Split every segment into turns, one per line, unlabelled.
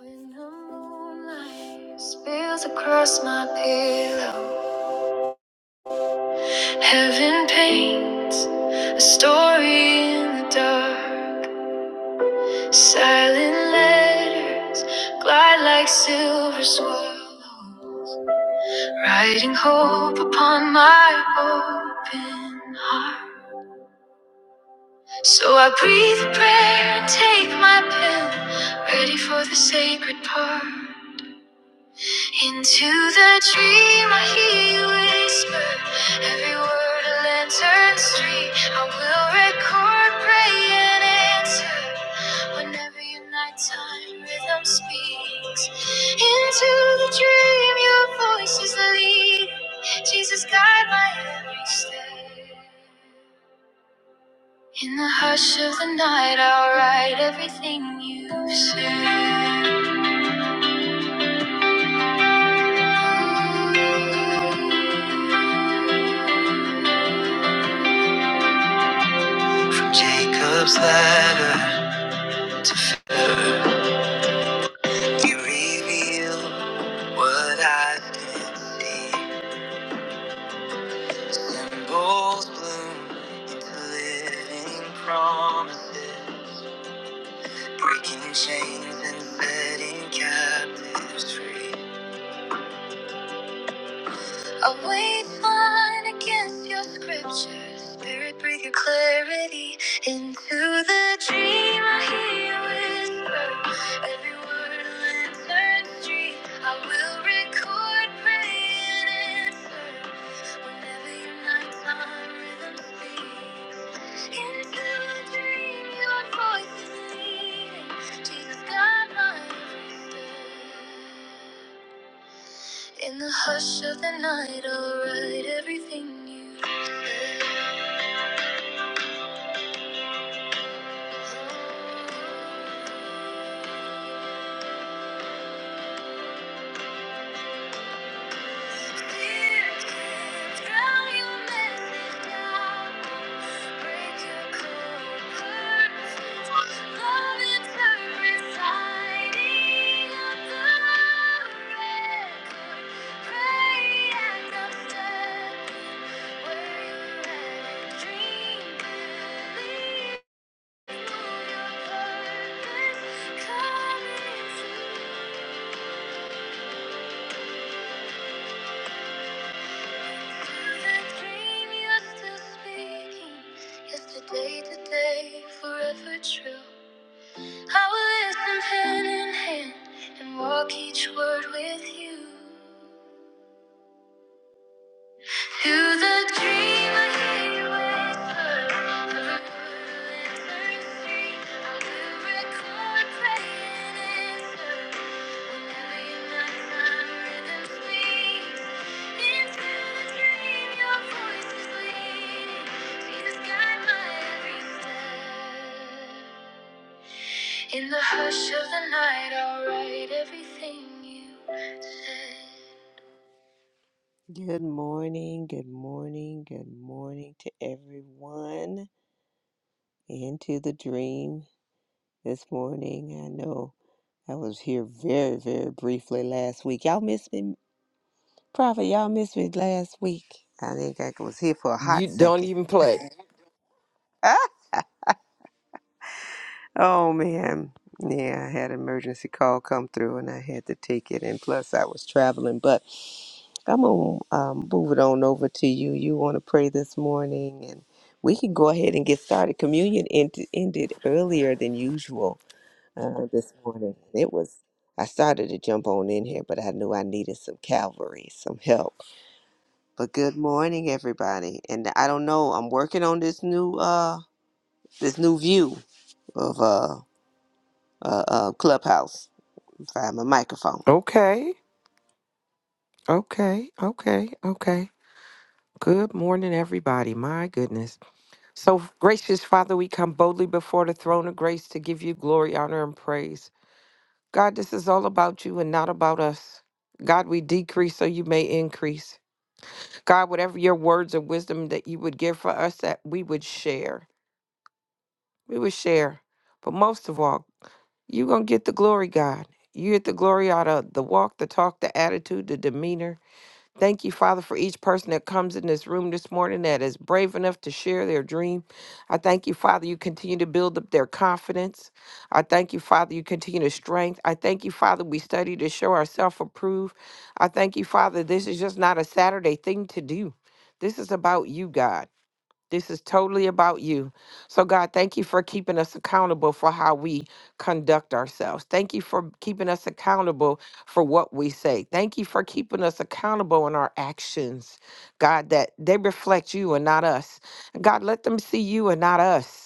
When the moonlight spills across my pillow, heaven paints a story in the dark. Silent letters glide like silver swallows, writing hope upon my open heart. So I breathe a prayer and take my pen, ready for the sacred part. Into the dream I hear you whisper Every word a lantern street I will record, pray and answer Whenever your nighttime rhythm speaks Into the dream your voice is leading Jesus guide my every step In the hush of the night I'll write everything you've said From Jacob's lap, you reveal what I see. Bulls bloom into promises, breaking chains and setting captives free. I wait fine against your scriptures. Spirit, breathe your clarity into the dream. I hear you whisper every word a lantern street. I will record, pray, and answer whenever your nighttime rhythm speaks. Into the dream, your voice is leading. Jesus, guide my every step. In the hush of the night, I'll write everything you. wrote. Clear to drown your message down. Break your cold curtains. Love interprets hiding on the record. Pray and I'm standing where you're at and dreaming. Yesterday, today, forever true. I will listen hand in hand and walk each word with you. To the dreamer he whispered, every word I will record praying answer. Whenever you knock, rhythm speaks. Into the dream, your voice is leading. Jesus, guide my every step. In the hush of the night, I'll write everything you said. Good morning, good morning, good morning to everyone and to the dream this morning. I know I was here very, very briefly last week. Y'all missed me, Prophet. Y'all missed me last week. I think I was here for a hot
You don't
second.
even play.
Oh man. Yeah, I had an emergency call come through and I had to take it and plus I was traveling, but I'm gonna um, move it on over to you. You want to pray this morning and we can go ahead and get started. Communion end- ended earlier than usual uh, this morning. It was I started to jump on in here, but I knew I needed some Calvary, some help. But good morning, everybody. And I don't know, I'm working on this new uh this new view of uh uh, uh, Clubhouse. Find my microphone.
Okay, okay, okay, okay. Good morning, everybody. My goodness. So, gracious Father, we come boldly before the throne of grace to give you glory, honor, and praise. God, this is all about you and not about us. God, we decrease so you may increase. God, whatever your words of wisdom that you would give for us, that we would share. We would share. But most of all, you're going to get the glory, God. You get the glory out of the walk, the talk, the attitude, the demeanor, Thank you, Father, for each person that comes in this room this morning that is brave enough to share their dream. I thank you, Father, you continue to build up their confidence. I thank you, Father, you continue to strength. I thank you, Father, we study to show ourselves approved. I thank you, Father, this is just not a Saturday thing to do. This is about you, God. This is totally about you. So, God, thank you for keeping us accountable for how we conduct ourselves. Thank you for keeping us accountable for what we say. Thank you for keeping us accountable in our actions, God, that they reflect you and not us. And God, let them see you and not us.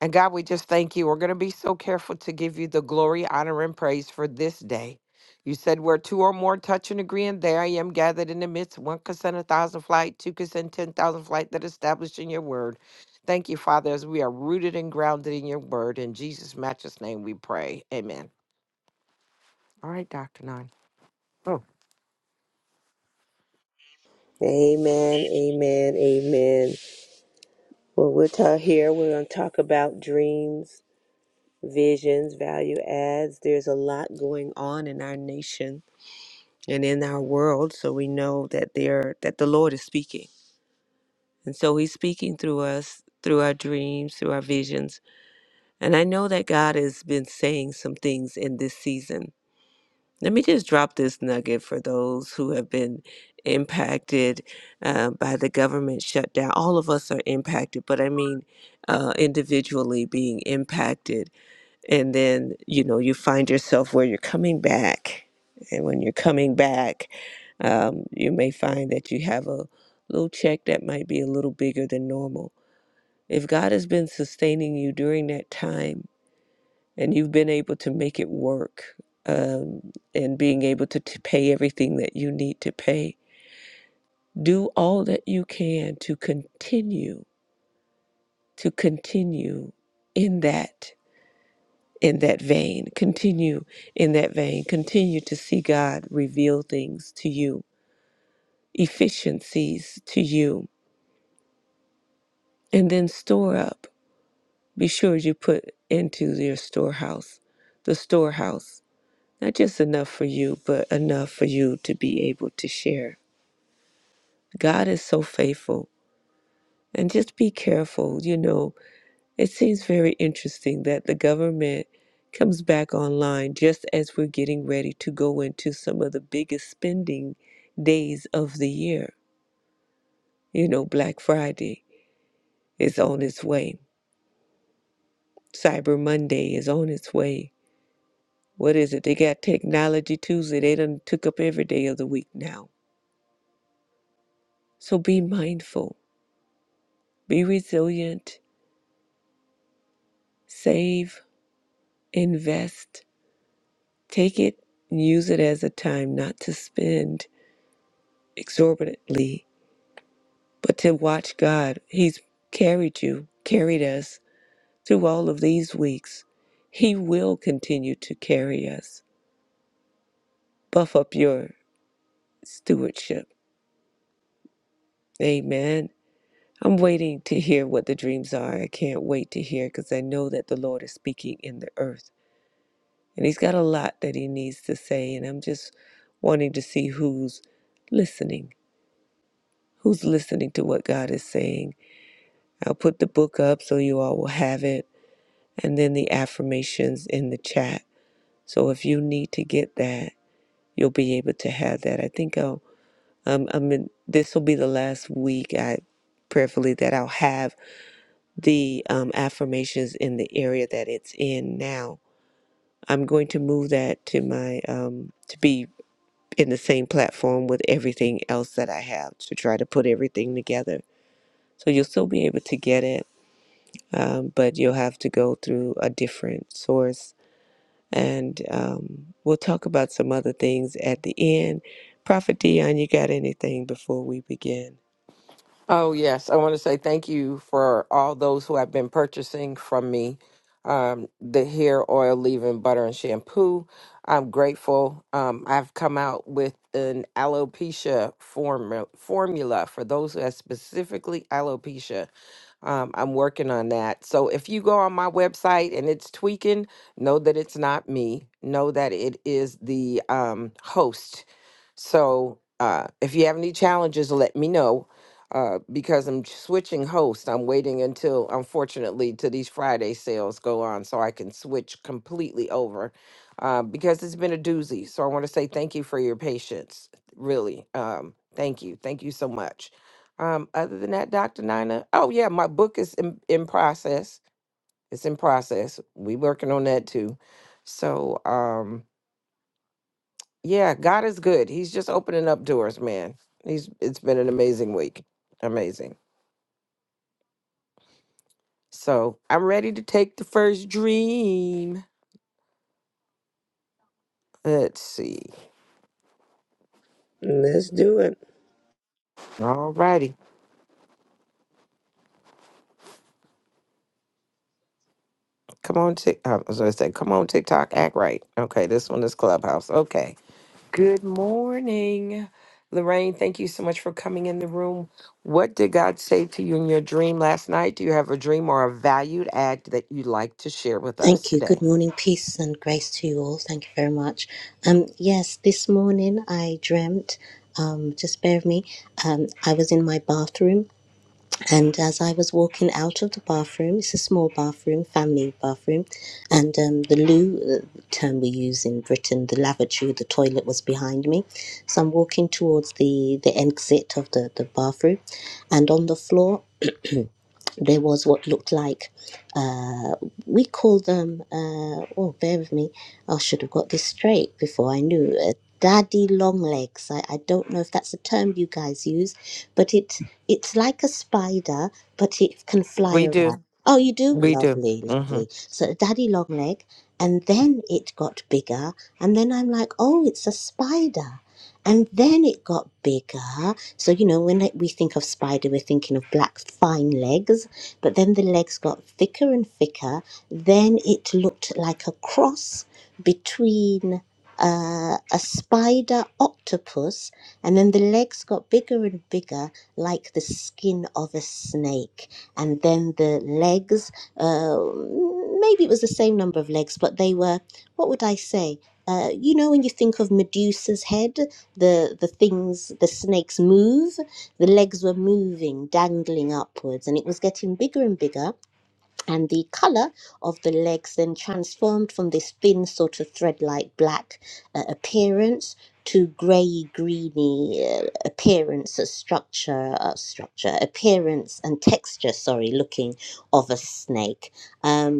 And God, we just thank you. We're going to be so careful to give you the glory, honor, and praise for this day. You said where two or more touch and agree, and there I am gathered in the midst. One can send a thousand flight, two can send ten thousand flight that established in your word. Thank you, Father, as we are rooted and grounded in your word. In Jesus' matchless name we pray. Amen. All right, Dr. Nine.
Amen, amen, amen. Well, we're ta- here. We're going to talk about dreams, visions, value adds. There's a lot going on in our nation and in our world, so we know that there that the Lord is speaking, and so He's speaking through us, through our dreams, through our visions. And I know that God has been saying some things in this season Let me just drop this nugget for those who have been impacted uh, by the government shutdown. All of us are impacted, but I mean uh, individually being impacted. And then, you know, you find yourself where you're coming back. And when you're coming back, um, you may find that you have a little check that might be a little bigger than normal. If God has been sustaining you during that time, and you've been able to make it work um, and being able to, to pay everything that you need to pay. Do all that you can to continue to continue in that in that vein. Continue in that vein. Continue to see God reveal things to you, efficiencies to you, and then store up. Be sure you put into your storehouse, the storehouse. Not just enough for you, but enough for you to be able to share. God is so faithful. And just be careful. You know, it seems very interesting that the government comes back online just as we're getting ready to go into some of the biggest spending days of the year. You know, Black Friday is on its way, Cyber Monday is on its way. What is it? They got Technology Tuesday. They done took up every day of the week now. So be mindful Be resilient, save, invest, take it and use it as a time not to spend exorbitantly, but to watch God. He's carried you, carried us through all of these weeks. He will continue to carry us. Buff up your stewardship. Amen. I'm waiting to hear what the dreams are. I can't wait to hear because I know that the Lord is speaking in the earth. And he's got a lot that he needs to say. And I'm just wanting to see who's listening, who's listening to what God is saying. I'll put the book up so you all will have it, and then the affirmations in the chat. So if you need to get that, you'll be able to have that. I think I'll, um, I mean, this will be the last week I prayerfully that I'll have the um, affirmations in the area that it's in now. I'm going to move that to my um, to be in the same platform with everything else that I have to try to put everything together. So you'll still be able to get it, um, but you'll have to go through a different source. And um, we'll talk about some other things at the end. Prophet Dion, you got anything before we begin?
Oh, yes. I want to say thank you for all those who have been purchasing from me um, the hair oil, leave-in butter, and shampoo. I'm grateful. Um, I've come out with an alopecia form- formula for those who have specifically alopecia. Um, I'm working on that. So if you go on my website and it's tweaking, know that it's not me. Know that it is the um, host so uh, if you have any challenges, let me know uh, because I'm switching hosts. I'm waiting until, unfortunately, to these Friday sales go on so I can switch completely over uh, because it's been a doozy. So I want to say thank you for your patience. Really. Um, thank you. Thank you so much. Um, other than that, Dr. Nina, oh, yeah, my book is in, in process. It's in process. We working on that too. So, um, yeah, God is good. He's just opening up doors, man. He's it's been an amazing week. Amazing. So I'm ready to take the first dream. Let's see.
Let's do it.
All righty. Come on, Tik. I was gonna say, come on, TikTok, act right. Okay, this one is Clubhouse. Okay. Good morning, Lorraine. Thank you so much for coming in the room. What did God say to you in your dream last night? Do you have a dream or a valued act that you'd like to share with us
Thank you.
today?
Good morning. Peace and grace to you all. Thank you very much. Um, yes, this morning I dreamt, um, just bear with me, um, I was in my bathroom and as I was walking out of the bathroom, it's a small bathroom, family bathroom, and um, the loo, uh, term we use in Britain, the lavatory, the toilet was behind me. So I'm walking towards the, the exit of the, the bathroom and on the floor there was what looked like uh, we call them uh, oh bear with me i should have got this straight before i knew uh, daddy long legs I, I don't know if that's a term you guys use but it it's like a spider but it can fly
We
around
do.
oh you do
We do.
lovely lovely so daddy long leg and then it got bigger and then i'm like oh it's a spider and then it got bigger so you know when we think of spider we're thinking of black fine legs but then the legs got thicker and thicker. Then it looked like a cross between uh, a spider octopus, and then the legs got bigger and bigger, like the skin of a snake. And then the legs, uh, maybe it was the same number of legs, but they were, what would I say? Uh, you know, when you think of Medusa's head, the the things the snakes move. The legs were moving, dangling upwards, and it was getting bigger and bigger. And the color of the legs then transformed from this thin, sort of thread like black uh, appearance to grey, greeny uh, appearance, uh, structure, uh, structure, appearance, and texture, sorry, looking of a snake. Um,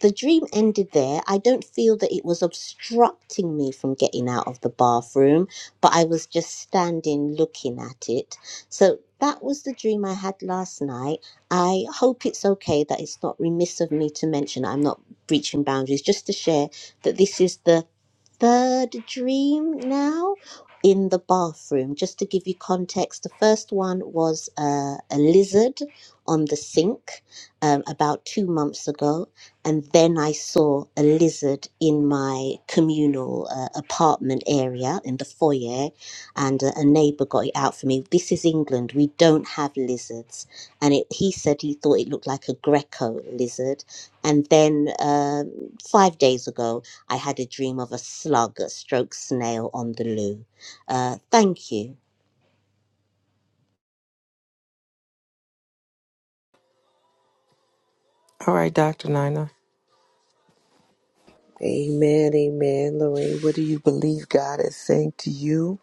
the dream ended there. I don't feel that it was obstructing me from getting out of the bathroom, but I was just standing looking at it. So that was the dream I had last night. I hope it's okay that it's not remiss of me to mention I'm not breaching boundaries, just to share that this is the third dream now in the bathroom. Just to give you context, the first one was uh, a lizard on the sink um, about two months ago, and then I saw a lizard in my communal uh, apartment area in the foyer, and a, a neighbour got it out for me. This is England; we don't have lizards, and it, he said he thought it looked like a Greco lizard, and then um five days ago. I had a dream of a slug, a stroke snail on the loo. Uh, thank you.
All right, Dr. Nina.
Amen, amen. Lorraine, what do you believe God is saying to you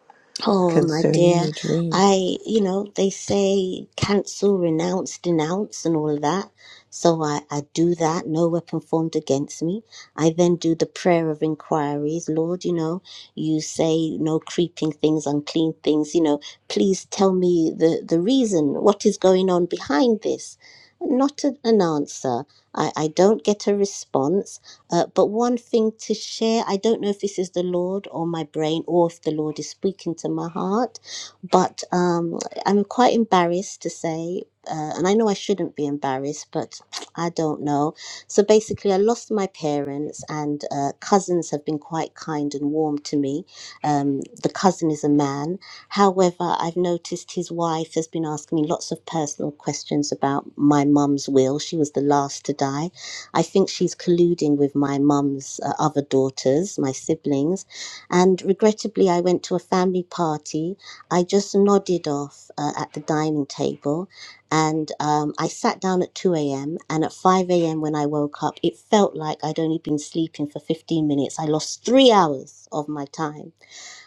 Oh, my
concerning
dear.
your dream?
I, you know, they say cancel, renounce, denounce, and all of that. So I, I do that, no weapon formed against me. I then do the prayer of inquiries. Lord, you know, you say no creeping things, unclean things, you know, please tell me the, the reason, what is going on behind this? Not a, an answer. I, I don't get a response. Uh, but one thing to share, I don't know if this is the Lord or my brain or if the Lord is speaking to my heart, but um, I'm quite embarrassed to say, uh, and I know I shouldn't be embarrassed, but I don't know. So basically, I lost my parents, and uh, cousins have been quite kind and warm to me. Um, the cousin is a man. However, I've noticed his wife has been asking me lots of personal questions about my mum's will. She was the last to die I think she's colluding with my mum's uh, other daughters, my siblings. And regrettably, I went to a family party. I just nodded off uh, at the dining table. And um, I sat down at 2 a.m. And at 5 a.m., when I woke up, it felt like I'd only been sleeping for 15 minutes. I lost three hours of my time.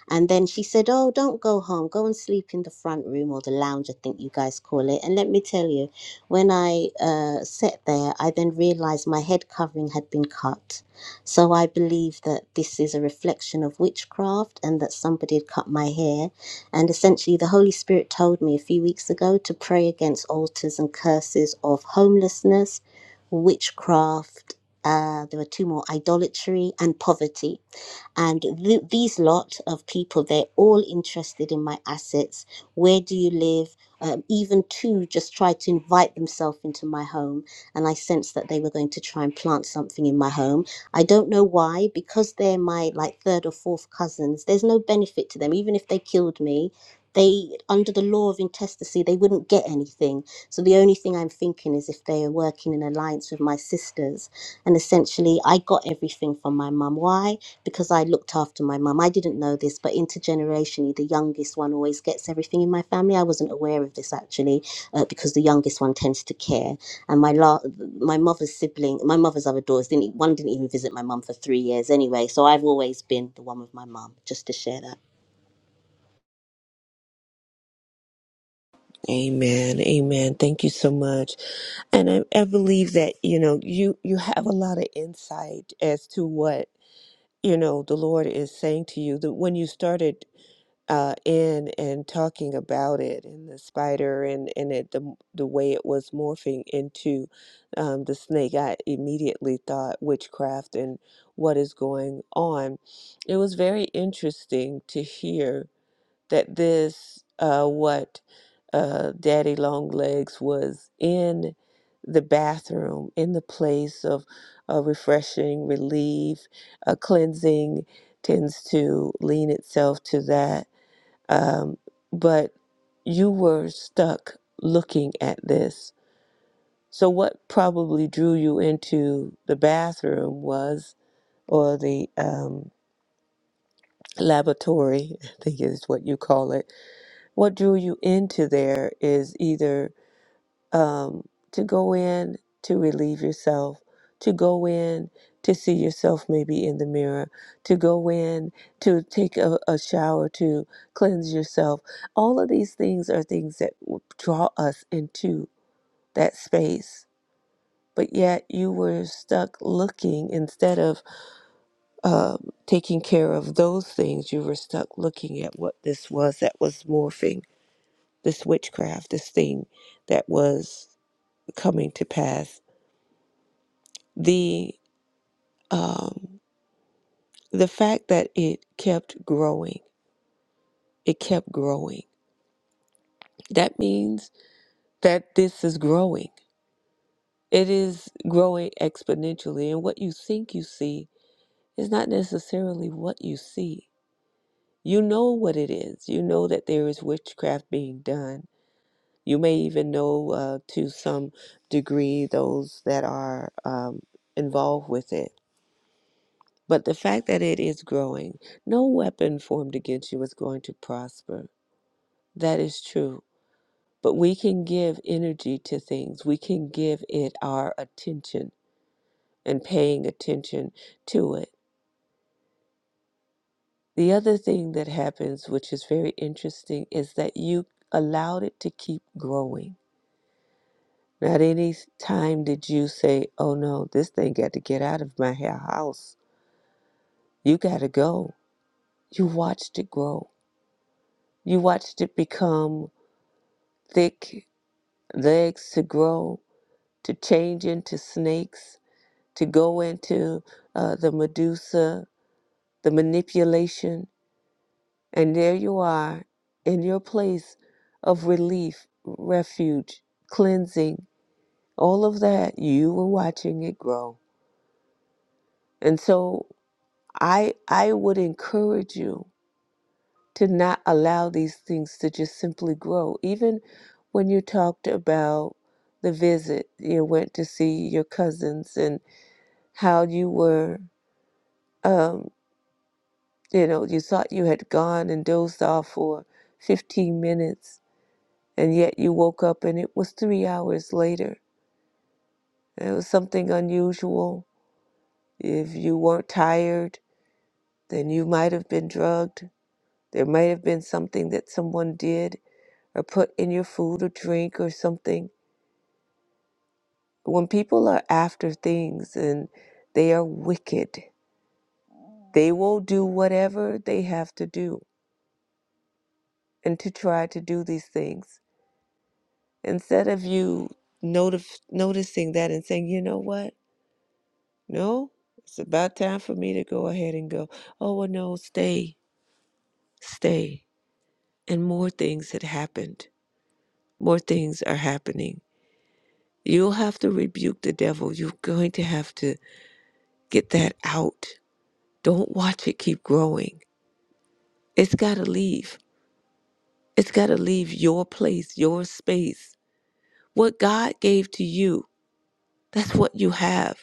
And then she said, Oh, don't go home. Go and sleep in the front room or the lounge, I think you guys call it. And let me tell you, when I uh, sat there, I then realized my head covering had been cut. So I believe that this is a reflection of witchcraft and that somebody had cut my hair. And essentially, the Holy Spirit told me a few weeks ago to pray against altars and curses of homelessness, witchcraft. Uh, there were two more idolatry and poverty and th- these lot of people they're all interested in my assets where do you live um, even two just tried to invite themselves into my home and i sensed that they were going to try and plant something in my home i don't know why because they're my like third or fourth cousins there's no benefit to them even if they killed me they under the law of intestacy they wouldn't get anything so the only thing i'm thinking is if they are working in alliance with my sisters and essentially, I got everything from my mum. Why? Because I looked after my mum. I didn't know this, but intergenerationally, the youngest one always gets everything in my family. I wasn't aware of this actually, uh, because the youngest one tends to care. And my la- my mother's sibling, my mother's other daughters didn't e- one didn't even visit my mum for three years anyway. So I've always been the one with my mum. Just to share that.
Amen, amen. Thank you so much. And I, I believe that, you know, you, you have a lot of insight as to what, you know, the Lord is saying to you. That when you started uh, in and talking about it and the spider and, and it, the, the way it was morphing into um, the snake, I immediately thought witchcraft and what is going on. It was very interesting to hear that this uh, what uh, Daddy Longlegs was in the bathroom, in the place of uh, refreshing, relief, uh, cleansing, tends to lean itself to that. Um, but you were stuck looking at this. So, what probably drew you into the bathroom was, or the um, laboratory, I think is what you call it what drew you into there is either um, to go in to relieve yourself, to go in to see yourself maybe in the mirror, to go in to take a, a shower, to cleanse yourself. All of these things are things that w- draw us into that space. But yet you were stuck looking instead of um, taking care of those things, you were stuck looking at what this was that was morphing this witchcraft, this thing that was coming to pass. The um, the fact that it kept growing, it kept growing. That means that this is growing. It is growing exponentially, and what you think you see is not necessarily what you see. You know what it is. You know that there is witchcraft being done. You may even know uh, to some degree those that are um, involved with it But the fact that it is growing, no weapon formed against you is going to prosper. That is true. But we can give energy to things, we can give it our attention and paying attention to it. The other thing that happens, which is very interesting, is that you allowed it to keep growing. Not any time did you say, oh no, this thing got to get out of my house. You got to go. You watched it grow. You watched it become thick legs to grow, to change into snakes, to go into uh, the Medusa, the manipulation. And there you are in your place of relief, refuge, cleansing, all of that. You were watching it grow. And so I, I would encourage you to not allow these things to just simply grow. Even when you talked about the visit, you went to see your cousins and. how you were, um, you know, you thought you had gone and dozed off for 15 minutes, and yet you woke up and it was three hours later. It was something unusual. If you weren't tired, then you might have been drugged. There might have been something that someone did or put in your food or drink or something. When people are after things and they are wicked, they will do whatever they have to do and to try to do these things Instead of you notif- noticing that and saying, you know what? No, it's about time for me to go ahead and go, oh, well, no, stay, stay. And more things had happened. More things are happening. You'll have to rebuke the devil. You're going to have to get that out. Don't watch it keep growing. It's got to leave. It's got to leave your place, your space. What God gave to you, that's what you have.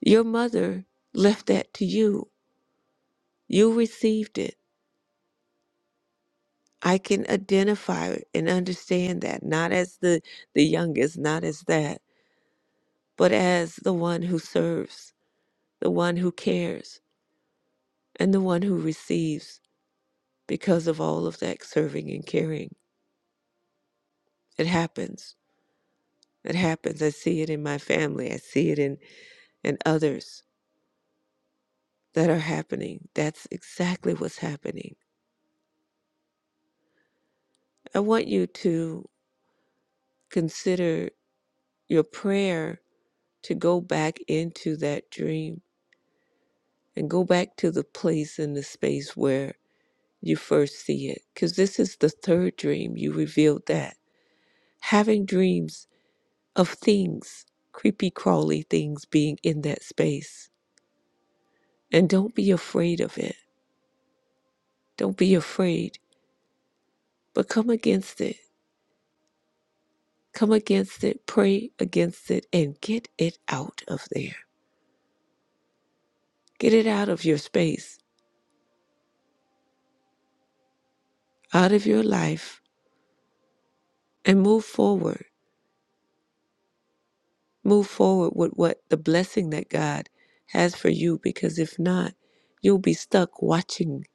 Your mother left that to you. You received it. I can identify and understand that, not as the, the youngest, not as that, but as the one who serves, the one who cares, and the one who receives because of all of that serving and caring. It happens. It happens. I see it in my family. I see it in, in others that are happening. That's exactly what's happening. I want you to consider your prayer to go back into that dream and go back to the place and the space where you first see it. Because this is the third dream. You revealed that. Having dreams of things, creepy, crawly things being in that space. And don't be afraid of it. Don't be afraid, but come against it. Come against it, pray against it, and get it out of there. Get it out of your space, out of your life, and move forward. Move forward with what the blessing that God has for you, because if not, you'll be stuck watching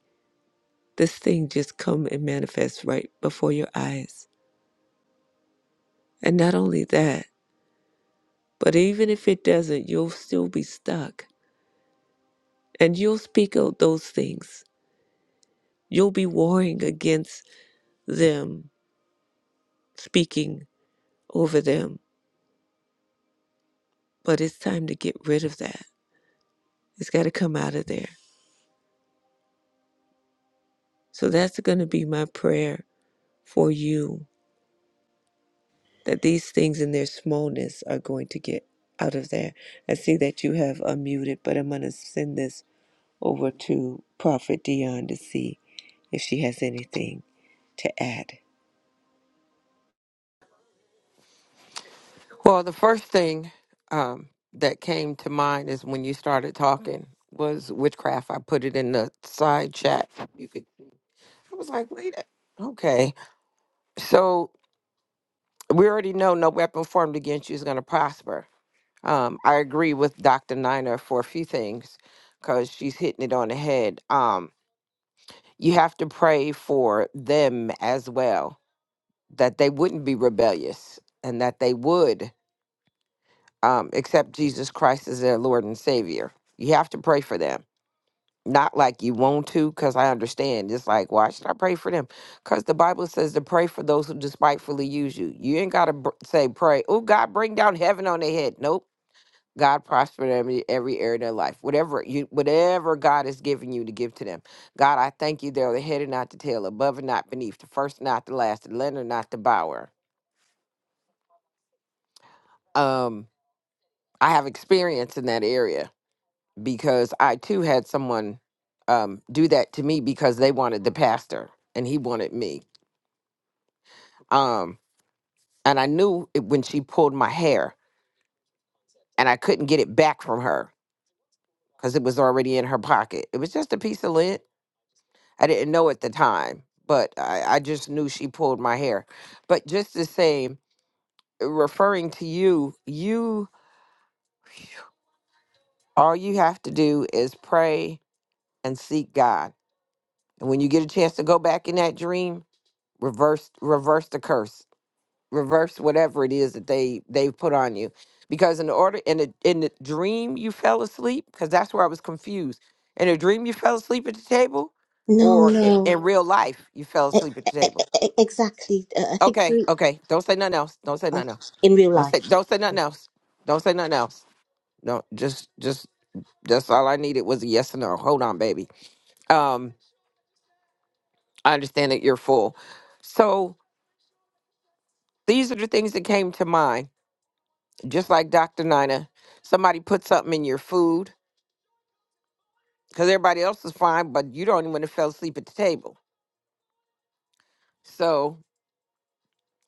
this thing just come and manifest right before your eyes. And not only that, but even if it doesn't, you'll still be stuck and you'll speak out those things. You'll be warring against them, speaking over them. But it's time to get rid of that. It's got to come out of there. So that's going to be my prayer for you that these things in their smallness are going to get out of there. I see that you have unmuted, but I'm going to send this over to Prophet Dion to see if she has anything to add.
Well, the first thing um, that came to mind is when you started talking was witchcraft. I put it in the side chat. You could. I was like, wait. a- Okay. So we already know no weapon formed against you is going to prosper. Um, I agree with Dr. Nina for a few things because she's hitting it on the head. Um, you have to pray for them as well that they wouldn't be rebellious and that they would um, accept Jesus Christ as their Lord and Savior. You have to pray for them. Not like you want to, because I understand. It's like, why should I pray for them? Because the Bible says to pray for those who despitefully use you. You ain't got to br- say, pray, oh, God, bring down heaven on their head. Nope. God prosper them in every area of their life. Whatever you, whatever God has given you to give to them. God, I thank you. They're the head and not the tail, above and not beneath, the first and not the last, the lender, not the borrower. Um, I have experience in that area because I too had someone um, do that to me because they wanted the pastor and he wanted me. Um, and I knew it when she pulled my hair and I couldn't get it back from her because it was already in her pocket. It was just a piece of lint. I didn't know at the time, but I, I just knew she pulled my hair. But just the same, referring to you, you all you have to do is pray and seek God. And when you get a chance to go back in that dream, reverse reverse the curse reverse whatever it is that they they've put on you because in the order in the in the dream you fell asleep because that's where i was confused in a dream you fell asleep at the table
No,
or i-
no,
in Mhm. real life you fell
E-
asleep at the
e-
table
e- e- exactly. Uh, I think
okay
three
okay don't say nothing else don't say
uh,
nothing else
in real
don't say
life.
don't say nothing else don't say nothing else no just just that's all i needed was a yes or no hold on baby um i understand that you're full so these are the things that came to mind just like Dr. Nina, somebody put something in your food because everybody else is fine, but you don't even want to fell asleep at the table. So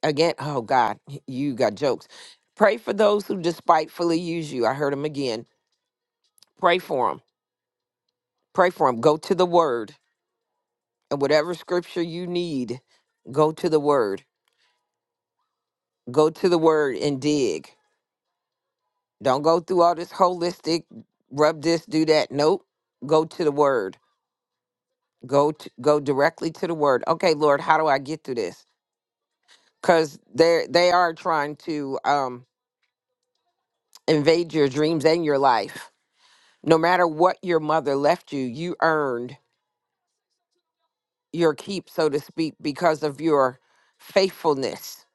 again, oh God, you got jokes. Pray for those who despitefully use you. I heard them again. Pray for them. Pray for them. Go to the word and whatever scripture you need, go to the word. Go to the word and dig. Don't go through all this holistic rub this, do that. Nope. Go to the word. Go to, go directly to the word. Okay, Lord, how do I get through this? because they they are trying to um, invade your dreams and your life. No matter what your mother left you, you earned your keep, so to speak, because of your faithfulness.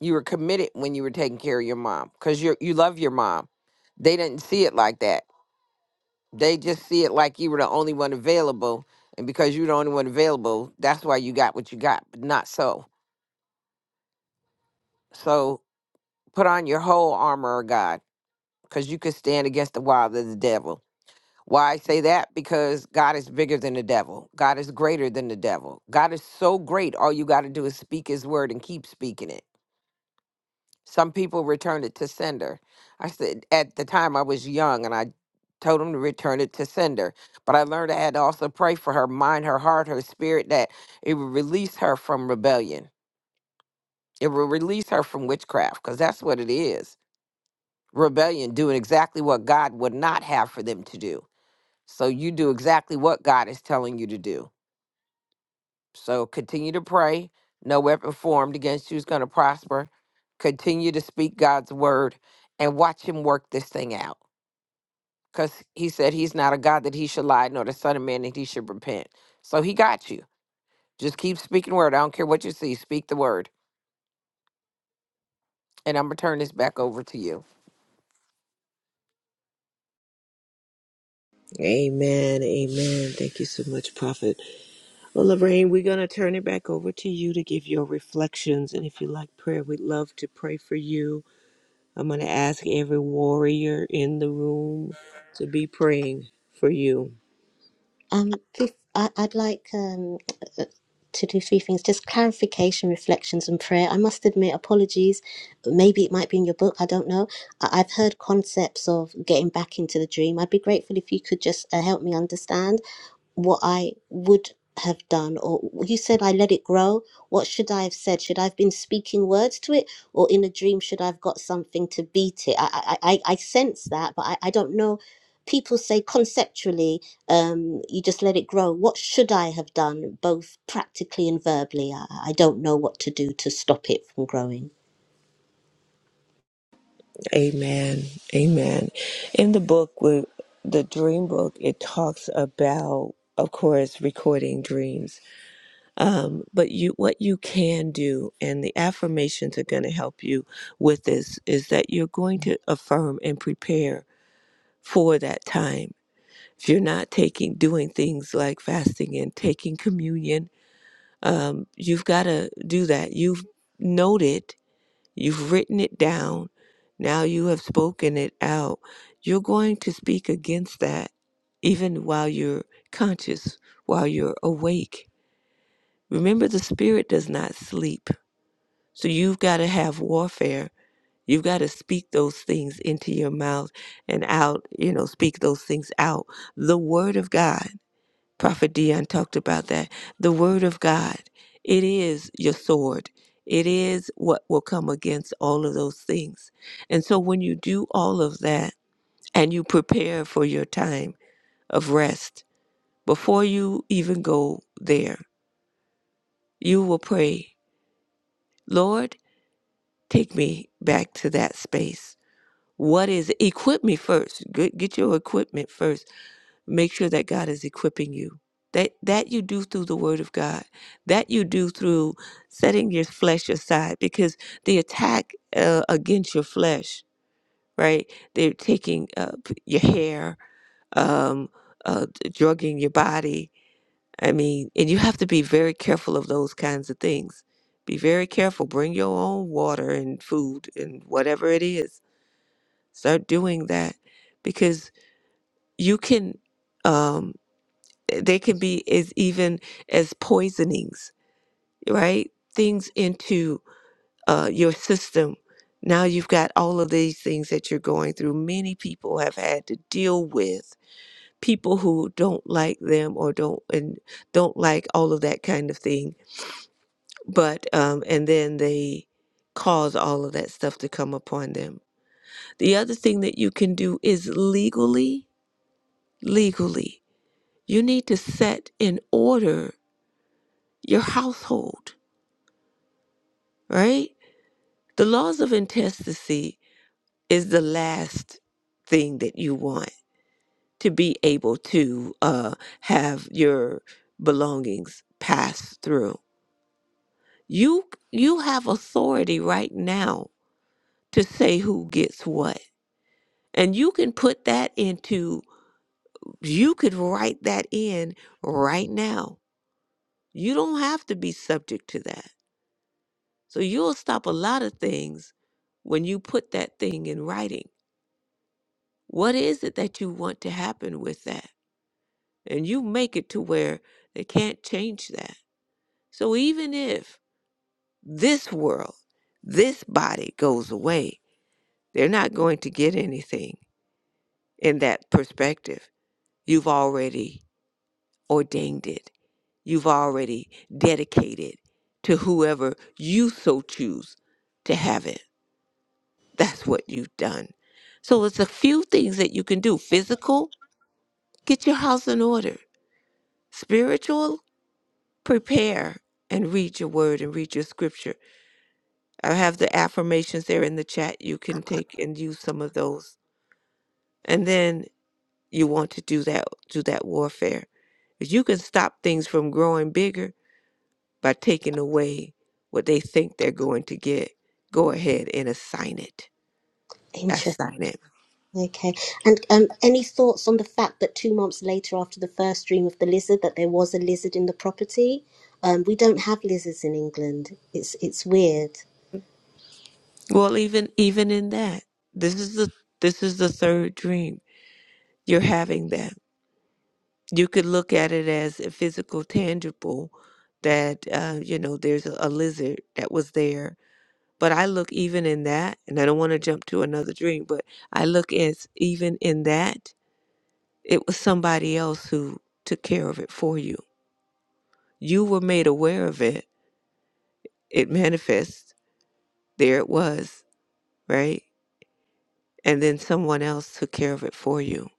You were committed when you were taking care of your mom because you you love your mom. They didn't see it like that. They just see it like you were the only one available, and because you're the only one available, that's why you got what you got. But not so. So put on your whole armor, of God, because you can stand against the wild of the devil Why I say that? Because God is bigger than the devil. God is greater than the devil. God is so great, all you got to do is speak his word and keep speaking it. Some people return it to sender. I said at the time I was young and I told him to return it to sender. But I learned I had to also pray for her mind, her heart, her spirit, that it would release her from rebellion. It will release her from witchcraft, because that's what it is. Rebellion, doing exactly what God would not have for them to do. So you do exactly what God is telling you to do So continue to pray. No weapon formed against you is going to prosper. Continue to speak God's word and watch him work this thing out. Because he said he's not a God that he should lie, nor the Son of Man that he should repent. So he got you. Just keep speaking word. I don't care what you see. Speak the word. And I'm going to turn this back over to you.
Amen. Amen. Thank you so much, Prophet. Well, Lorraine, we're going to turn it back over to you to give your reflections. And if you like prayer, we'd love to pray for you. I'm going to ask every warrior in the room to be praying for you.
Um, fif- I- I'd like um to do three things just clarification, reflections, and prayer. I must admit, apologies. Maybe it might be in your book. I don't know. I- I've heard concepts of getting back into the dream. I'd be grateful if you could just uh, help me understand what I would have done, or you said I let it grow. What should I have said? Should I have been speaking words to it, or in a dream should I have got something to beat it? I I, I I sense that, but I, I don't know. People say conceptually, um, you just let it grow. What should I have done, both practically and verbally? I, I don't know what to do to stop it from growing.
Amen. Amen. In the book, with the dream book, it talks about, of course, recording dreams. Um, but you, what you can do, and the affirmations are going to help you with this, is that you're going to affirm and prepare for that time. If you're not taking, doing things like fasting and taking communion, um, you've got to do that. You've noted You've written it down. Now you have spoken it out. You're going to speak against that even while you're conscious, while you're awake. Remember, the spirit does not sleep. So you've got to have warfare. You've got to speak those things into your mouth and out, you know, speak those things out. The word of God. Prophet Dion talked about that. The word of God, it is your sword. It is what will come against all of those things. And so when you do all of that and you prepare for your time of rest, before you even go there, you will pray, Lord, take me back to that space. What is it? Equip me first. Get, get your equipment first make sure that God is equipping you. That that you do through the word of God. That you do through setting your flesh aside because the attack uh, against your flesh, right? They're taking uh, your hair, um, uh, drugging your body. I mean, and you have to be very careful of those kinds of things. Be very careful. Bring your own water and food and whatever it is. Start doing that because you can. um, eh, they can be as even as poisonings, right? Things into uh, your system. Now you've got all of these things that you're going through. Many people have had to deal with people who don't like them or don't and don't like all of that kind of thing. But um, and then they cause all of that stuff to come upon them. The other thing that you can do is legally, legally, you need to set in order your household right? The laws of intestacy is the last thing that you want to be able to uh, have your belongings pass through. You you have authority right now to say who gets what. And you can put that into you could write that in right now. You don't have to be subject to that. So you'll stop a lot of things when you put that thing in writing What is it that you want to happen with that? And you make it to where they can't change that. So even if this world, this body goes away, they're not going to get anything in that perspective. You've already ordained it, you've already dedicated to whoever you so choose to have it. That's what you've done. So it's a few things that you can do physical, get your house in order, spiritual, prepare and read your word and read your scripture. I have the affirmations there in the chat. You can take and use some of those. And then you want to do that do that warfare. If you can stop things from growing bigger by taking away what they think they're going to get, go ahead and assign it. Assign it.
Okay. And um, any thoughts on the fact that two months later, after the first dream of the lizard, that there was a lizard in the property? Um, we don't have lizards in England. It's it's weird.
Well even even in that, this is the this is the third dream. You're having that. you could look at it as a physical, tangible, that, uh, you know, there's a, a lizard that was there. But I look even in that, and I don't want to jump to another dream, but I look as even in that, it was somebody else who took care of it for you. You were made aware of it, it manifests, there it was, right? And then someone else took care of it for you.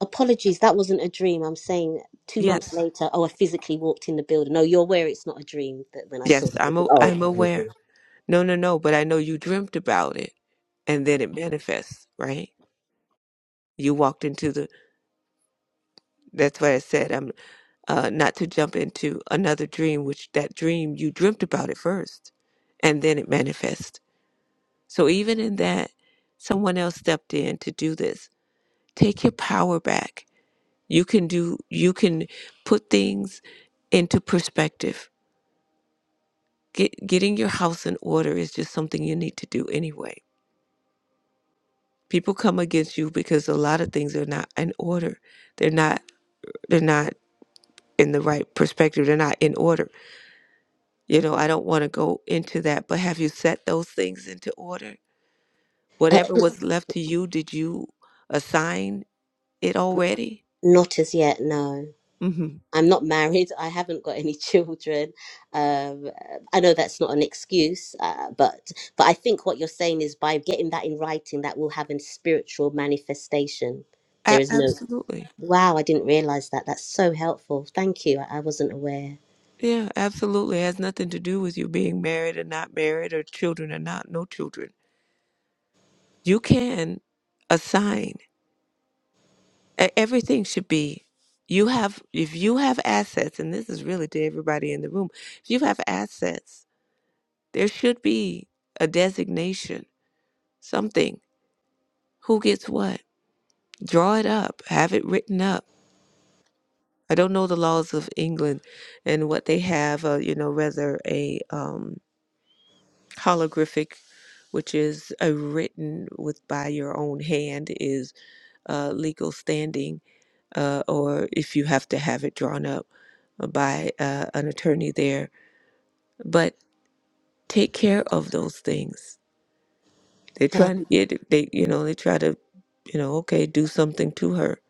Apologies, that wasn't a dream. I'm saying two months
Yes.
later, oh, I physically walked in the building. No, you're aware it's not a dream that when I saw
Yes,
the
I'm
lizard.
a,
Oh,
I'm aware. No, no, no, but I know you dreamt about it and then it manifests, right? You walked into the that's why I said I'm uh not to jump into another dream, which that dream you dreamt about it first and then it manifests. So even in that, someone else stepped in to do this. Take your power back. You can do you can put things into perspective. Get, getting your house in order is just something you need to do anyway people come against you because a lot of things are not in order they're not they're not in the right perspective they're not in order you know i don't want to go into that but have you set those things into order
uh,
whatever was left to you did you assign it already
not as yet. No.
mm-hmm.
I'm not married. I haven't got any children. Um, I know that's not an excuse, uh, but but I think what you're saying is by getting that in writing, that will have a spiritual manifestation. There is no.
absolutely
Wow, I didn't realize that. That's so helpful. Thank you. I, I wasn't aware.
yeah absolutely it has nothing to do with you being married or not married or children or not no children you can assign E- Everything should be you have if you have assets, and this is really to everybody in the room, if you have assets, there should be a designation, something. Who gets what? Draw it up, have it written up. I don't know the laws of England and what they have, uh, you know, whether a um, holographic, which is a written with by your own hand, is uh, legal standing uh, or if you have to have it drawn up by uh, an attorney there. But take care of those things. They're
Yeah.
trying to get they you know they try to you know okay do something to her.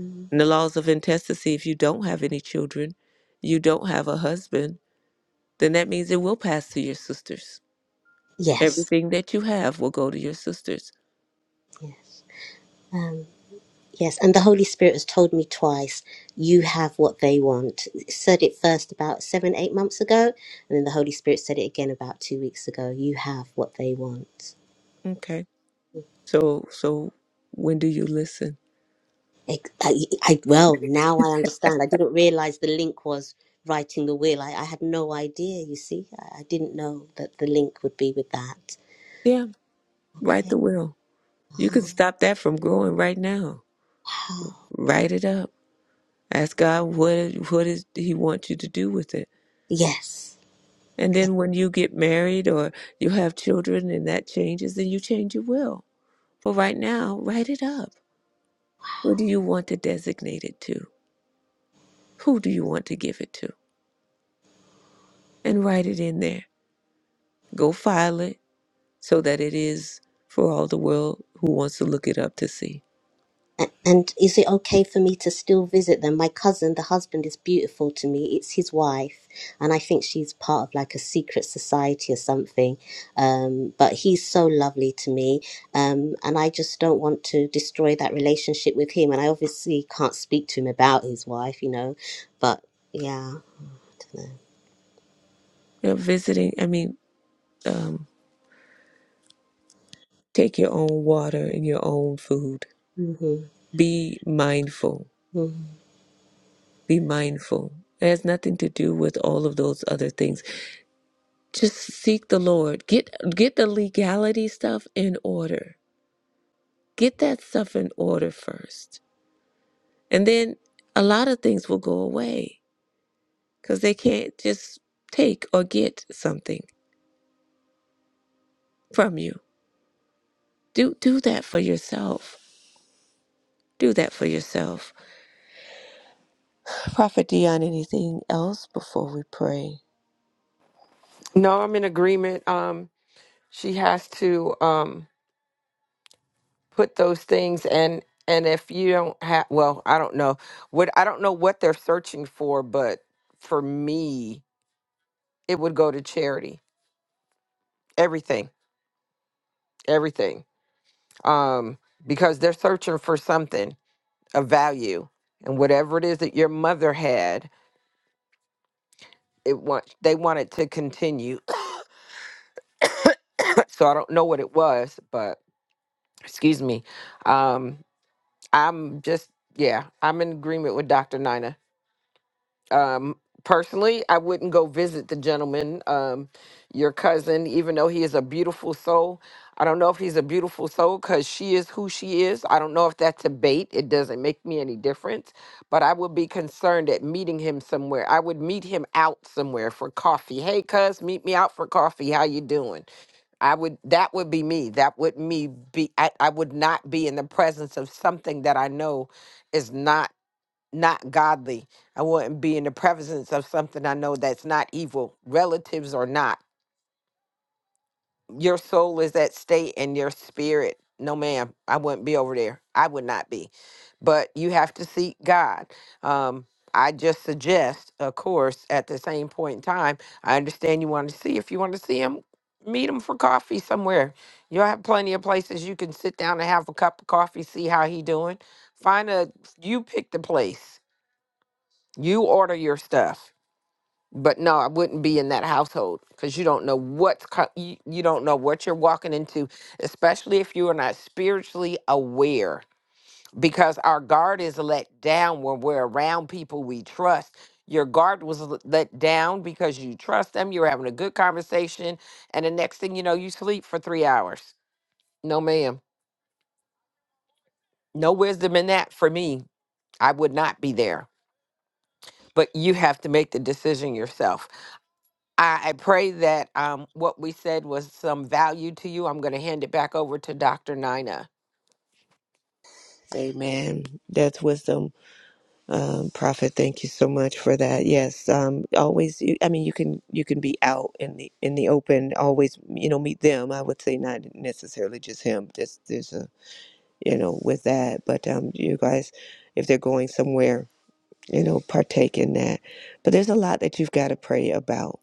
Mm.
In the laws of intestacy, if you don't have any children, you don't have a husband, then that means it will pass to your sisters.
Yes.
Everything that you have will go to your sisters.
Yes. Um, yes. And the Holy Spirit has told me twice. You have what they want. It Said it first about seven, eight months ago, and then the Holy Spirit said it again about two weeks ago. You have what they want.
Okay. So so when do you listen?
Ex- I, I well now I understand. I didn't realize the link was writing the will. I, I had no idea. You see, I, I didn't know that the link would be with that.
Yeah, write
Okay.
the will. You can
Ah,
stop that from growing right now.
wow.
Write it up Ask God what what is He wants you to do with it.
Yes.
And then when you get married or you have children and that changes, then you change your will. But right now, write it up. What do you want to designate it to? Who do you want to give it to? And write it in there. Go file it so that it is for all the world who wants to look it up to see.
A- And is it okay for me to still visit them? My cousin, the husband, is beautiful to me. It's his wife, and I think she's part of like a secret society or something. Um, but he's so lovely to me, um, and I just don't want to destroy that relationship with him. And I obviously can't speak to him about his wife, you know. But yeah.
You know, visiting, I mean, um, take your own water and your own food.
Mm-hmm.
Be mindful Be mindful. It has nothing to do with all of those other things. Just seek the Lord. Get get the legality stuff in order. Get that stuff in order first. And then a lot of things will go away cuz they can't just take or get something from you. Do do that for yourself. Do that for yourself. Prophet Dion, anything else before we pray?
No, I'm in agreement. Um, she has to um put those things and and if you don't have, well, I don't know what I don't know what they're searching for, but for me. it would go to charity. Everything, everything. Um, because they're searching for something of value, and whatever it is that your mother had, it want they want it to continue. so I don't know what it was, but excuse me. Um, I'm just yeah, I'm in agreement with Dr. Nina. Um, personally, I wouldn't go visit the gentleman, um, your cousin, even though he is a beautiful soul. I don't know if he's a beautiful soul because she is who she is. I don't know if that's a bait. It doesn't make me any difference, but I would be concerned at meeting him somewhere. I would meet him out somewhere for coffee. Hey, cuz, meet me out for coffee. How you doing? I would. That would be me. That would me be. I, I would not be in the presence of something that I know is not not godly. I wouldn't be in the presence of something I know that's not evil, relatives or not. Your soul is at stake and your spirit. No, ma'am, I wouldn't be over there. I would not be. But you have to seek God. Um, I just suggest, of course, at the same point in time, I understand you want to see. If you want to see him, meet him for coffee somewhere. You'll have plenty of places you can sit down and have a cup of coffee, see how he doing. Find a, you pick the place you order your stuff, but no, I wouldn't be in that household because you don't know what's co- you, you don't know what you're walking into, especially if you are not spiritually aware. Because our guard is let down when we're around people we trust. Your guard was l- let down because you trust them. You're having a good conversation, and the next thing you know, you sleep for three hours. No, ma'am. No wisdom in that for me. I would not be there. But you have to make the decision yourself I, I pray that um, what we said was some value to you. I'm going to hand it back over to Dr. Nina.
Amen. That's wisdom Um, Prophet, thank you so much for that. Yes, um, always. you- I mean, you can you can be out in the in the open. Always, you know, meet them. I would say not necessarily just him. Just there's a you know with that, but um, you guys, if they're going somewhere, you know, partake in that. But there's a lot that you've got to pray about.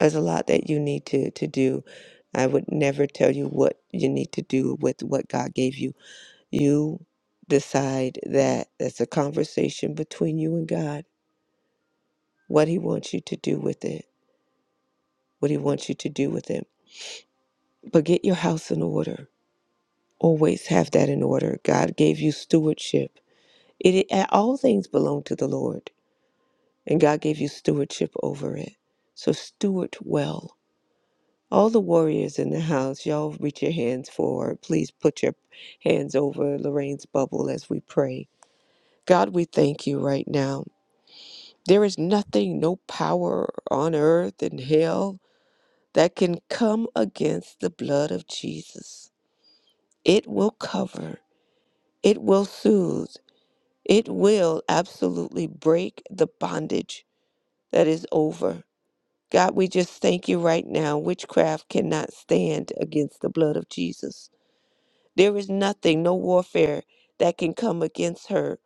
There's a lot that you need to to do. I would never tell you what you need to do with what God gave you. You decide that that's a conversation between you and God what he wants you to do with it, what he wants you to do with it. But get your house in order. Always have that in order. God gave you stewardship. It, it all things belong to the Lord, and God gave you stewardship over it. So steward well. All the warriors in the house, y'all reach your hands forward. Please put your hands over Lorraine's bubble as we pray. God, we thank you right now. There is nothing, no power on earth and hell that can come against the blood of Jesus. It will cover, it will soothe, it will absolutely break the bondage that is over. God, we just thank you right now. Witchcraft cannot stand against the blood of Jesus. There is nothing, no warfare that can come against her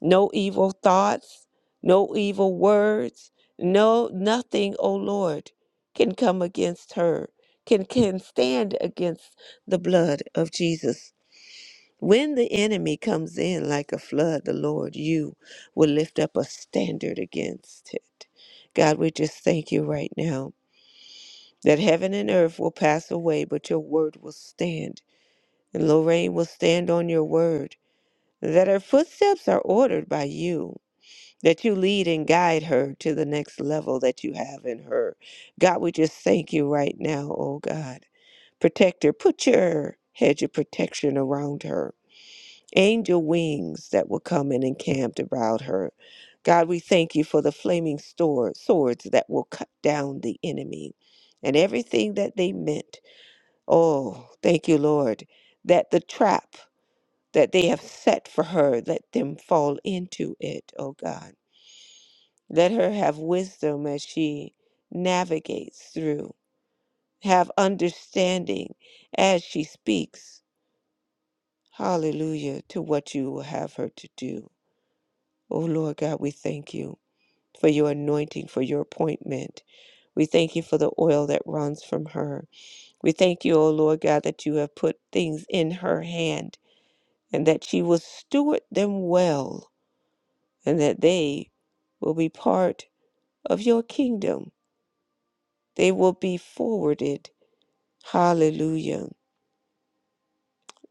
no evil thoughts, no evil words, no nothing, O Lord, can come against her, can can stand against the blood of Jesus. When the enemy comes in like a flood, the Lord, you will lift up a standard against it. God, we just thank you right now that heaven and earth will pass away, but your word will stand. And Lorraine will stand on your word, that her footsteps are ordered by you that you lead and guide her to the next level that you have in her. God, we just thank you right now, oh God. Protect her. Put your hedge of protection around her. Angel wings that will come and encamped about her. God, we thank you for the flaming sword, swords that will cut down the enemy and everything that they meant. Oh, thank you, Lord, that the trap that they have set for her, let them fall into it, oh God. Let her have wisdom as she navigates through, have understanding as she speaks. Hallelujah to what you will have her to do. Oh Lord God, we thank you for your anointing, for your appointment. We thank you for the oil that runs from her. We thank you, O Lord God, that you have put things in her hand and that she will steward them well and that they will be part of your kingdom. They will be forwarded Hallelujah.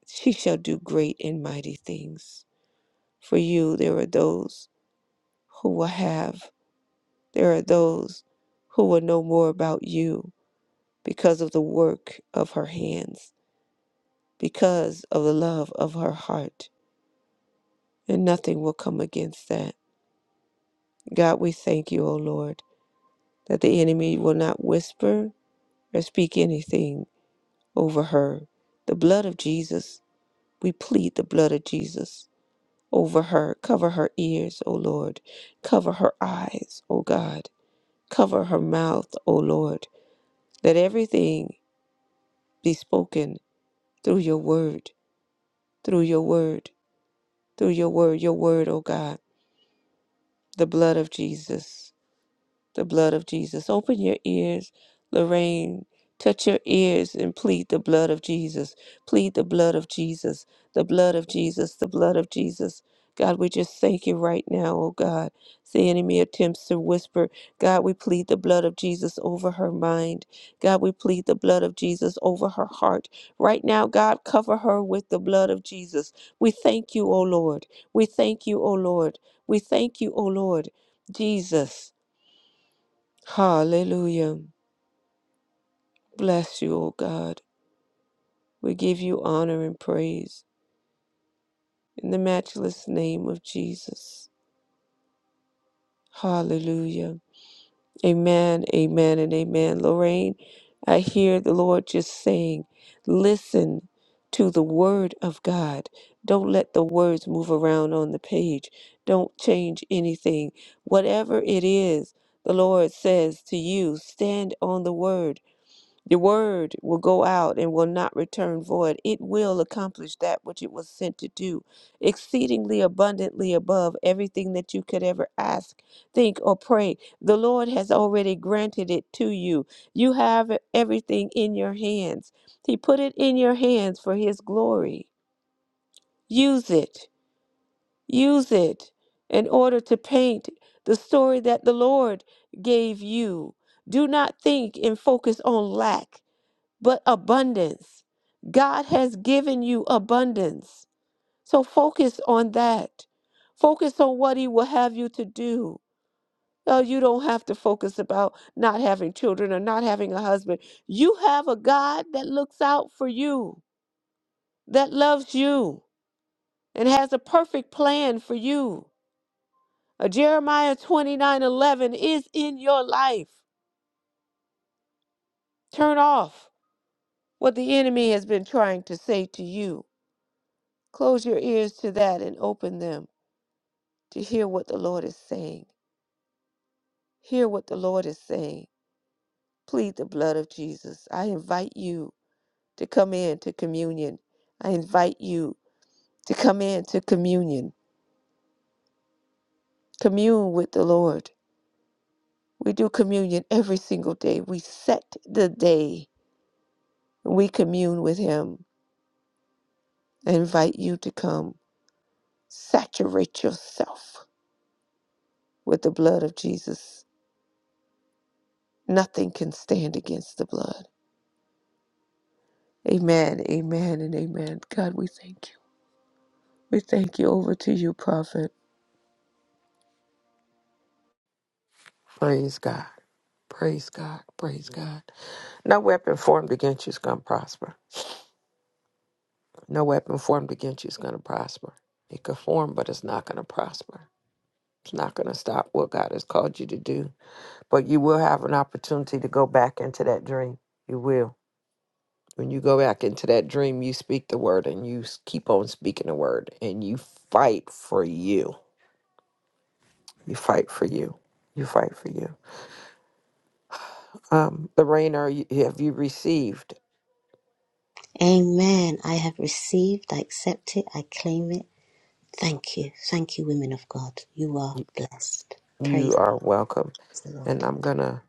She shall do great and mighty things. For you, there are those who will have, there are those who will know more about you because of the work of her hands, because of the love of her heart, and nothing will come against that. God, we thank you, O Lord, that the enemy will not whisper or speak anything over her. The blood of Jesus, we plead the blood of Jesus over her. Cover her ears, O Lord. Cover her eyes, O God. Cover her mouth, O Lord. Let everything be spoken through your word, through your word, through your word, your word, O God. The blood of Jesus. the blood of Jesus. Open your ears, Lorraine. Touch your ears and plead the blood of Jesus. Plead the blood of Jesus, the blood of Jesus, the blood of Jesus. God, we just thank you right now, oh God. The enemy attempts to whisper. God, we plead the blood of Jesus over her mind. God, we plead the blood of Jesus over her heart. Right now, God, cover her with the blood of Jesus. We thank you, O Lord. We thank you, O Lord. We thank you, O Lord. Jesus. Hallelujah. Bless you, O God. We give you honor and praise in the matchless name of Jesus. Hallelujah. Amen, amen, and amen. Lorraine, I hear the Lord just saying, listen to the word of God. Don't let the words move around on the page. Don't change anything. Whatever it is, the Lord says to you, stand on the word. Your word will go out and will not return void. It will accomplish that which it was sent to do, exceedingly abundantly above everything that you could ever ask, think, or pray. The Lord has already granted it to you. You have everything in your hands. He put it in your hands for His glory. Use it. Use it in order to paint the story that the Lord gave you. Do not think and focus on lack but abundance. God has given you abundance. So focus on that. Focus on what He will have you to do. No, you don't have to focus about not having children or not having a husband. You have a God that looks out for you, that loves you, and has a perfect plan for you. Uh, Jeremiah 29 11 is in your life. Turn off what the enemy has been trying to say to you. Close your ears to that and open them to hear what the Lord is saying. Hear what the Lord is saying. Plead the blood of Jesus. I invite you to come in to communion. I invite you to come in to communion. Commune with the Lord. We do communion every single day. We set the day. We commune with Him. I invite you to come. Saturate yourself with the blood of Jesus. Nothing can stand against the blood. Amen, amen, and amen. God, we thank you. We thank you over to you, prophet.
Praise God. Praise God. Praise God. No weapon formed against you is going to prosper. No weapon formed against you is going to prosper. It could form, but it's not going to prosper. It's not going to stop what God has called you to do. But you will have an opportunity to go back into that dream. You will. When you go back into that dream, you speak the word and you s- keep on speaking the word and you fight for you You fight for you. You fight for you. Um, Lorraine, are you, have you received?
Amen. I have received. I accept it. I claim it. Thank you. Thank you, women of God. You are
You,
blessed. Praise.
you are welcome.
Praise the Lord.
And I'm going to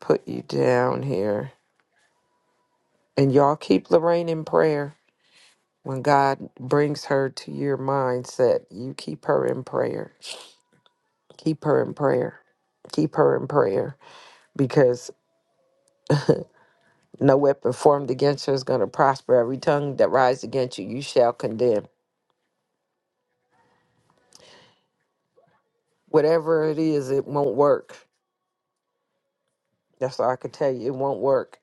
put you down here. And y'all keep Lorraine in prayer. When God brings her to your mindset, you keep her in prayer. Keep her in prayer. Keep her in prayer because no weapon formed against her is going to prosper. Every tongue that rises against you, you shall condemn. Whatever it is, it won't work. That's all I can tell you. It won't work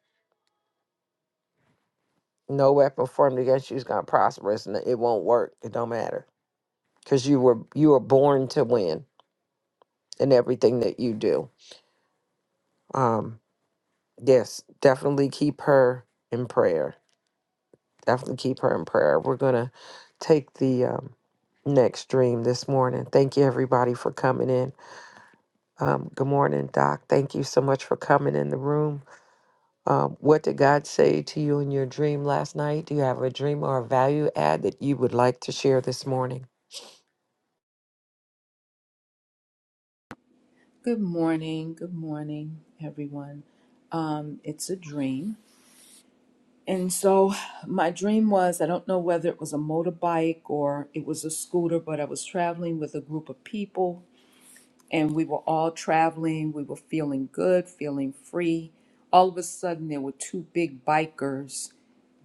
No weapon formed against you is gonna prosper. It's n- it won't work. It don't matter because you were you were born to win in everything that you do. Um, yes, definitely keep her in prayer. Definitely keep her in prayer. We're gonna take the um, next dream this morning. Thank you everybody for coming in. Um, good morning, Doc. Thank you so much for coming in the room. Um, what did God say to you in your dream last night? Do you have a dream or a value add that you would like to share this morning?
Good morning. Good morning, everyone. Um, it's a dream. And so my dream was I don't know whether it was a motorbike or it was a scooter, but I was traveling with a group of people and we were all traveling. We were feeling good, feeling free. All of a sudden, there were two big bikers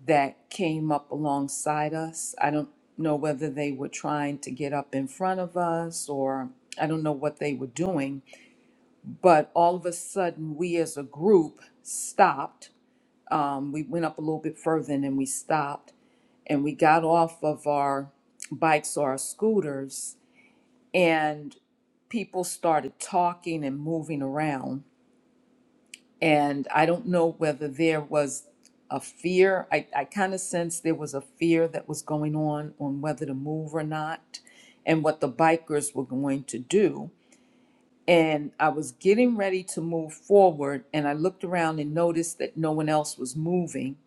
that came up alongside us. I don't know whether they were trying to get up in front of us or I don't know what they were doing but all of a sudden we as a group stopped um, we went up a little bit further and then we stopped and we got off of our bikes or our scooters and people started talking and moving around and i don't know whether there was a fear i, I kind of sensed there was a fear that was going on on whether to move or not and what the bikers were going to do and I was getting ready to move forward, and I looked around and noticed that no one else was moving.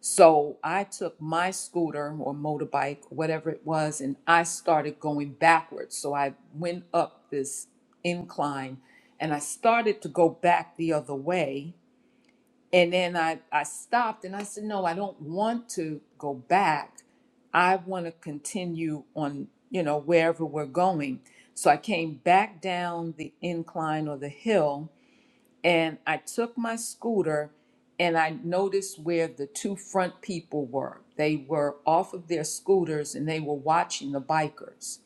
So I took my scooter or motorbike, whatever it was, and I started going backwards. So I went up this incline and I started to go back the other way. And then I, I stopped and I said, no, I don't want to go back. I want to continue on, you know, wherever we're going. So I came back down the incline or the hill and I took my scooter and I noticed where the two front people were. They were off of their scooters and they were watching the bikers.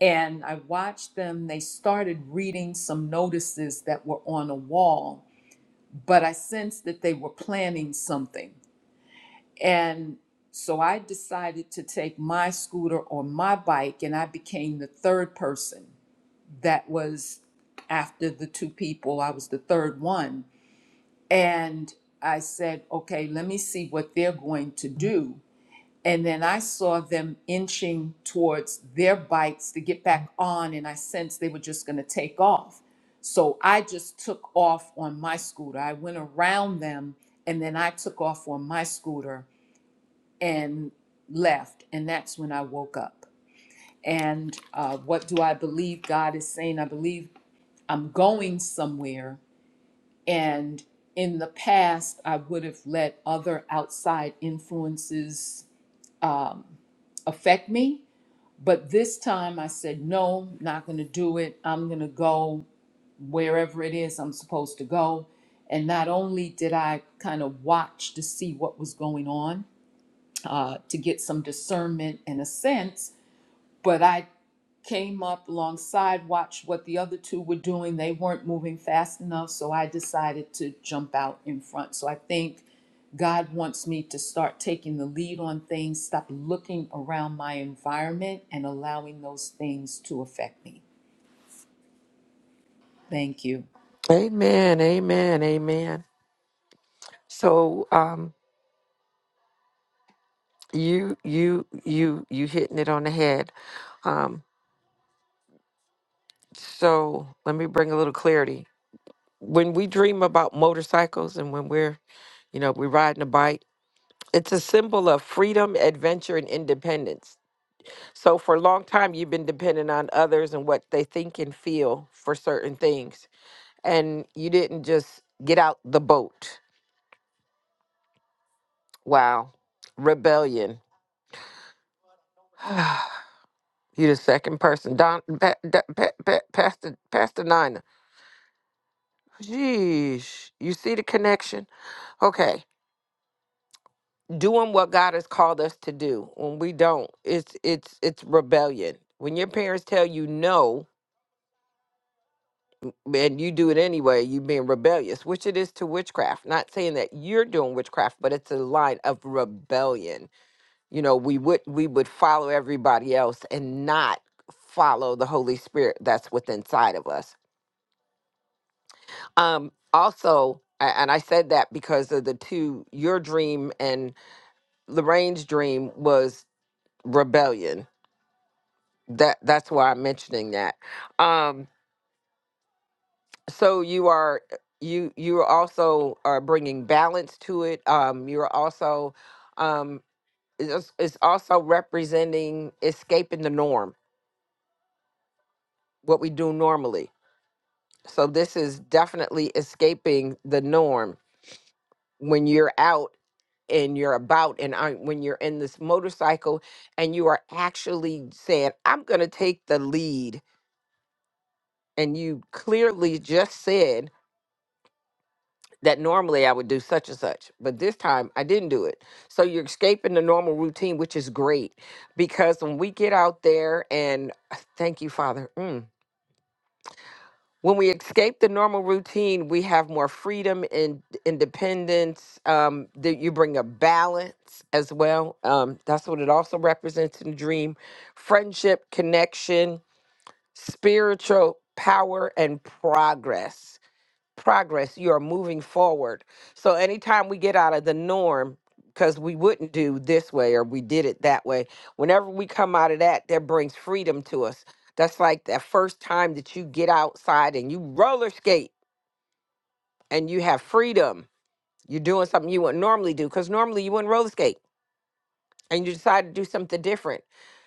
And I watched them. They started reading some notices that were on a wall but I sensed that they were planning something. And so I decided to take my scooter or my bike, and I became the third person that was after the two people. I was the third one. And I said, okay, let me see what they're going to do. And then I saw them inching towards their bikes to get back on, and I sensed they were just going to take off. So I just took off on my scooter. I went around them, and then I took off on my scooter and left. And that's when I woke up. And uh, what do I believe God is saying? I believe I'm going somewhere. And in the past, I would have let other outside influences um, affect me but this time I said, no, not going to do it. I'm going to go wherever it is I'm supposed to go. And not only did I kind of watch to see what was going on uh, to get some discernment and a sense, but I came up alongside, watched what the other two were doing. They weren't moving fast enough, so I decided to jump out in front. So I think God wants me to start taking the lead on things, stop looking around my environment and allowing those things to affect me. Thank you.
Amen, amen, amen. So um you you you you hitting it on the head. Um so let me bring a little clarity. When we dream about motorcycles and when we're, you know, we're riding a bike, it's a symbol of freedom, adventure, and independence. So for a long time you've been dependent on others and what they think and feel for certain things. And you didn't just get out the boat. Wow. Rebellion. You the second person, Don, pa, da, pa, pa, Pastor, Pastor Nina. Jeez, you see the connection? Okay, doing what God has called us to do. When we don't, it's it's it's rebellion. When your parents tell you no and you do it anyway, you being rebellious, which it is to witchcraft. Not saying that you're doing witchcraft, but it's a line of rebellion. You know, we would we would follow everybody else and not follow the Holy Spirit that's within inside of us Um, also, a- and I said that because of the two, your dream and Lorraine's dream was rebellion. That that's why I'm mentioning that. Um, so you are you you also are bringing balance to it. Um, you're also um, it's, it's also representing escaping the norm, what we do normally. So this is definitely escaping the norm when you're out and you're about and I, when you're in this motorcycle and you are actually saying i'm going to take the lead and you clearly just said that normally i would do such and such but this time i didn't do it so you're escaping the normal routine which is great because when we get out there and uh, thank you father Mm when we escape the normal routine, we have more freedom and independence. Um, that you bring a balance as well. Um, that's what it also represents in dream, friendship, connection, spiritual power, and progress progress you are moving forward so anytime we get out of the norm because we wouldn't do this way or we did it that way whenever we come out of that that brings freedom to us that's like that first time that you get outside and you roller skate and you have freedom you're doing something you wouldn't normally do because normally you wouldn't roller skate and you decide to do something different.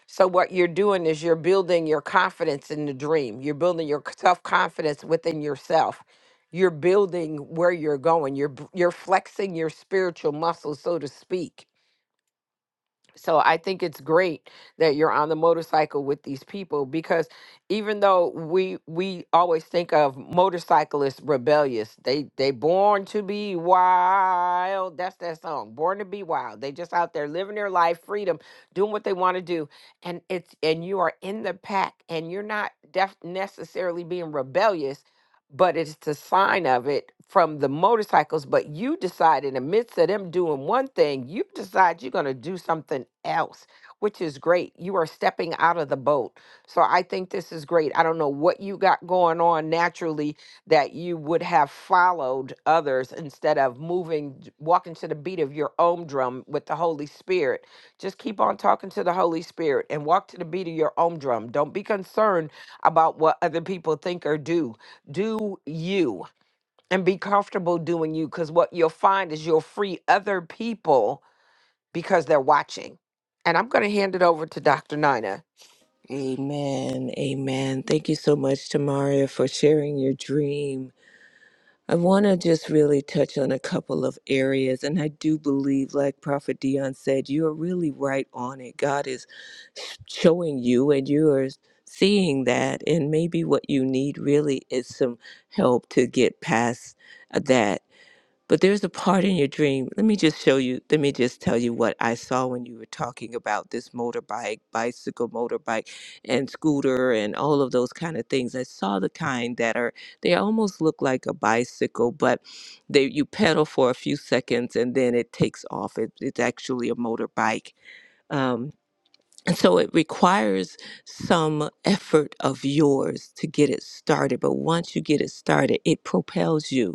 So what you're doing is you're building your confidence in the dream. You're building your self confidence within yourself. You're building where you're going. You're b- you're flexing your spiritual muscles, so to speak so I think it's great that you're on the motorcycle with these people because even though we we always think of motorcyclists rebellious, they they born to be wild. That's that song, Born to Be Wild. They just out there living their life, freedom, doing what they want to do, and it's and you are in the pack, and you're not def- necessarily being rebellious but it's the sign of it from the motorcycles. But you decide in the midst of them doing one thing, you decide you're going to do something else, which is great. You are stepping out of the boat. So I think this is great. I don't know what you got going on naturally that you would have followed others instead of moving, j- walking to the beat of your own drum with the Holy Spirit. Just keep on talking to the Holy Spirit and walk to the beat of your own drum. Don't be concerned about what other people think or do do you and be comfortable doing you because what you'll find is you'll free other people because they're watching. And I'm going to hand it over to Dr. Nina.
Amen. Amen. Thank you so much, Tamaria, for sharing your dream. I want to just really touch on a couple of areas. And I do believe, like Prophet Dion said, you are really right on it. God is showing you, and you are seeing that. And maybe what you need really is some help to get past that. But there's a part in your dream. Let me just show you. Let me just tell you what I saw when you were talking about this motorbike, bicycle, motorbike, and scooter, and all of those kind of things. I saw the kind that are they almost look like a bicycle, but they you pedal for a few seconds and then it takes off. It, it's actually a motorbike. Um, and so it requires some effort of yours to get it started. But once you get it started, it propels you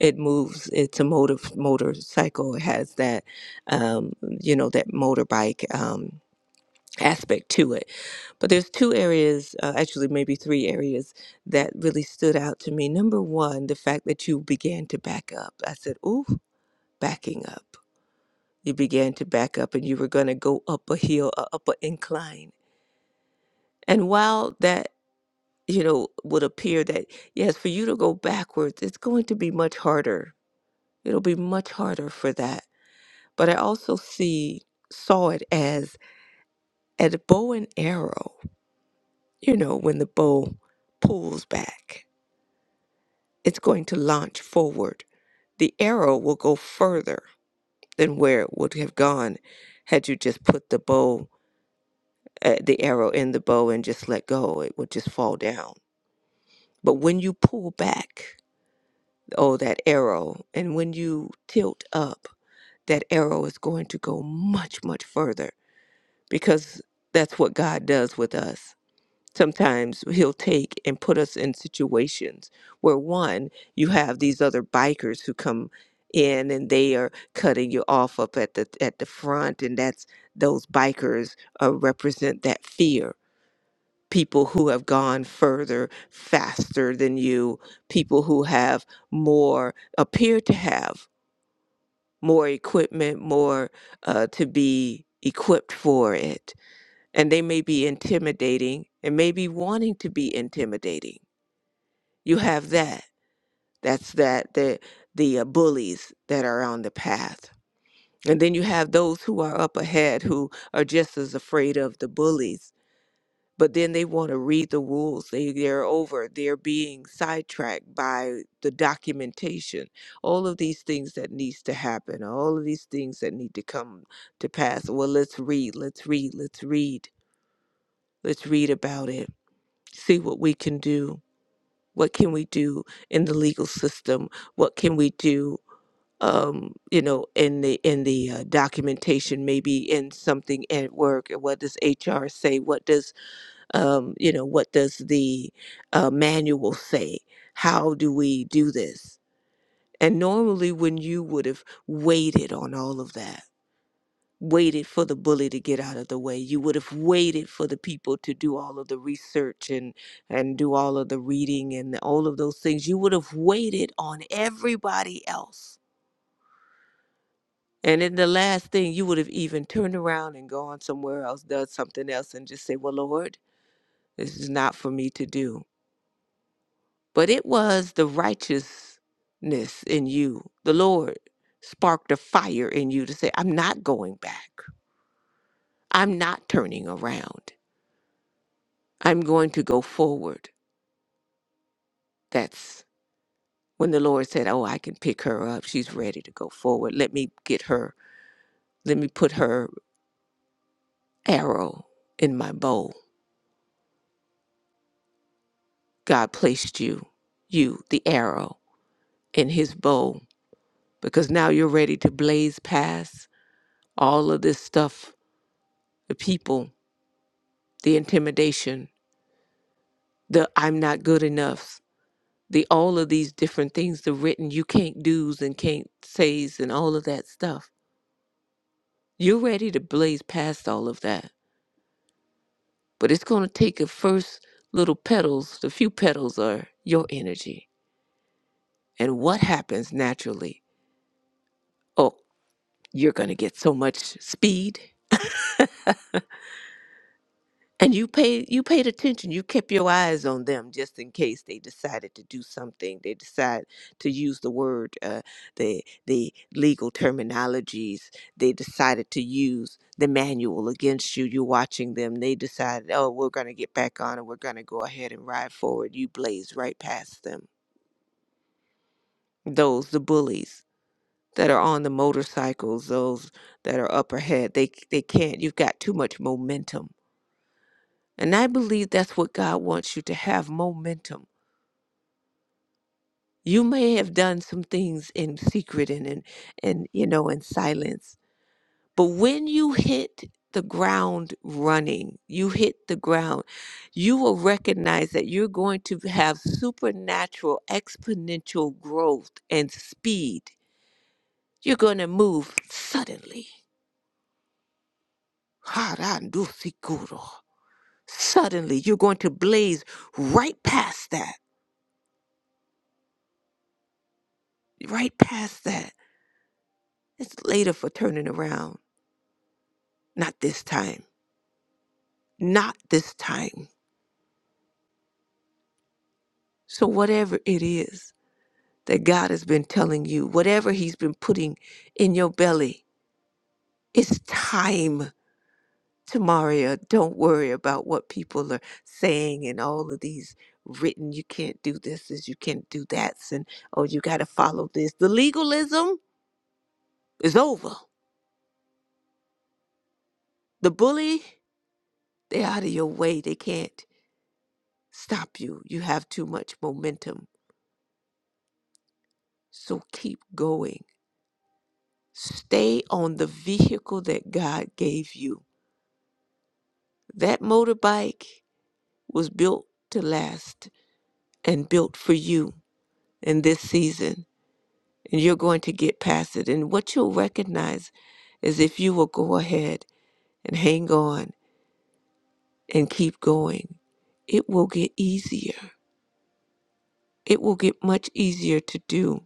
it moves it's a motor motorcycle it has that um, you know that motorbike um, aspect to it but there's two areas uh, actually maybe three areas that really stood out to me number one the fact that you began to back up i said ooh backing up you began to back up and you were going to go up a hill uh, up an incline and while that you know would appear that yes for you to go backwards it's going to be much harder it'll be much harder for that but I also see saw it as at a bow and arrow. You know, when the bow pulls back, it's going to launch forward. The arrow will go further than where it would have gone had you just put the bow, uh, the arrow in the bow and just let go. It would just fall down. But when you pull back, oh, that arrow, and when you tilt up, that arrow is going to go much, much further because that's what God does with us sometimes he'll take and put us in situations where one you have these other bikers who come in and they are cutting you off up at the at the front and that's those bikers uh, represent that fear people who have gone further faster than you people who have more appear to have more equipment more uh, to be equipped for it and they may be intimidating and maybe wanting to be intimidating. You have that. That's that the the uh, bullies that are on the path. And then you have those who are up ahead who are just as afraid of the bullies. But then they want to read the rules. They they're over. They're being sidetracked by the documentation. All of these things that needs to happen. All of these things that need to come to pass. Well, let's read. Let's read. Let's read. Let's read about it see what we can do. What can we do in the legal system? What can we do, um, you know, in the in the uh, documentation? Maybe in something at work. What does HR say? What does um, you know? What does the uh, manual say? How do we do this? And normally, when you would have waited on all of that waited for the bully to get out of the way. You would have waited for the people to do all of the research and and do all of the reading and all of those things. You would have waited on everybody else. And then the last thing you would have even turned around and gone somewhere else, done something else and just say, "Well, Lord, this is not for me to do." But it was the righteousness in you. The Lord sparked a fire in you to say, "I'm not going back. I'm not turning around." I'm going to go forward. That's when the Lord said, Oh, I can pick her up. She's ready to go forward. Let me get her, let me put her arrow in my bow. God placed you, you, the arrow, in his bow because now you're ready to blaze past all of this stuff the people, the intimidation, the I'm not good enough. The all of these different things, the written you can't do's and can't say's and all of that stuff You're ready to blaze past all of that, but it's going to take a first little petals. The few petals are your energy. And what happens naturally? Oh, you're going to get so much speed. And you paid you paid attention. You kept your eyes on them just in case they decided to do something. They decide to use the word, uh, the the legal terminologies. They decided to use the manual against you. You're watching them. They decided, oh, we're going to get back on and we're going to go ahead and ride forward. You blazed right past them. Those the bullies that are on the motorcycles. Those that are up ahead. They they can't. You've got too much momentum And I believe that's what God wants you to have momentum. You may have done some things in secret and in and you know in silence. But when you hit the ground running, you hit the ground, you will recognize that you're going to have supernatural exponential growth and speed. You're going to move suddenly. Harandusikuro. Suddenly, you're going to blaze right past that, right past that. It's later for turning around. Not this time. Not this time. So, whatever it is that God has been telling you, whatever He's been putting in your belly, it's time. Tamaria, don't worry about what people are saying and all of these written, you can't do this, is you can't do that, and oh, you got to follow this. The legalism is over. The bully, they're out of your way. They can't stop you. You have too much momentum So keep going. Stay on the vehicle that God gave you. That motorbike was built to last and built for you in this season. And you're going to get past it. And what you'll recognize is if you will go ahead and hang on and keep going, it will get easier. It will get much easier to do.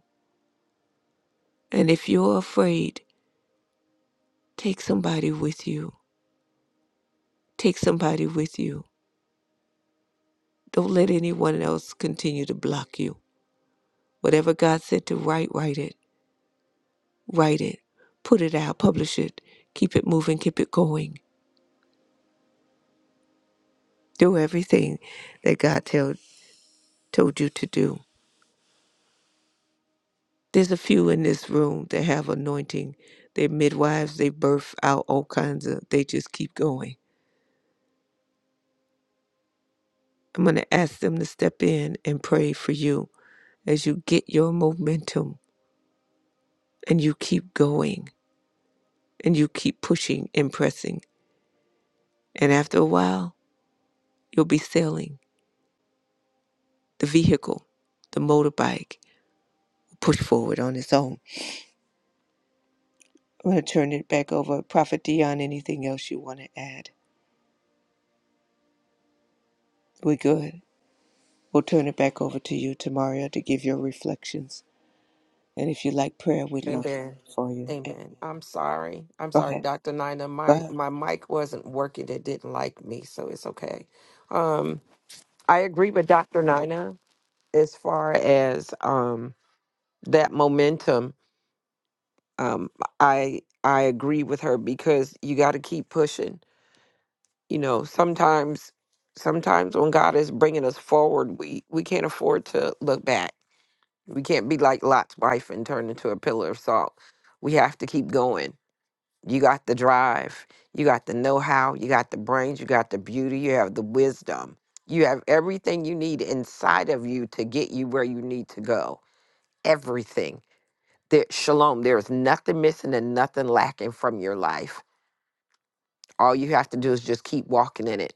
And if you're afraid, take somebody with you. Take somebody with you Don't let anyone else continue to block you. Whatever God said to write, write it. Write it. Put it out. Publish it. Keep it moving. Keep it going. Do everything that God tell, told you to do. There's a few in this room that have anointing. They're midwives. They birth out all kinds of, they just keep going. I'm going to ask them to step in and pray for you as you get your momentum and you keep going and you keep pushing and pressing. And after a while, You'll be sailing. The vehicle, the motorbike, push forward on its own. I'm going to turn it back over. Prophet Dion, anything else you want to add? We're good. We'll turn it back over to you, Tamaria, to give your reflections. And if you like prayer, we'd love to
Amen.
pray for you. And
Amen. I'm sorry. I'm
go
sorry,
ahead.
Dr. Nina.
Go
My
ahead.
my mic wasn't working. It didn't like me, so it's okay. Um, I agree with Dr. Nina as far as um that momentum. Um, I I agree with her because you got to keep pushing you know sometimes sometimes when god is bringing us forward we we can't afford to look back we can't be like lot's wife and turn into a pillar of salt we have to keep going you got the drive you got the know-how you got the brains you got the beauty you have the wisdom you have everything you need inside of you to get you where you need to go everything there, shalom there is nothing missing and nothing lacking from your life all you have to do is just keep walking in it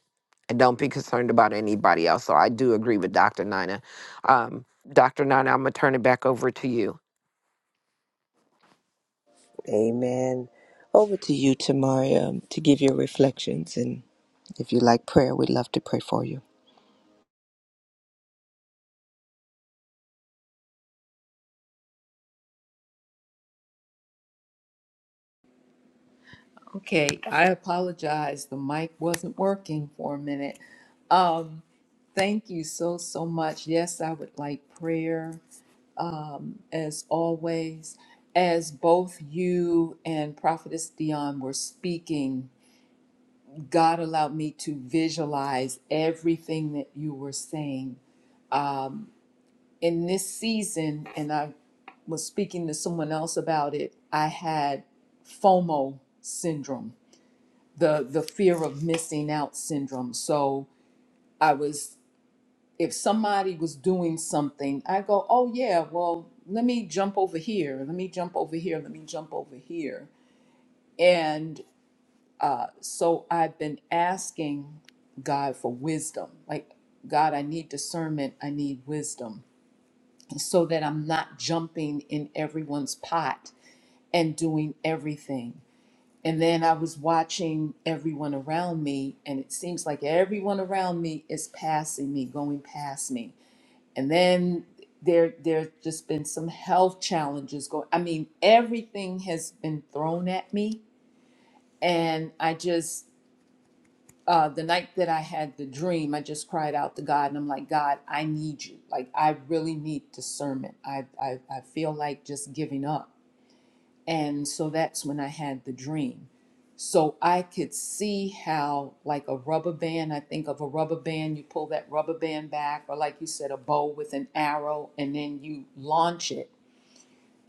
and don't be concerned about anybody else. So I do agree with Dr. Nina. Um, Dr. Nina, I'm going to turn it back over to you.
Amen. Over to you, Tamaria, um, to give your reflections. And if you like prayer, we'd love to pray for you.
Okay, I apologize. The mic wasn't working for a minute. Um, thank you so, so much. Yes, I would like prayer as always. As both you and Prophetess Dion were speaking, God allowed me to visualize everything that you were saying. In this season, and I was speaking to someone else about it, I had FOMO syndrome, the, the fear of missing out syndrome. So I was, if somebody was doing something, I go, oh yeah, well, let me jump over here. Let me jump over here. Let me jump over here And uh, so I've been asking God for wisdom. Like, God, I need discernment, I need wisdom, so that I'm not jumping in everyone's pot and doing everything. And then I was watching everyone around me, and it seems like everyone around me is passing me, going past me. And then there, there's just been some health challenges going. I mean, everything has been thrown at me, and I just uh, the night that I had the dream, I just cried out to God and I'm like, God, I need you. Like, I really need discernment. I, I, I feel like just giving up. And so that's when I had the dream. So I could see how, like a rubber band, I think of a rubber band, you pull that rubber band back, or like you said, a bow with an arrow, and then you launch it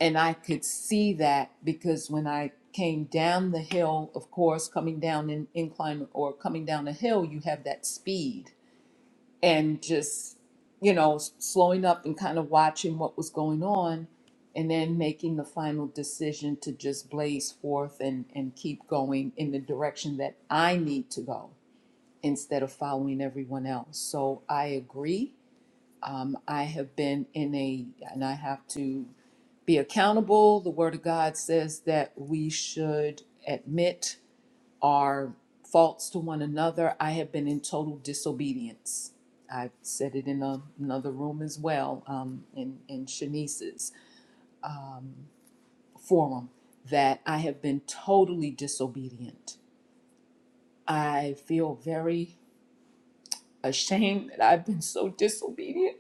and I could see that because when I came down the hill, of course, coming down an incline or coming down a hill, you have that speed and just, you know, s- slowing up and kind of watching what was going on and then making the final decision to just blaze forth and, and keep going in the direction that I need to go instead of following everyone else. So I agree um, I have been in a, and I have to be accountable. The Word of God says that we should admit our faults to one another. I have been in total disobedience. I said it in a, another room as well, um, in, in Shanice's forum, that I have been totally disobedient. I feel very ashamed that I've been so disobedient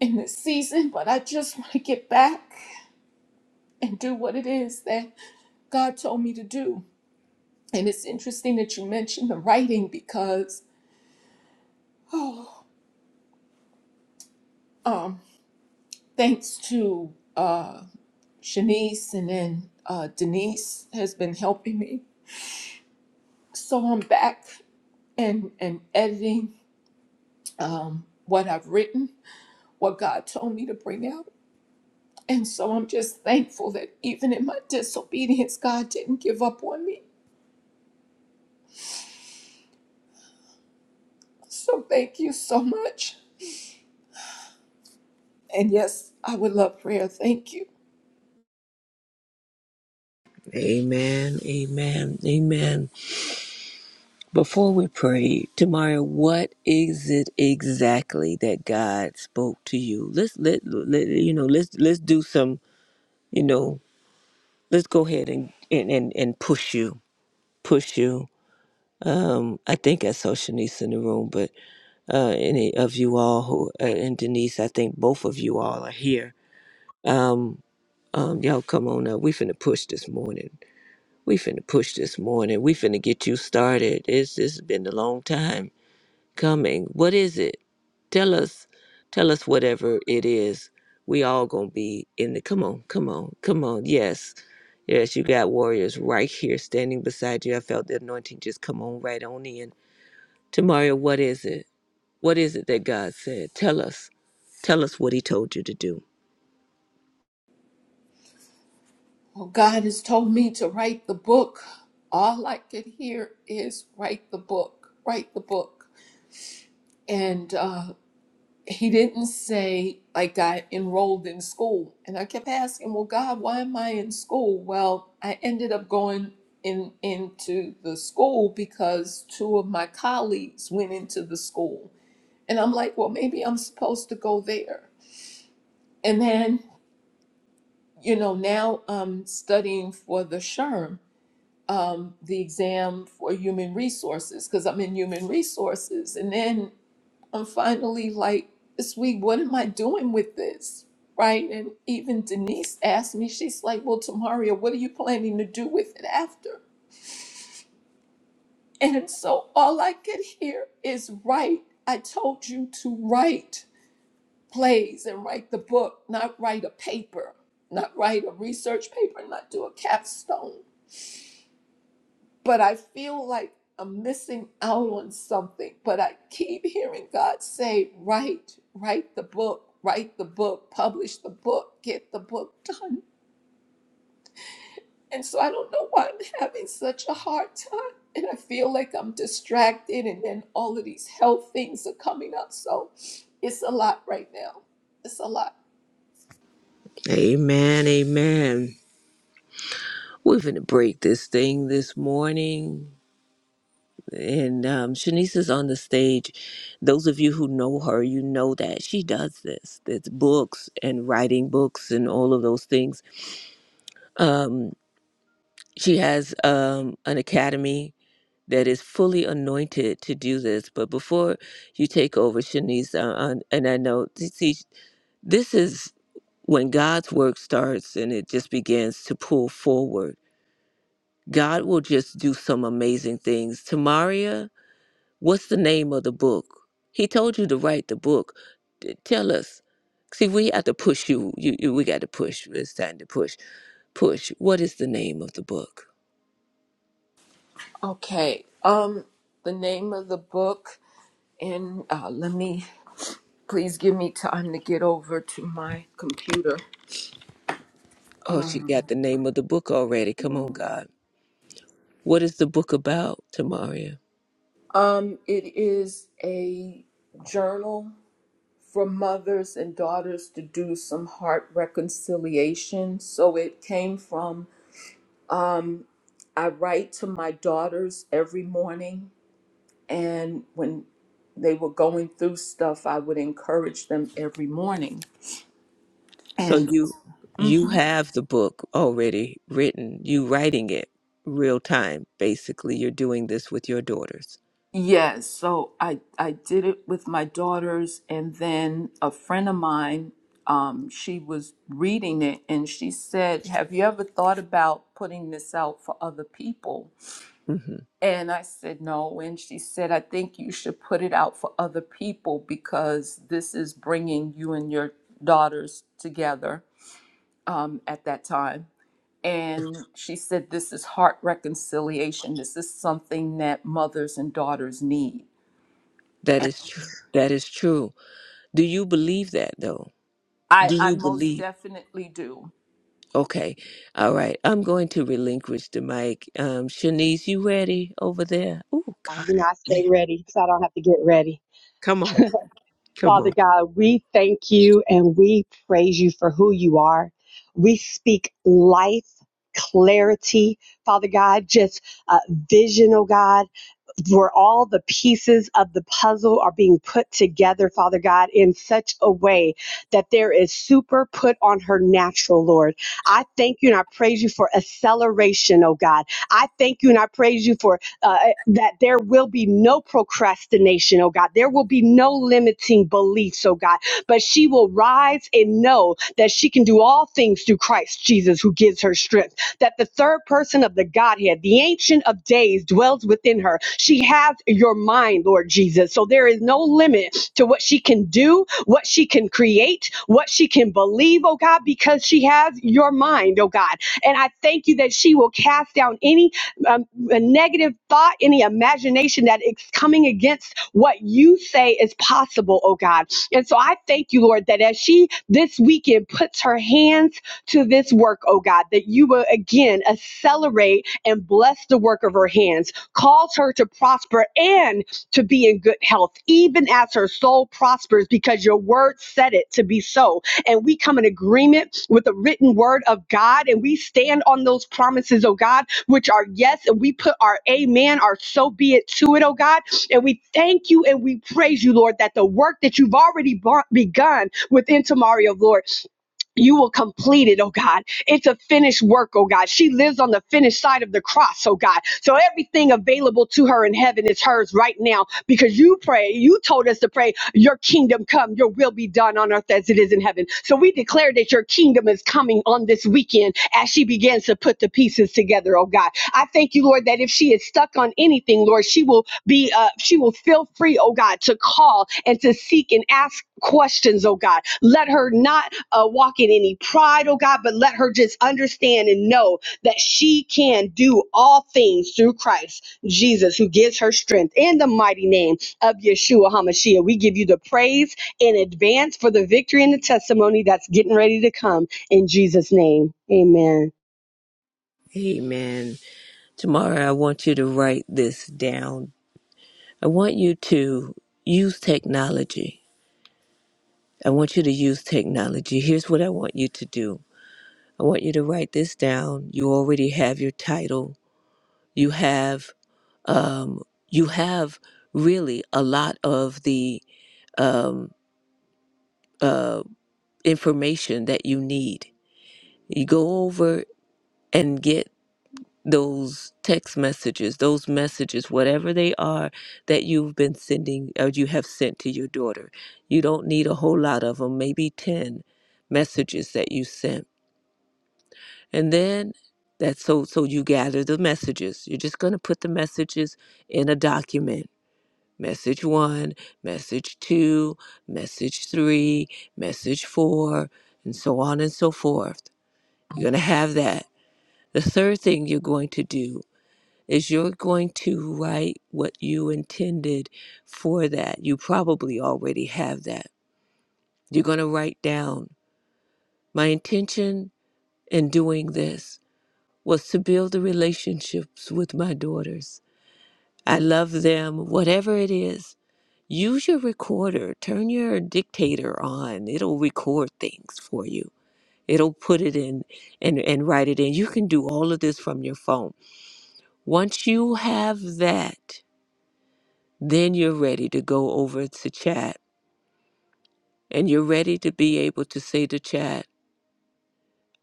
in this season, but I just want to get back. and do what it is that God told me to do. And it's interesting that you mentioned the writing because, oh, um, thanks to uh, Shanice and then uh, Denise has been helping me. So I'm back and and editing um, what I've written, what God told me to bring out. And so I'm just thankful that even in my disobedience, God didn't give up on me. So thank you so much. And yes, I would love prayer. Thank you.
Amen, amen, amen. Before we pray, Tamara, what is it exactly that God spoke to you? Let's let, let you know. Let's let's do some. You know, let's go ahead and and and, and push you, push you. Um, I think I saw Shanice in the room, but uh, any of you all who uh, and Denise, I think both of you all are here. Um, um, y'all come on up. We finna push this morning. We finna push this morning. We finna get you started. It's it's been a long time coming. What is it? Tell us. Tell us whatever it is. We all gonna be in the come on, come on, come on. Yes. Yes, you got warriors right here standing beside you. I felt the anointing just come on right on in. Tamaria, what is it? What is it that God said? Tell us. Tell us what he told you to do.
Well, God has told me to write the book. All I could hear is write the book, write the book. And uh, he didn't say, like, I enrolled in school. And I kept asking, well, God, why am I in school? Well, I ended up going in into the school because two of my colleagues went into the school. And I'm like, well, maybe I'm supposed to go there. And then, you know, now I'm studying for the SHRM um, the exam for human resources because I'm in human resources. And then I'm finally like, this week, what am I doing with this? Right. And even Denise asked me, she's like, well, Tamaria, what are you planning to do with it after? And so all I could hear is write. I told you to write plays and write the book, not write a paper, not write a research paper, not do a capstone but I feel like I'm missing out on something. But I keep hearing God say, write, write the book, write the book, publish the book, get the book done. And so I don't know why I'm having such a hard time. And I feel like I'm distracted, and then all of these health things are coming up. So it's a lot right now. It's a lot.
Amen. Amen. We're going to break this thing this morning. and um, Shanice is on the stage. Those of you who know her, you know that she does this. It's books and writing books and all of those things. Um, she has um, an academy that is fully anointed to do this. But before you take over, Shanice, uh, on- and I know, see, this is when God's work starts and it just begins to pull forward. God will just do some amazing things. Tamaria What's the name of the book? He told you to write the book. T- Tell us. See, we have to push you. You, you we got to push. It's time to push. Push. What is the name of the book?
Okay. Um, the name of the book, and uh, let me please give me time to get over to my computer.
Oh, she got
Um,
the name of the book already. Come on, God. What is the book about, Tamaria?
um, it is a journal for mothers and daughters to do some heart reconciliation. So it came from um, I write to my daughters every morning, and when they were going through stuff, I would encourage them every morning.
So
And
you you
Mhm.
have the book already written. You writing it real time. Basically, you're doing this with your daughters.
Yes, so I I did it with my daughters, and then a friend of mine, um, she was reading it, and she said, "Have you ever thought about putting this out for other people?"
Mhm.
And I said, "No." And she said, "I think you should put it out for other people because this is bringing you and your daughters together." Um, at that time, and she said, "This is heart reconciliation. This is something that mothers and daughters need."
That is true. That is true. Do you believe that though?
I,
Do
I
you
most
believe?
definitely do.
Okay. All right. I'm going to relinquish the mic. Um, Shanice, you ready over there? Oh,
are.
God.
You know,
I-
I stay
Yeah.
ready so I don't have to get ready.
Come on. Come
Father
on.
God, we thank you and we praise you for who you are. We speak life, clarity, Father God, just uh, vision, oh God where all the pieces of the puzzle are being put together, Father God, in such a way that there is super put on her natural, Lord. I thank you and I praise you for acceleration, oh God. I thank you and I praise you for uh, eh, that there will be no procrastination, oh God. There will be no limiting beliefs, oh God. But she will rise and know that she can do all things through Christ Jesus who gives her strength that the third person of the Godhead, the Ancient of Days, dwells within her. She has your mind, Lord Jesus. So there is no limit to what she can do, what she can create, what she can believe, oh God, because she has your mind, oh God. And I thank you that she will cast down any um, a negative thought, any imagination that is coming against what you say is possible, oh God. And so I thank you, Lord, that as she this weekend puts her hands to this work, oh God, that you will again accelerate and bless the work of her hands. Cause her to prosper and to be in good health, even as her soul prospers, because your word said it to be so. And we come in agreement with the written word of God and we stand on those promises, oh God, which are yes, and we put our amen, our so be it to it, oh God. And we thank you and we praise you, Lord, that the work that you've already bu- begun within Tamario, Lord, you will complete it, oh God. It's a finished work, oh God. She lives on the finished side of the cross, oh God. So everything available to her in heaven is hers right now because you pray, you told us to pray, your kingdom come, your will be done on earth as it is in heaven. So we declare that your kingdom is coming on this weekend as she begins to put the pieces together, oh God. I thank you, Lord, that if she is stuck on anything, Lord, she will be, uh, she will feel free, oh God, to call and to seek and ask questions, oh God. Let her not uh, walk in any pride, oh God, but let her just understand and know that she can do all things through Christ Jesus, who gives her strength. In the mighty name of Yeshua HaMashiach, we give you the praise in advance for the victory and the testimony that's getting ready to come in Jesus' name. Amen.
Amen. Tomorrow, I want you to write this down. I want you to use technology. I want you to use technology. Here's what I want you to do I want you to write this down. You already have your title, you have um, you have really a lot of the um, uh, information that you need. You go over and get those text messages, those messages, whatever they are that you've been sending or you have sent to your daughter. You don't need a whole lot of them, maybe 10 messages that you sent. And then that's so so you gather the messages. You're just going to put the messages in a document. Message 1, message 2, message 3, message 4, and so on and so forth You're going to have that. The third thing you're going to do is you're going to write what you intended for that. You probably already have that. You're going to write down my intention in doing this was to build the relationships with my daughters. I love them, whatever it is. Use your recorder, turn your dictator on. It'll record things for you. It'll put it in and, and write it in. You can do all of this from your phone Once you have that, then you're ready to go over to chat and you're ready to be able to say to chat,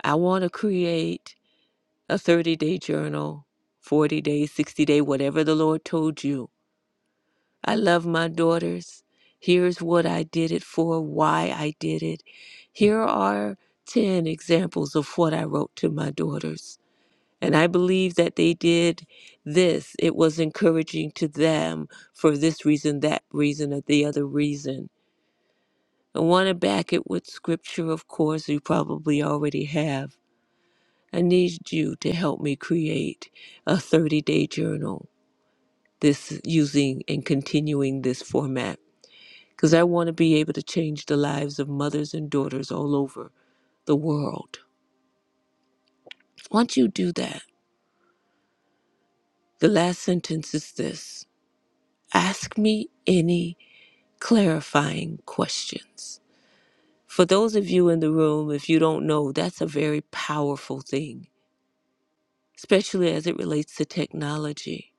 I want to create a 30 day journal, 40 day, 60 day, whatever the Lord told you. I love my daughters. Here's what I did it for, why I did it. Here are 10 examples of what I wrote to my daughters. And I believe that they did this. It was encouraging to them for this reason, that reason, or the other reason. I want to back it with scripture, of course, you probably already have. I need you to help me create a 30 day journal this using and continuing this format because I want to be able to change the lives of mothers and daughters all over the world. Once you do that, the last sentence is this ask me any. clarifying questions. For those of you in the room, if you don't know, that's a very powerful thing, especially as it relates to technology,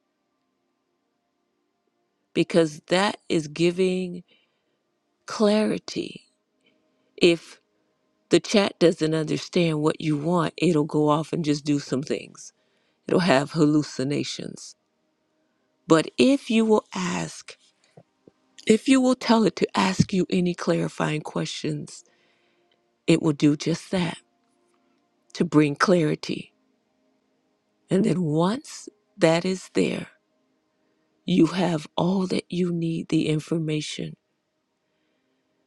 because that is giving clarity. If the chat doesn't understand what you want, it'll go off and just do some things, it'll have hallucinations. But if you will ask, if you will tell it to ask you any clarifying questions, it will do just that to bring clarity And then once that is there, you have all that you need the information.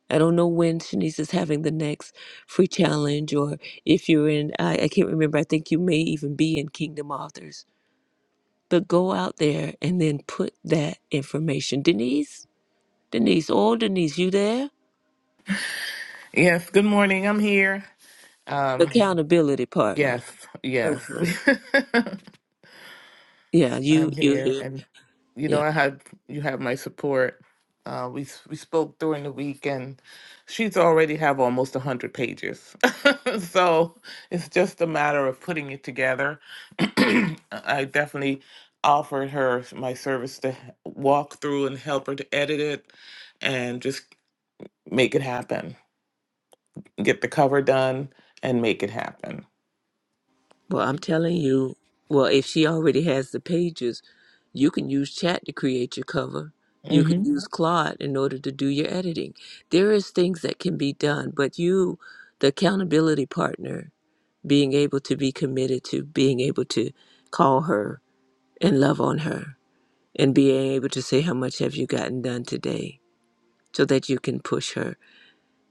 I don't know when Shanice is having the next free challenge, or if you're in, I, I can't remember, I think you may even be in Kingdom Authors. But go out there and then put that information. Denise, Denise, oh, Denise, you there?
Yes, good morning. I'm here. Um,
Accountability partner.
yes, yes.
Yeah, you,
I'm
you
here
here.
and you know I have you have my support. Uh, we s- we spoke during the week and she's already have almost 100 pages. so, it's just a matter of putting it together. I definitely offered her my service to h- walk through and help her to edit it and just make it happen. Get the cover done and make it happen.
Well, I'm telling you, well, if she already has the pages, you can use chat to create your cover. You
Mm-hmm.
can use Claude in order to do your editing. There is things that can be done, but you, the accountability partner, being able to be committed to being able to call her and love on her and being able to say how much have you gotten done today so that you can push her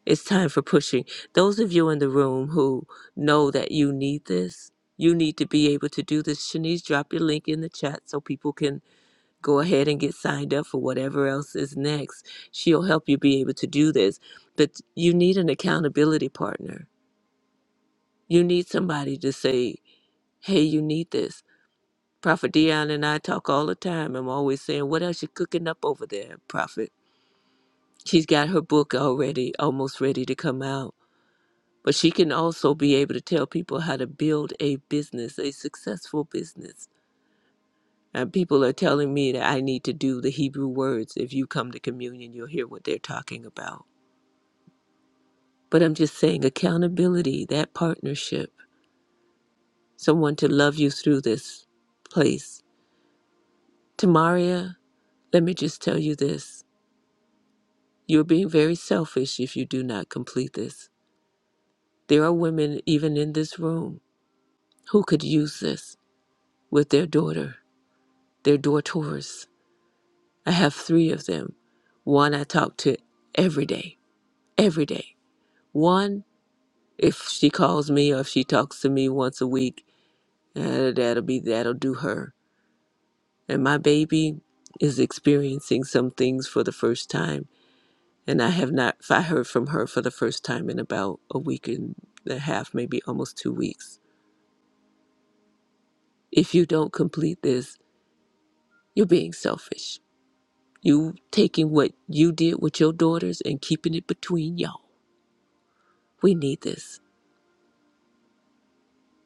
it's time for pushing. Those of you in the room who know that you need this, you need to be able to do this. Shanice, drop your link in the chat so people can go ahead and get signed up for whatever else is next. She'll help you be able to do this. But you need an accountability partner. You need somebody to say, hey, you need this. Prophet Dion and I talk all the time. I'm always saying, what else you cooking up over there, Prophet? She's got her book already, almost ready to come out But she can also be able to tell people how to build a business, a successful business. And people are telling me that I need to do the Hebrew words. If you come to communion, you'll hear what they're talking about. But I'm just saying accountability, that partnership, someone to love you through this place. Tamaria, let me just tell you this. You're being very selfish if you do not complete this. There are women, even in this room, who could use this with their daughter, their daughters I have three of them. One I talk to every day, every day. One, if she calls me or if she talks to me once a week, uh, that'll be that'll do her. And my baby is experiencing some things for the first time, and I have not. I heard from her for the first time in about a week and a half, maybe almost two weeks. If you don't complete this, you're being selfish. You taking what you did with your daughters and keeping it between y'all. We need this.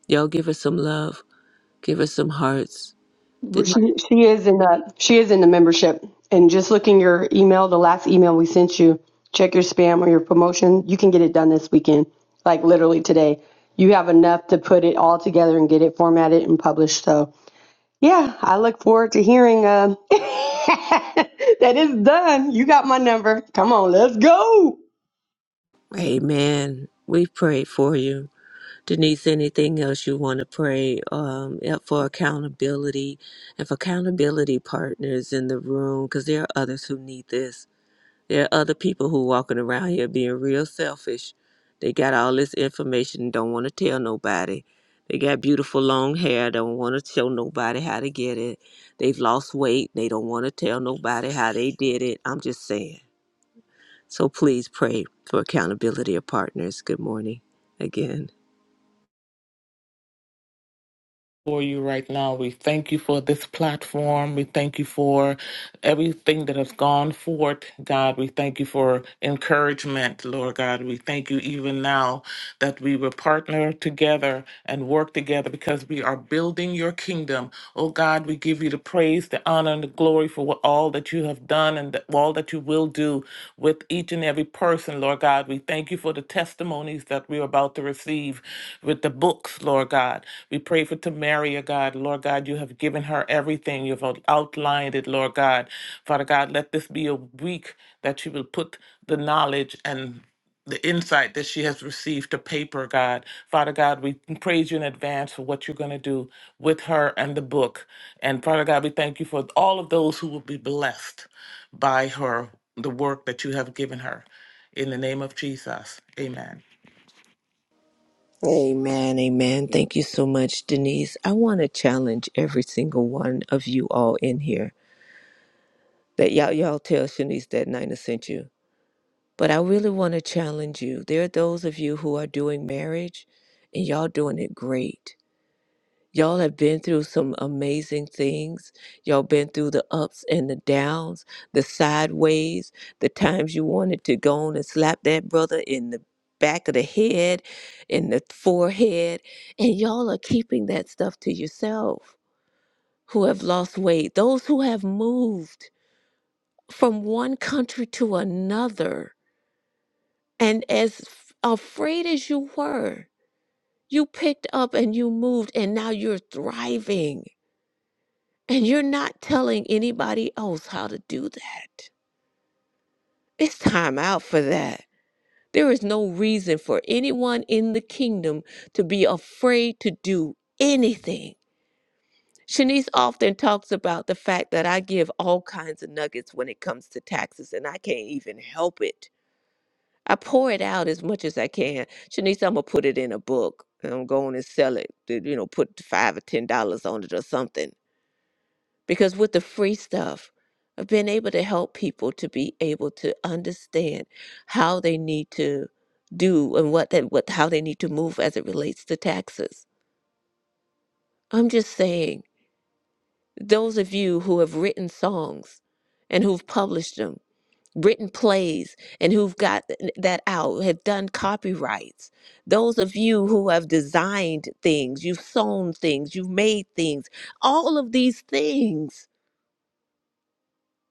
Y'all give us some love. Give us some hearts. Denise,
She, she is in the she is in the membership. And just looking your email, the last email we sent you, check your spam or your promotion. You can get it done this weekend, like literally today. You have enough to put it all together and get it formatted and published. So yeah, I look forward to hearing um, that is done. You got my number. Come on, let's go.
amen. We pray for you. Denise, anything else you want to pray um, yeah, for accountability and for accountability partners in the room? Because there are others who need this. There are other people who walking around here being real selfish. They got all this information and don't want to tell nobody. They got beautiful long hair, don't want to show nobody how to get it. They've lost weight, they don't want to tell nobody how they did it. I'm just saying. So please pray for accountability of partners. Good morning again.
for you right now. We thank you for this platform. We thank you for everything that has gone forth, God. We thank you for encouragement, Lord God. We thank you even now that we will partner together and work together because we are building your kingdom. Oh God, we give you the praise, the honor, and the glory for what, all that you have done and the, all that you will do with each and every person, Lord God. We thank you for the testimonies that we're about to receive with the books, Lord God. We pray for Tamaria, God. Lord God, you have given her everything. You've out- outlined it, Lord God. Father God, let this be a week that she will put the knowledge and the insight that she has received to paper, God. Father God, we praise you in advance for what you're going to do with her and the book. And Father God, we thank you for all of those who will be blessed by her the work that you have given her. In the name of Jesus, amen.
Amen, amen. Thank you so much, Denise. I want to challenge every single one of you all in here that y'all y'all tell Shanice that Nina sent you. But I really want to challenge you. There are those of you who are doing marriage and y'all doing it great. Y'all have been through some amazing things. Y'all been through the ups and the downs, the sideways, the times you wanted to go on and slap that brother in the back of the head, in the forehead, and y'all are keeping that stuff to yourself. Who have lost weight, those who have moved from one country to another, and as f- afraid as you were, you picked up and you moved, and now you're thriving And you're not telling anybody else how to do that. It's time out for that. There is no reason for anyone in the kingdom to be afraid to do anything. Shanice often talks about the fact that I give all kinds of nuggets when it comes to taxes, and I can't even help it. I pour it out as much as I can. Shanice, I'm gonna put it in a book, and I'm going to sell it. You know, put five or ten dollars on it or something because with the free stuff i've been able to help people to be able to understand how they need to do and what that what how they need to move as it relates to taxes i'm just saying those of you who have written songs and who've published them written plays and who've got th- that out have done copyrights those of you who have designed things you've sewn things you've made things all of these things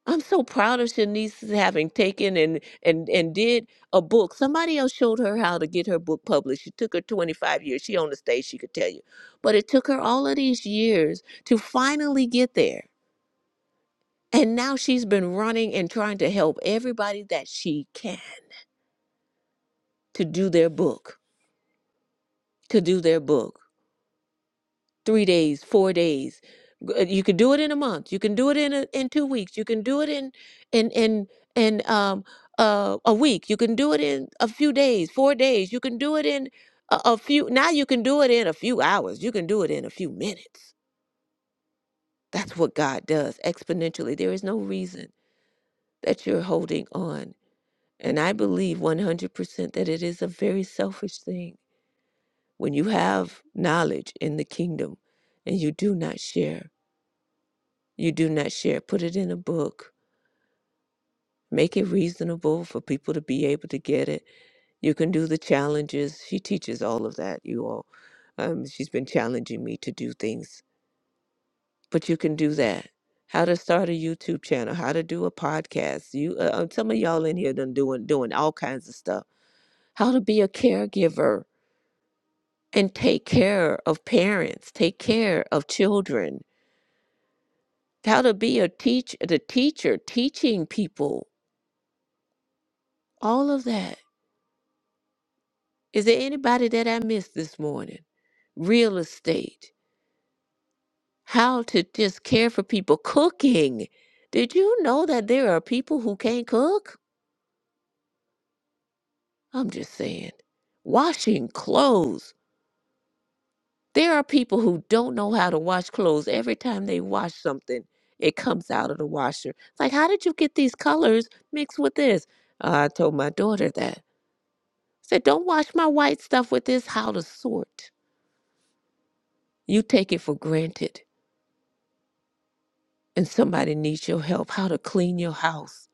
I'm so proud of Shanice having taken and and and did a book. Somebody else showed her how to get her book published. It took her 25 years. She on the stage, she could tell you, but it took her all of these years to finally get there. And now she's been running and trying to help everybody that she can to do their book, to do their book. three days, four days. G- uh, You can do it in a month. You can do it in a, in two weeks. You can do it in in in in um uh, a week. You can do it in a few days, four days. You can do it in a, a few. Now you can do it in a few hours. You can do it in a few minutes. That's what God does exponentially. There is no reason that you're holding on. And I believe 100% that it is a very selfish thing when you have knowledge in the kingdom and you do not share. you do not share. Put it in a book. Make it reasonable for people to be able to get it. You can do the challenges. She teaches all of that, you all. Um, she's been challenging me to do things, but you can do that. How to start a YouTube channel, how to do a podcast. You, uh, uh, some of y'all in here done doing doing all kinds of stuff. How to be a caregiver and take care of parents, take care of children. How to be a teach the teacher, teaching people. All of that Is there anybody that I missed this morning? Real estate, how to just care for people, cooking. Did you know that there are people who can't cook? I'm just saying. Washing clothes. There are people who don't know how to wash clothes. Every time they wash something, it comes out of the washer. It's like, how did you get these colors mixed with this? I told my daughter that. I said, don't wash my white stuff with this. How to sort. You take it for granted and somebody needs your help how to clean your house.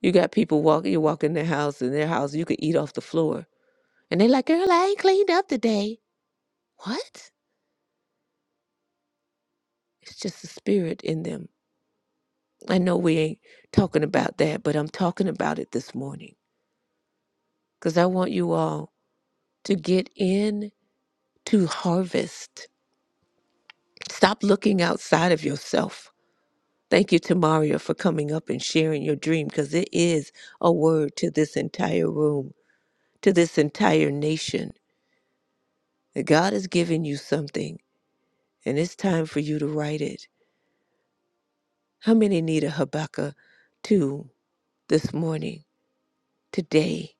You got people walking, you walk in their house, in their house, you could eat off the floor. And they're like, girl, I ain't cleaned up today. What? It's just the spirit in them. I know we ain't talking about that, but I'm talking about it this morning because I want you all to get in to harvest. Stop looking outside of yourself. Thank you to Mario for coming up and sharing your dream because it is a word to this entire room, to this entire nation that God has given you something and it's time for you to write it. How many need a Habakkuk 2 this morning? Today,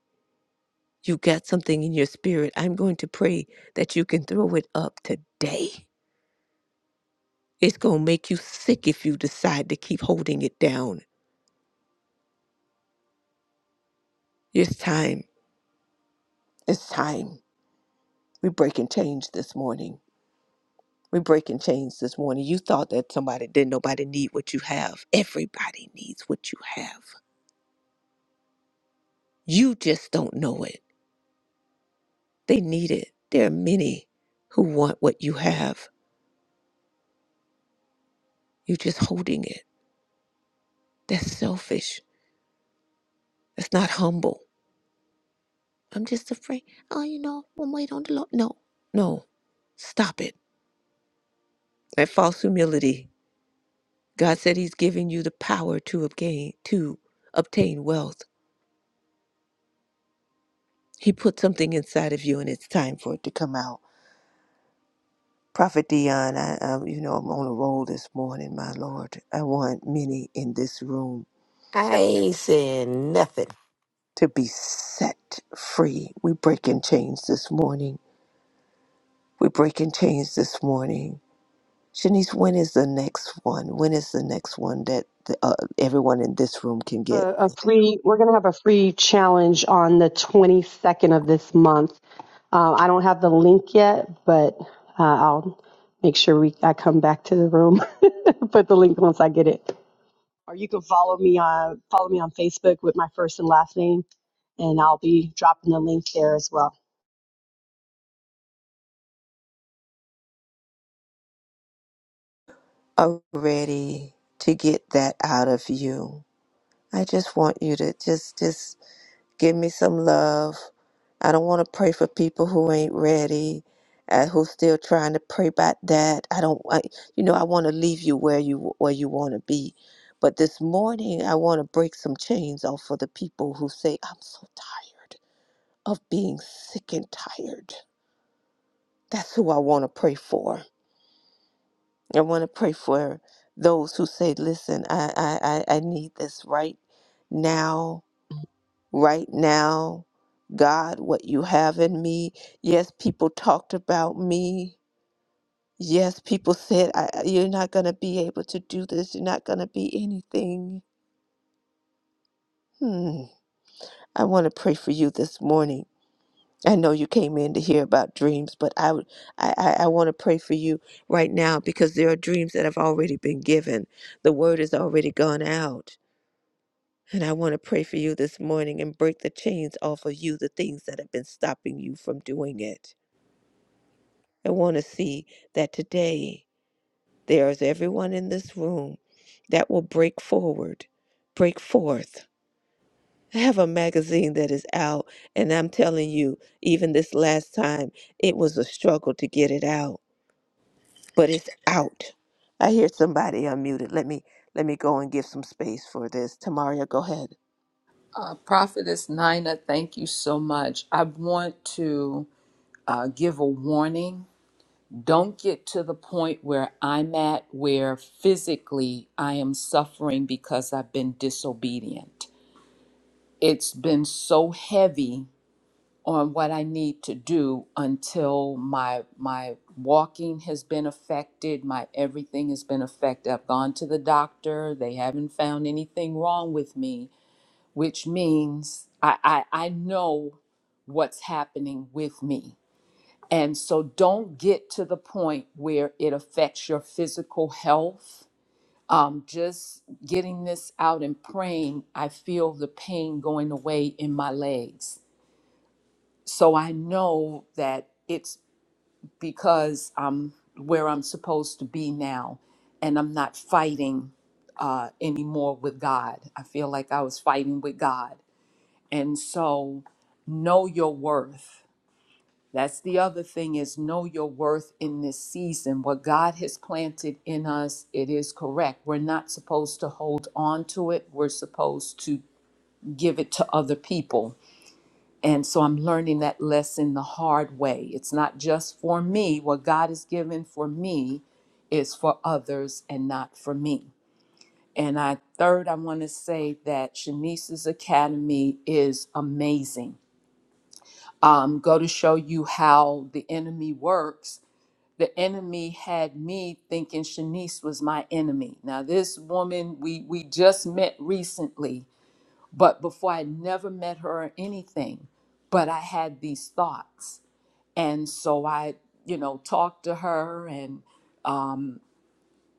you got something in your spirit. I'm going to pray that you can throw it up today. It's going to make you sick if you decide to keep holding it down. It's time. It's time. We break and change this morning. We break and change this morning. You thought that somebody didn't nobody need what you have. Everybody needs what you have. You just don't know it. They need it. There are many who want what you have. You're just holding it. That's selfish. That's not humble. I'm just afraid. Oh, you know, I'm wait on the Lord. No, no. Stop it. That false humility. God said He's giving you the power to obtain to obtain wealth. He put something inside of you, and it's time for it to come out. Prophet Dion, I, um, you know, I'm on a roll this morning, my Lord. I want many in this room
I ain't saying nothing.
to be set free. We break and change this morning. We break and change this morning. Shanice, when is the next one? When is the next one that the, uh, everyone in this room can
a,
get?
a free we're going to have a free challenge on the 22nd of this month uh, i don't have the link yet but uh, i'll make sure we i come back to the room put the link once i get it or you can follow me on follow me on facebook with my first and last name and i'll be dropping the link there as well
Are you ready to get that out of you? I just want you to just, just Give me some love. I don't want to pray for people who ain't ready, uh, who's still trying to pray about that. I don't, I, you know, I want to leave you where you where you want to be. But this morning, I want to break some chains off for the people who say, "I'm so tired of being sick and tired." That's who I want to pray for. I want to pray for those who say, "Listen, I I I I need this right now." right now. God, what you have in me. Yes, people talked about me. Yes, people said, I, I- You're not going to be able to do this. You're not going to be anything. Hmm. I want to pray for you this morning. I know you came in to hear about dreams, but I, would, I, I, I want to pray for you right now because there are dreams that have already been given. The word has already gone out. And I want to pray for you this morning and break the chains off of you, the things that have been stopping you from doing it. I want to see that today there is everyone in this room that will break forward, break forth. I have a magazine that is out, and I'm telling you, even this last time, it was a struggle to get it out, but it's out. I hear somebody unmuted. Let me let me go and give some space for this. Tamaria, go ahead.
Uh, Prophetess Nina, thank you so much. I want to uh, give a warning. Don't get to the point where I'm at where physically I am suffering because I've been disobedient. It's been so heavy on what I need to do until my my walking has been affected, my everything has been affected. I've gone to the doctor, they haven't found anything wrong with me which means I, I, I know what's happening with me. And so don't get to the point where it affects your physical health. Um, just getting this out and praying, I feel the pain going away in my legs. So I know that it's because I'm where I'm supposed to be now and I'm not fighting uh, anymore with God. I feel like I was fighting with God and so know your worth. That's the other thing is know your worth in this season. What God has planted in us, it is correct. We're not supposed to hold on to it. We're supposed to give it to other people. And so I'm learning that lesson the hard way. It's not just for me. What God has given for me is for others and not for me. And I third, I want to say that Shanice's Academy is amazing um, go to show you how the enemy works. The enemy had me thinking Shanice was my enemy. Now, this woman we we just met recently, but before I never met her or anything, but I had these thoughts, and so I, you know, talked to her and um,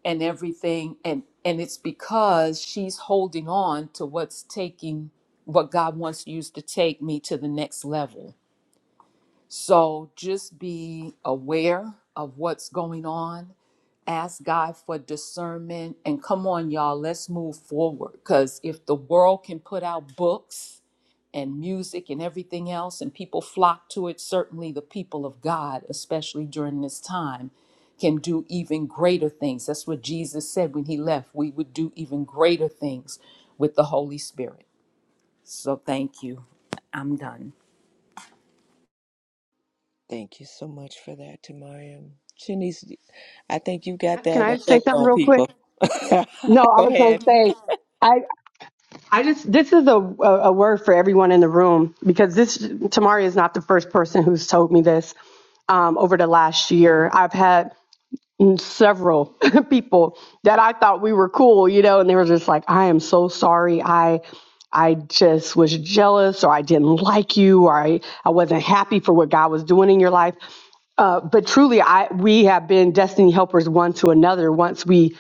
and everything, and and it's because she's holding on to what's taking what God wants to use to take me to the next level So just be aware of what's going on. Ask God for discernment. And come on, y'all, let's move forward. Because if the world can put out books and music and everything else, and people flock to it, certainly the people of God, especially during this time, can do even greater things. That's what Jesus said when he left. We would do even greater things with the Holy Spirit. So thank you. I'm done.
Thank you so much for that, Tamaria. Shanice, I think you got
can
that
i say
effect
something
on
real quick
people.
no i
go
was going to
ahead.
say I, I just this is a, a a word for everyone in the room because this Tamari is not the first person who's told me this um, over the last year. I've had mm, several people that I thought we were cool, you know, and they were just like, "I am so sorry. I." I just was jealous, or I didn't like you, or I, I wasn't happy for what God was doing in your life. Uh, but truly, I we have been destiny helpers one to another once we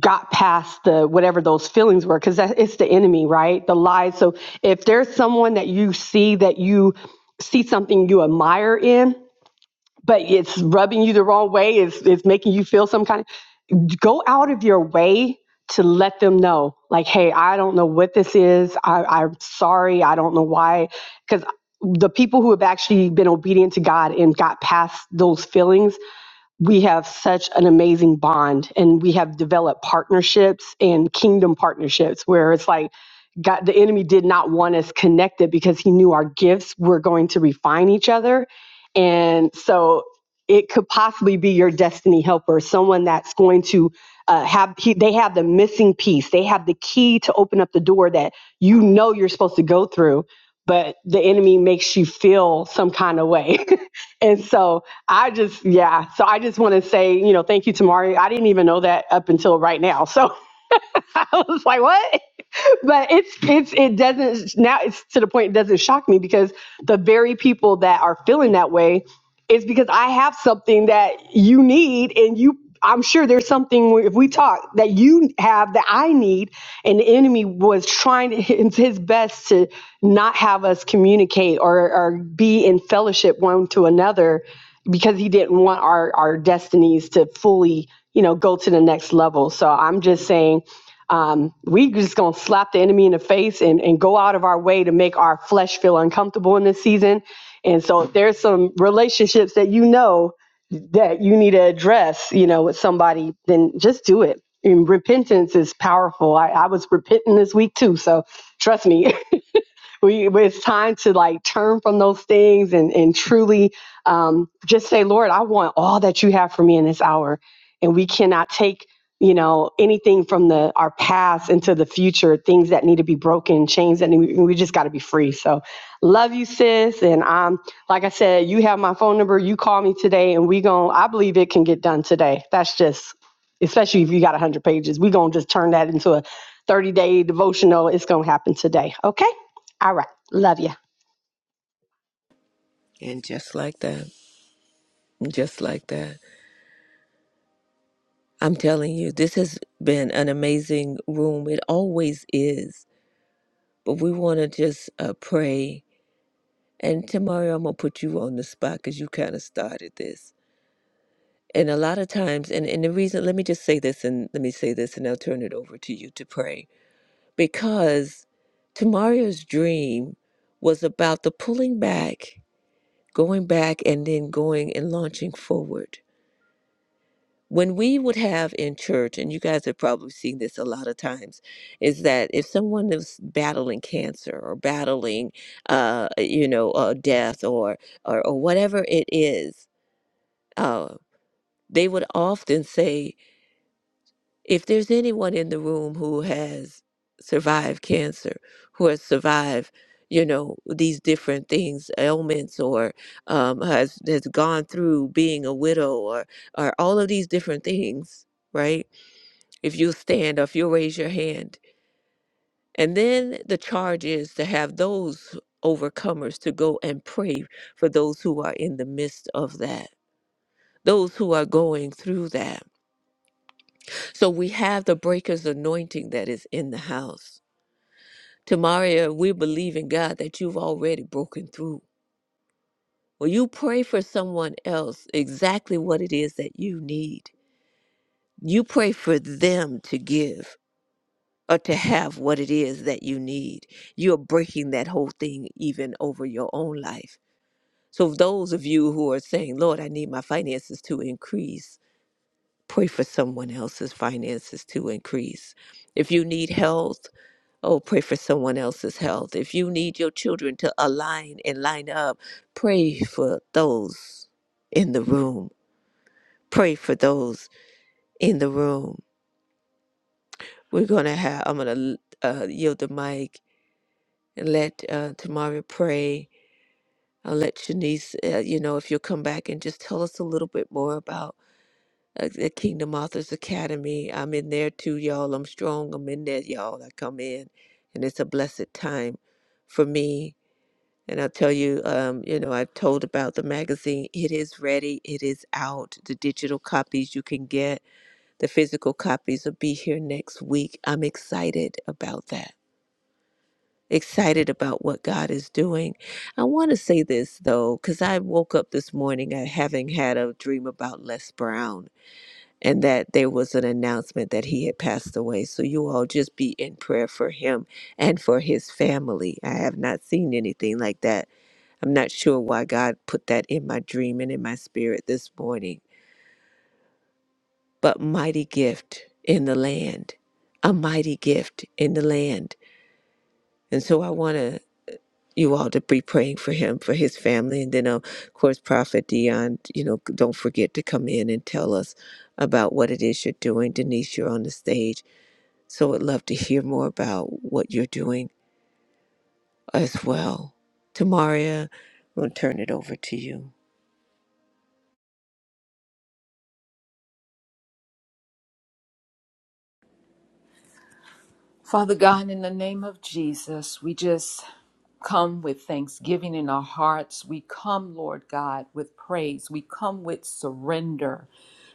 got past the whatever those feelings were, because it's the enemy, right? The lies. So if there's someone that you see that you see something you admire in, but it's rubbing you the wrong way, it's, it's making you feel some kind of go out of your way to let them know, like, hey, I don't know what this is. I, I'm sorry. I don't know why. Because the people who have actually been obedient to God and got past those feelings we have such an amazing bond and we have developed partnerships and kingdom partnerships where it's like God, the enemy did not want us connected because he knew our gifts were going to refine each other. And so it could possibly be your destiny helper, someone that's going to uh, have, he, they have the missing piece. They have the key to open up the door that you know you're supposed to go through, but the enemy makes you feel some kind of way. and so I just, yeah. So I just want to say, you know, thank you, Tamari. I didn't even know that up until right now. So I was like, what? but it's it's it doesn't now it's to the point it doesn't shock me because the very people that are feeling that way is because I have something that you need and you I'm sure there's something where if we talk that you have that I need and the enemy was trying to- his his best to not have us communicate or or be in fellowship one to another because he didn't want our our destinies to fully you know go to the next level so I'm just saying um, we just gonna slap the enemy in the face and, and go out of our way to make our flesh feel uncomfortable in this season. And so if there's some relationships that you know that you need to address, you know, with somebody, then just do it. And repentance is powerful. I, I was repenting this week too, so trust me. we it's time to like turn from those things and and truly um, just say, Lord, I want all that you have for me in this hour, and we cannot take you know anything from the our past into the future things that need to be broken chains that need, we just got to be free so love you sis and i'm like i said you have my phone number you call me today and we gon' i believe it can get done today that's just especially if you got 100 pages we gonna just turn that into a 30 day devotional it's gonna happen today okay all right. Love you.
And just like that. Just like that. I'm telling you, this has been an amazing room. It always is. But we want to just uh, pray. And tomorrow I'm going to put you on the spot because you kind of started this. And a lot of times, and, and the reason, let me just say this and let me say this and I'll turn it over to you to pray. Because tomorrow's dream was about the pulling back, going back, and then going and launching forward when we would have in church, and you guys have probably seen this a lot of times, is that if someone is battling cancer or battling, uh, you know, uh, death or, or or whatever it is, uh, they would often say, if there's anyone in the room who has survived cancer, who has survived, you know, these different things, ailments, or um, has has gone through being a widow, or or all of these different things, right? if you stand or if you raise your hand. And then the charge is to have those overcomers to go and pray for those who are in the midst of that, those who are going through that. So we have the breaker's anointing that is in the house. Tamaria, we believe in God that you've already broken through. Well, you pray for someone else exactly what it is that you need. You pray for them to give. or to have what it is that you need. You're breaking that whole thing even over your own life. So, if those of you who are saying, Lord, I need my finances to increase, pray for someone else's finances to increase. If you need health, oh, pray for someone else's health. If you need your children to align and line up, pray for those in the room. Pray for those in the room. We're going to have, I'm going to uh, yield the mic and let uh, Tamara pray. I'll let Shanice, uh, you know, if you'll come back and just tell us a little bit more about uh, the Kingdom Authors Academy. I'm in there too, y'all. I'm strong. I'm in there, y'all. I come in, and it's a blessed time for me. And I'll tell you, um, you know, I've told about the magazine. It is ready. It is out. The digital copies you can get. The physical copies will be here next week. I'm excited about that. excited about what God is doing. I want to say this though, because I woke up this morning uh, having had a dream about Les Brown and that there was an announcement that he had passed away. So you all just be in prayer for him and for his family. I have not seen anything like that. I'm not sure why God put that in my dream and in my spirit this morning, but mighty gift in the land, a mighty gift in the land. And so I want to you all to be praying for him, for his family. And then, uh, of course, Prophet Dion, you know, don't forget to come in and tell us about what it is you're doing. Denise, you're on the stage. So I'd love to hear more about what you're doing as well. Tamaria, we'll turn it over to you.
Father God, in the name of Jesus, we just come with thanksgiving in our hearts. We come, Lord God, with praise. We come with surrender,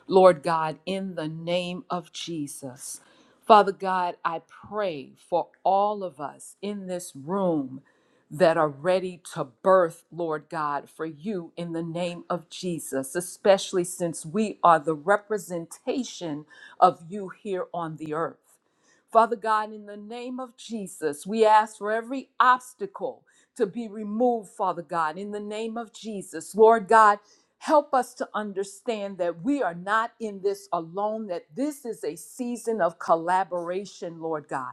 Lord God, in the name of Jesus. Father God, I pray for all of us in this room that are ready to birth, Lord God, for you in the name of Jesus, especially since we are the representation of you here on the earth. Father God, in the name of Jesus, we ask for every obstacle to be removed, Father God, in the name of Jesus. Lord God, help us to understand that we are not in this alone, that this is a season of collaboration, Lord God.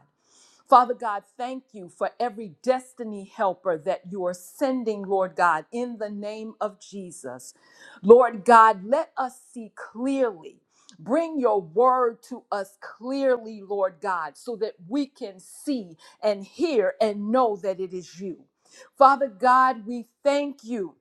Father God, thank you for every destiny helper that you are sending, Lord God, in the name of Jesus. Lord God, let us see clearly. Bring your word to us clearly, Lord God, so that we can see and hear and know that it is you. Father God, we thank you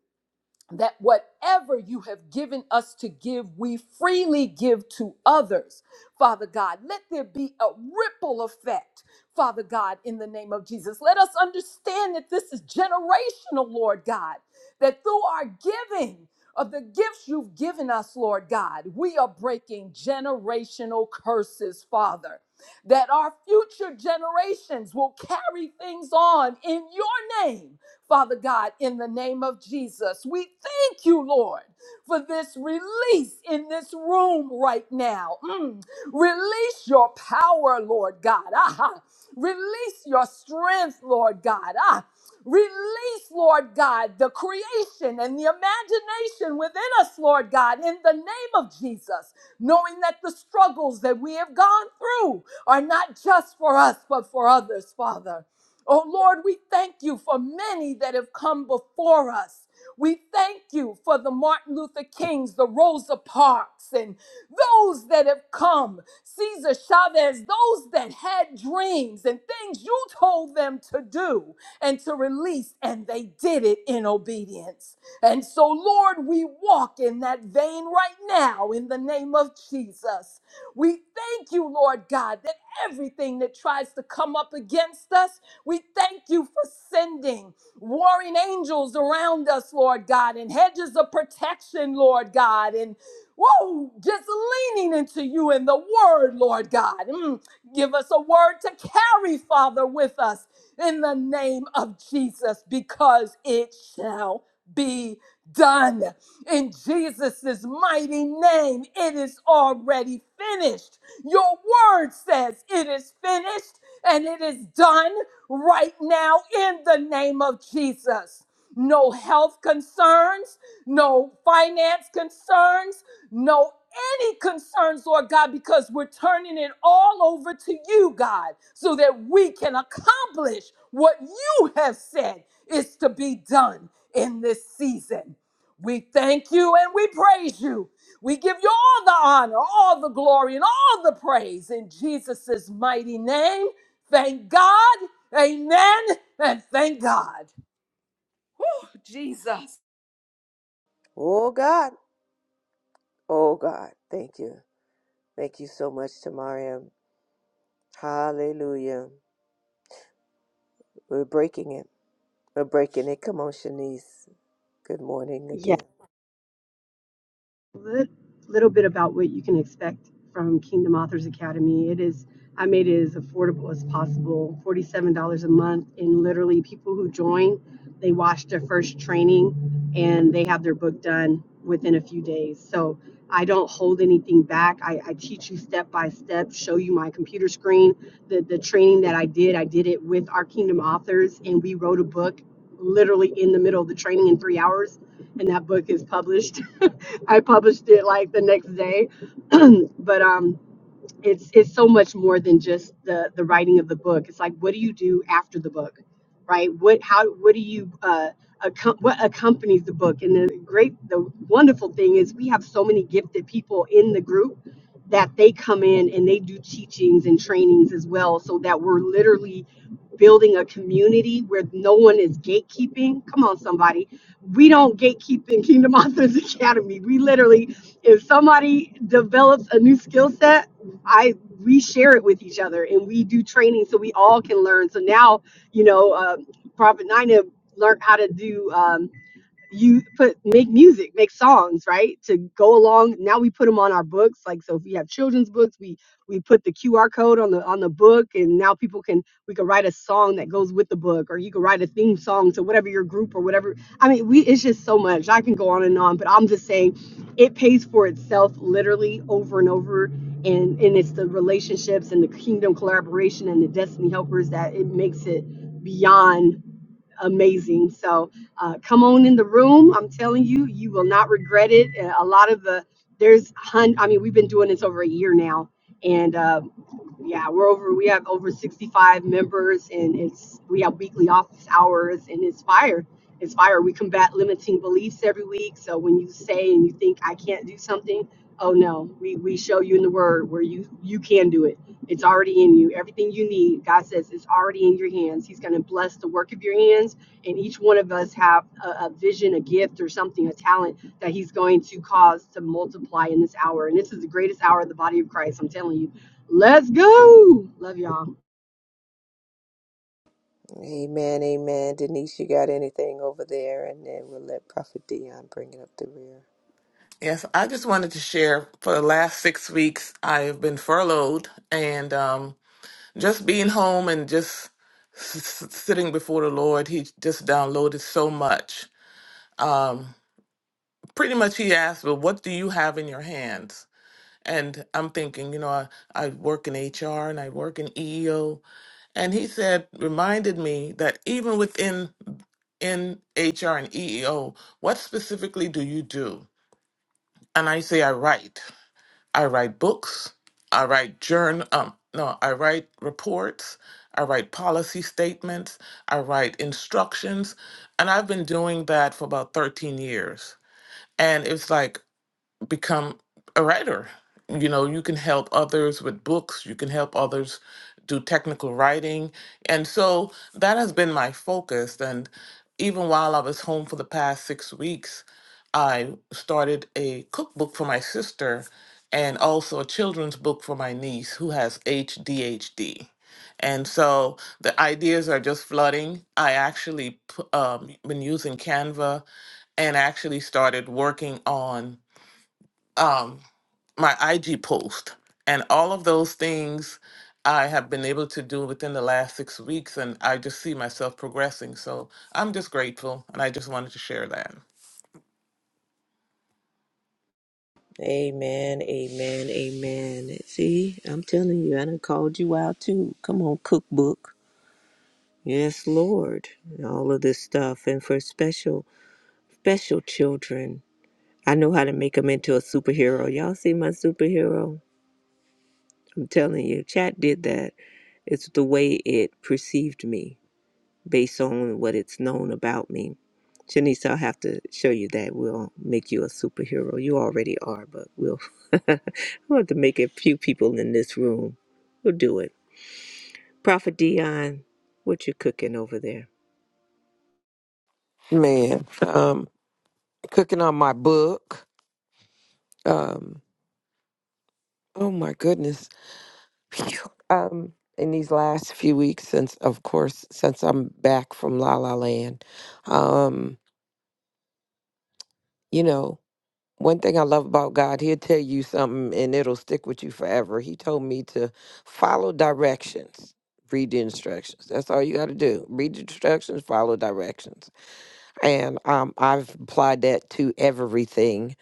that whatever you have given us to give, we freely give to others. Father God, let there be a ripple effect, Father God, in the name of Jesus. Let us understand that this is generational, Lord God, that through our giving, of the gifts you've given us, Lord God, we are breaking generational curses, Father. That our future generations will carry things on in your name Father God, in the name of Jesus. We thank you, Lord, for this release in this room right now. Mm. Release your power, Lord God. Ah, Release your strength, Lord God. Ah. Release, Lord God, the creation and the imagination within us, Lord God, in the name of Jesus, knowing that the struggles that we have gone through are not just for us, but for others, Father. Oh Lord, we thank you for many that have come before us. We thank you for the Martin Luther Kings, the Rosa Parks, and those that have come, Cesar Chavez, those that had dreams and things you told them to do and to release, and they did it in obedience. And so, Lord, we walk in that vein right now in the name of Jesus. We thank you, Lord God, that everything that tries to come up against us. We thank you for sending warring angels around us, Lord God, and hedges of protection, Lord God, and whoa, just leaning into you in the word, Lord God. Mm, give us a word to carry, Father, with us in the name of Jesus, because it shall be done. In Jesus' mighty name, it is already finished. Your word says it is finished and it is done right now in the name of Jesus. No health concerns, no finance concerns, no any concerns, Lord God, because we're turning it all over to you, God, so that we can accomplish what you have said is to be done in this season. We thank you and we praise you. We give you all the honor, all the glory, and all the praise in Jesus' mighty name. Thank God. Amen. And thank God. Jesus.
Oh God. Oh God. Thank you. Thank you so much, Tamaria. Hallelujah. We're breaking it. We're breaking it. Come on, Shanice. Good morning
Yeah,
again.
a little bit about what you can expect from Kingdom Authors Academy. It is, I made it as affordable as possible, $47 a month. And literally, people who join, they watch their first training and they have their book done within a few days. So I don't hold anything back. I, I teach you step by step, show you my computer screen. The, the training that I did, I did it with our Kingdom Authors, and we wrote a book literally in the middle of the training in three hours and that book is published. I published it like the next day, but um, it's it's so much more than just the the writing of the book it's like what do you do after the book right what how what do you uh accom- what accompanies the book and the great the wonderful thing is we have so many gifted people in the group that they come in and they do teachings and trainings as well so that we're literally building a community where no one is gatekeeping come on somebody we don't gatekeep in kingdom authors academy we literally if somebody develops a new skill set I we share it with each other and we do training so we all can learn. So now, you know, uh, Prophet Nina learned how to do. um, you put make music make songs right to go along now we put them on our books like so if we have children's books we we put the qr code on the on the book and now people can we can write a song that goes with the book or you can write a theme song to whatever your group or whatever i mean we it's just so much i can go on and on but i'm just saying it pays for itself literally over and over and and it's the relationships and the kingdom collaboration and the destiny helpers that it makes it beyond amazing. So uh, come on in the room. I'm telling you, you will not regret it. Uh, A lot of the there's hun. I mean, we've been doing this over a year now, and uh, yeah, we're over. We have over 65 members, and it's we have weekly office hours, and it's fire. It's fire. We combat limiting beliefs every week. So when you say and you think I can't do something, oh no, we we show you in the Word where you you can do it. It's already in you. Everything you need, God says, it's already in your hands. He's going to bless the work of your hands, and each one of us have a, a vision, a gift, or something, a talent that He's going to cause to multiply in this hour. And this is the greatest hour of the body of Christ. I'm telling you Let's go. Love y'all.
Amen, amen. Denise, you got anything over there? And then we'll let Prophet Dion bring it up the rear.
Yes, I just wanted to share for the last six weeks, I have been furloughed and um, just being home and just s- s- sitting before the Lord, He just downloaded so much. Um, pretty much, He asked, Well, what do you have in your hands? And I'm thinking, you know, I, I work in HR and I work in EEO. And He said, reminded me that even within in HR and EEO, what specifically do you do? And I say, I write. I write books. I write journal. Um, no, I write reports. I write policy statements. I write instructions. And I've been doing that for about 13 years. And it's like, become a writer. You know, you can help others with books, you can help others do technical writing. And so that has been my focus. And even while I was home for the past six weeks, I started a cookbook for my sister and also a children's book for my niece who has ADHD. And so the ideas are just flooding. I actually p- um, been using Canva and actually started working on um my IG post and all of those things I have been able to do within the last six weeks and I just see myself progressing. So I'm just grateful and I just wanted to share that.
Amen, amen, amen. See, I'm telling you, I done called you out too. Come on, cookbook. Yes, Lord. And all of this stuff. And for special, special children, I know how to make them into a superhero. Y'all see my superhero? I'm telling you, chat did that. It's the way it perceived me. based on what it's known about me. Shanice, I'll have to show you that. We'll make you a superhero. You already are, but we'll we'll have to make a few people in this room. We'll do it. Prophet Dion, what you cooking over there?
Man, um, cooking on my book. Um, oh my goodness. Phew. Um, in these last few weeks, since of course, since I'm back from La La Land, um, you know. One thing I love about God, He'll tell you something and it'll stick with you forever. He told me to follow directions, read the instructions. That's all you got to do. Read the instructions, follow directions. And um, I've applied that to everything.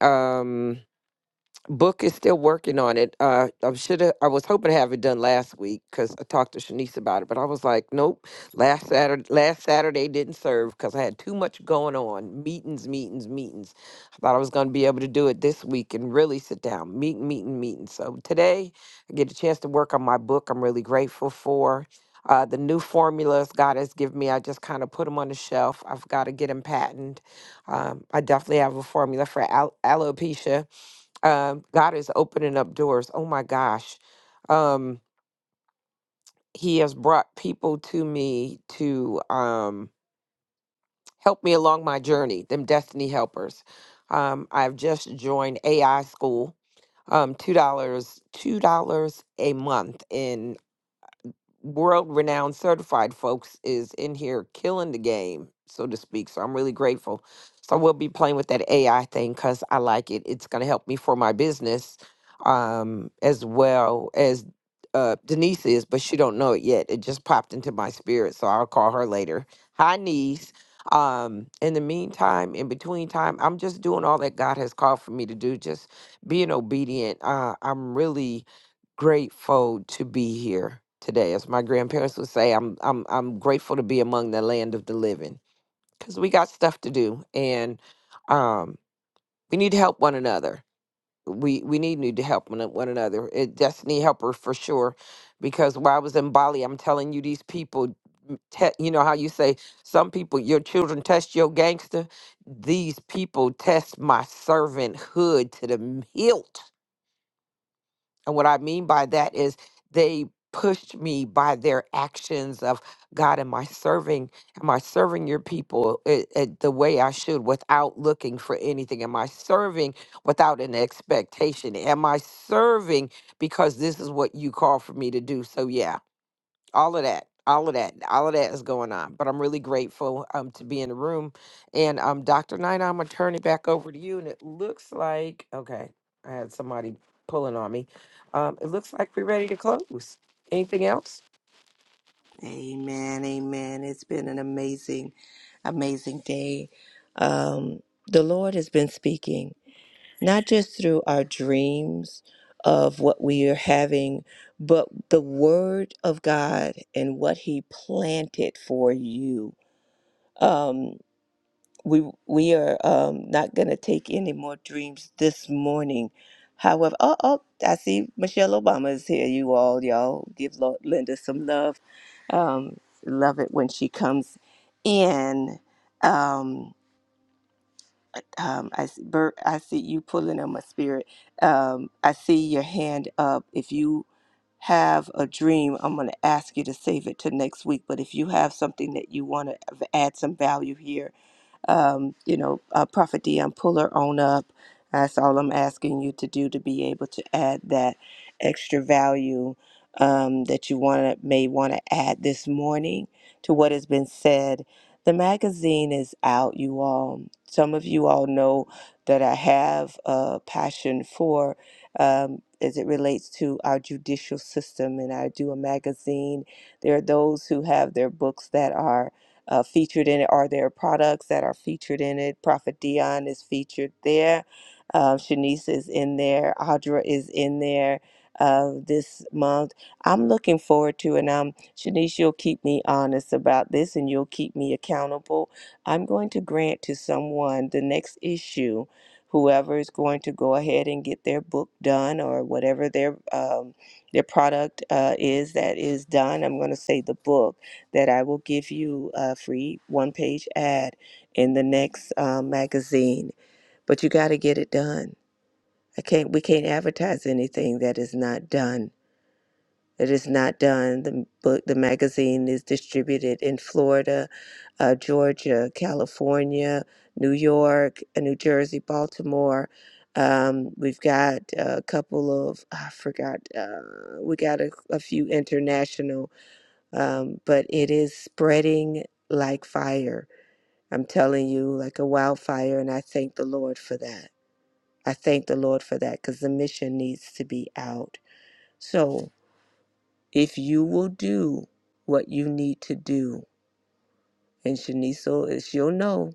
Um, Book is still working on it. Uh, I should have. I was hoping to have it done last week because I talked to Shanice about it, but I was like, nope. Last Saturday, last Saturday didn't serve because I had too much going on. Meetings, meetings, meetings. I thought I was going to be able to do it this week and really sit down, meeting, meeting, meeting. So today, I get a chance to work on my book. I'm really grateful for. Uh, the new formulas God has given me, I just kind of put them on the shelf. I've got to get them patented. Um, I definitely have a formula for al- alopecia um, God is opening up doors. Oh my gosh. Um, he has brought people to me to um, help me along my journey, them destiny helpers. Um, I've just joined AI school, um, $2, dollars, $2 a month world renowned certified folks is in here killing the game, so to speak. So I'm really grateful. So we'll be playing with that AI thing because I like it. It's going to help me for my business um, as well as uh, Denise is, but she don't know it yet. It just popped into my spirit, so I'll call her later. Hi, niece. Um, in the meantime, in between time, I'm just doing all that God has called for me to do, just being obedient. Uh, I'm really grateful to be here today. As my grandparents would say, I'm I'm I'm grateful to be among the land of the living because we got stuff to do and um we need to help one another. We we need need to help one, one another. It destiny helper for sure because while I was in Bali, I'm telling you these people m- te- you know how you say some people your children test your gangster these people test my servanthood to the hilt and what I mean by that is they pushed me by their actions of God, am I serving? Am I serving your people i- i- the way I should without looking for anything? Am I serving without an expectation? Am I serving because this is what you call for me to do? So, yeah, all of that all of that all of that is going on but i'm really grateful um to be in the room and um dr nina i'm gonna turn it back over to you and it looks like okay i had somebody pulling on me um it looks like we're ready to close anything else
Amen. Amen. It's been an amazing, amazing day. Um, the Lord has been speaking. not just through our dreams of what we are having, but the Word of God and what He planted for you. Um, we we are um, not going to take any more dreams this morning. However, oh, oh, I see Michelle Obama is here. You all, y'all, give Lo- Linda some love. Um, love it when she comes in. Um, um, I see, Bert, I see you pulling on my spirit. Um, I see your hand up. If you have a dream, I'm going to ask you to save it to next week. But if you have something that you want to add some value here, um, you know, uh, Prophet Dion, pull her on up. That's all I'm asking you to do to be able to add that extra value um, that you want to may want to add this morning to what has been said. The magazine is out, you all. Some of you all know that I have a passion for um, as it relates to our judicial system, and I do a magazine. There are those who have their books that are uh, featured in it are their products that are featured in it. Prophet Dion is featured there. Uh, Shanice is in there. Audra is in there uh, this month. I'm looking forward to, and um, Shanice, you'll keep me honest about this, and you'll keep me accountable. I'm going to grant to someone the next issue. Whoever is going to go ahead and get their book done, or whatever their um, their product uh, is that is done, I'm going to say the book that I will give you a free one page ad in the next um, magazine. But you got to get it done. I can't. We can't advertise anything that is not done. It is not done. The book, the magazine is distributed in Florida, uh, Georgia, California, New York, uh, New Jersey, Baltimore. Um, we've got a couple of I forgot. Uh, we got a, a few international um, but it is spreading like fire. I'm telling you, like a wildfire, and I thank the Lord for that. I thank the Lord for that because the mission needs to be out. So if you will do what you need to do, and Shanice, will- she'll know.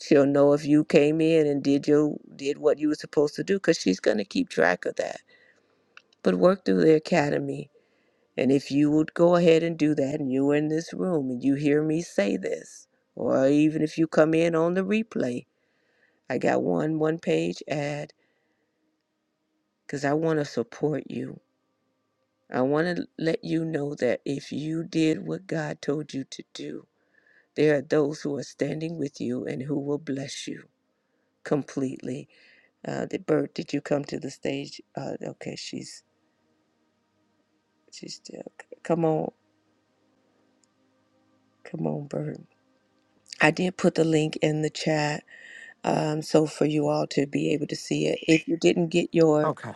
She'll know if you came in and did your did what you were supposed to do because she's gonna keep track of that. But work through the academy And if you would go ahead and do that, and you were in this room and you hear me say this, or even if you come in on the replay, I got one one page ad because I want to support you. I want to let you know that if you did what God told you to do, there are those who are standing with you and who will bless you completely. Uh, the Bert, did you come to the stage? Uh, okay, she's she's still. Come on, come on, Bert. I did put the link in the chat um, so for you all to be able to see it. If you didn't get your,
okay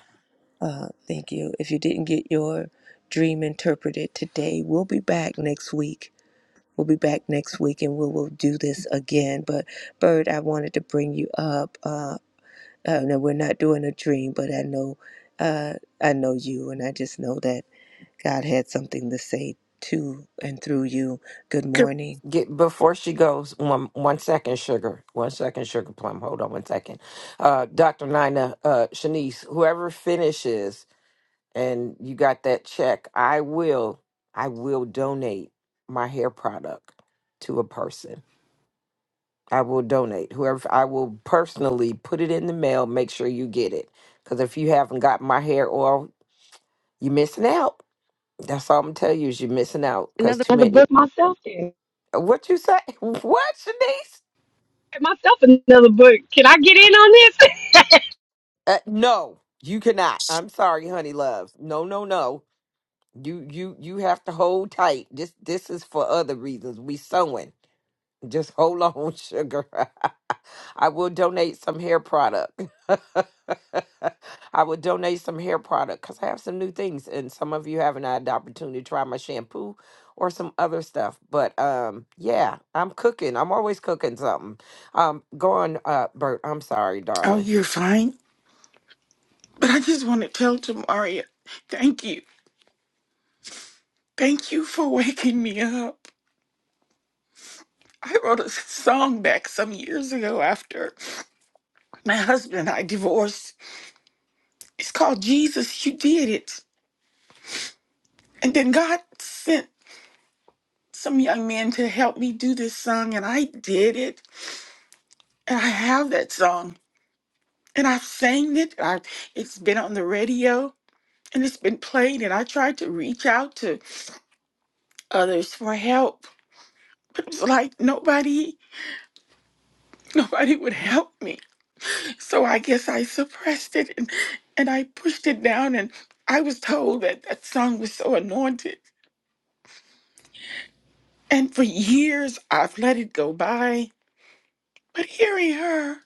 uh, thank you. If you didn't get your dream interpreted today, we'll be back next week. We'll be back next week, and we will do this again. But Bird, I wanted to bring you up. Uh, uh, no, we're not doing a dream, but I know, uh, I know you, and I just know that God had something to say to and through you. Good
Good.
morning.
get before she goes one one second sugar one second sugar plum hold on one second uh dr nina uh shanice whoever finishes and you got that check, I will I will donate my hair product to a person. I will donate. Whoever I will personally put it in the mail, make sure you get it. Cause if you haven't got my hair oil, you're missing out. That's all I'm gonna tell you is you're missing out. Cause
Another
too
another
many
book myself. Then.
uh, what you say? What, Shanice?
Myself another book. Can I get in on this?
Uh, no, you cannot. I'm sorry, honey love. No, no, no. You you you have to hold tight. This this is for other reasons. We sewing. Just hold on, sugar. I will donate some hair product. I will donate some hair product because I have some new things, and some of you haven't had the opportunity to try my shampoo or some other stuff. But um, yeah, I'm cooking. I'm always cooking something. Um, go on, uh, Bert. I'm sorry,
Oh,
darling.
you're fine. But I just want to tell Jamaria, thank you. Thank you for waking me up. I wrote a song back some years ago after my husband and I divorced. It's called Jesus, You Did It. And then God sent some young men to help me do this song, and I did it. And I have that song, and I've sang it. I, it's been on the radio, and it's been played, and I tried to reach out to others for help. But it was like nobody. nobody would help me. So I guess I suppressed it and, and I pushed it down. And I was told that that song was so anointed. And for years, I've let it go by. But hearing her,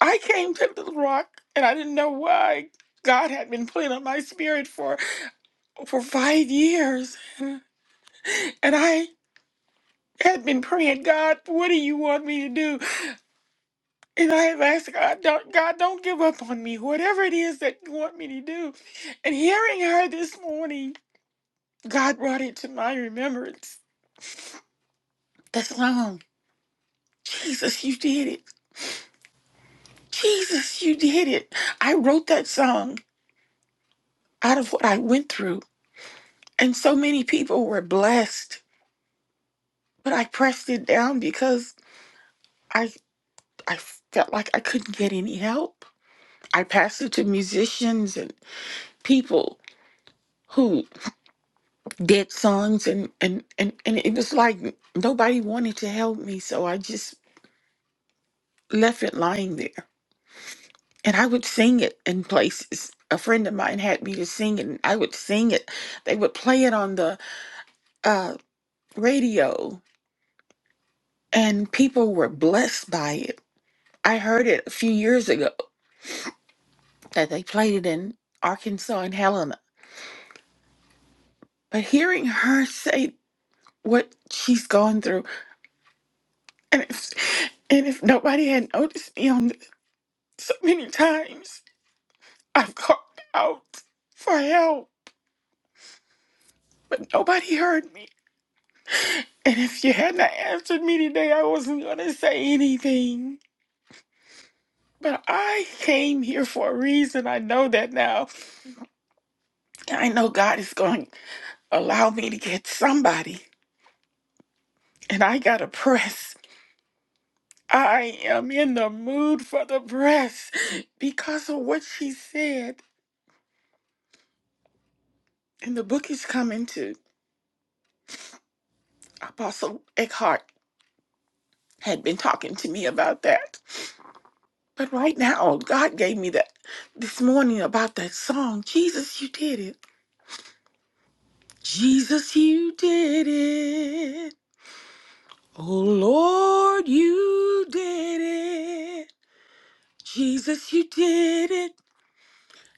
I came to Little Rock and I didn't know why. God had been pulling on my spirit for for five years, and I had been praying, God, what do you want me to do? And I have asked God, don't, God, don't give up on me, whatever it is that you want me to do. And hearing her this morning, God brought it to my remembrance. The song, Jesus, you did it. Jesus, you did it. I wrote that song out of what I went through. And so many people were blessed, but I pressed it down because I, I felt like I couldn't get any help. I passed it to musicians and people who. dead sons and and and and it was like nobody wanted to help me so i just left it lying there and i would sing it in places a friend of mine had me to sing it and i would sing it they would play it on the uh radio and people were blessed by it i heard it a few years ago that they played it in arkansas and helena but hearing her say what she's gone through and if, and if nobody had noticed me on the, so many times I called out for help, but nobody heard me. And if you hadn't answered me today, I wasn't going to say anything. But I came here for a reason. I know that now. And I know God is going to allow me to get somebody. And I got to press. I am in the mood for the press because of what she said. And the book is coming to Apostle Eckhart had been talking to me about that But right now, God gave me that this morning about that song. Jesus, you did it. Jesus, you did it. Oh Lord, you did it. Jesus, you did it.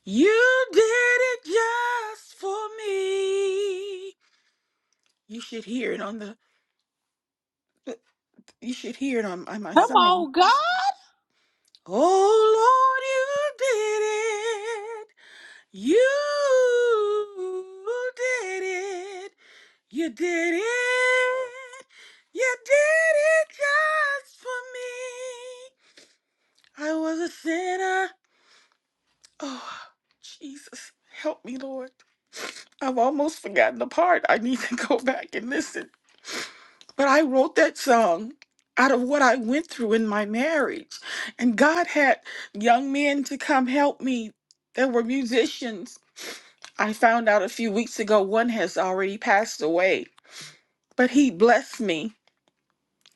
You did it just for me. You should hear it on the you should hear it on, on my
Come
song.
on, God.
Oh Lord, you did it. You did it. You did it. You did it just for me. I was a sinner. Oh, Jesus, help me, Lord. I've almost forgotten the part. I need to go back and listen. But I wrote that song out of what I went through in my marriage. And God had young men to come help me. There were musicians. I found out a few weeks ago one has already passed away, but he blessed me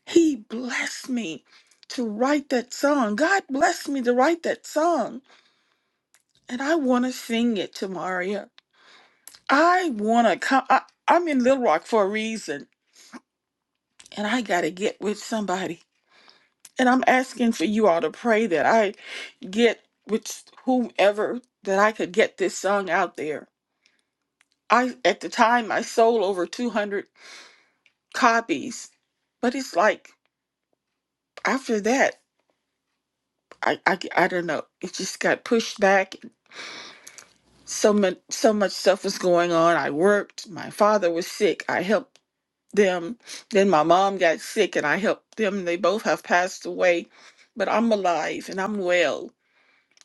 He blessed me to write that song. God blessed me to write that song. And I want to sing it to Maria. I want to come. I, I'm in Little Rock for a reason. And I got to get with somebody. And I'm asking for you all to pray that I get with whomever that I could get this song out there. I at the time I sold over 200 copies, but it's like after that I I, I don't know. It just got pushed back so much so much stuff was going on. I worked, my father was sick, I helped them. Then my mom got sick and I helped them. They both have passed away, but I'm alive and I'm well.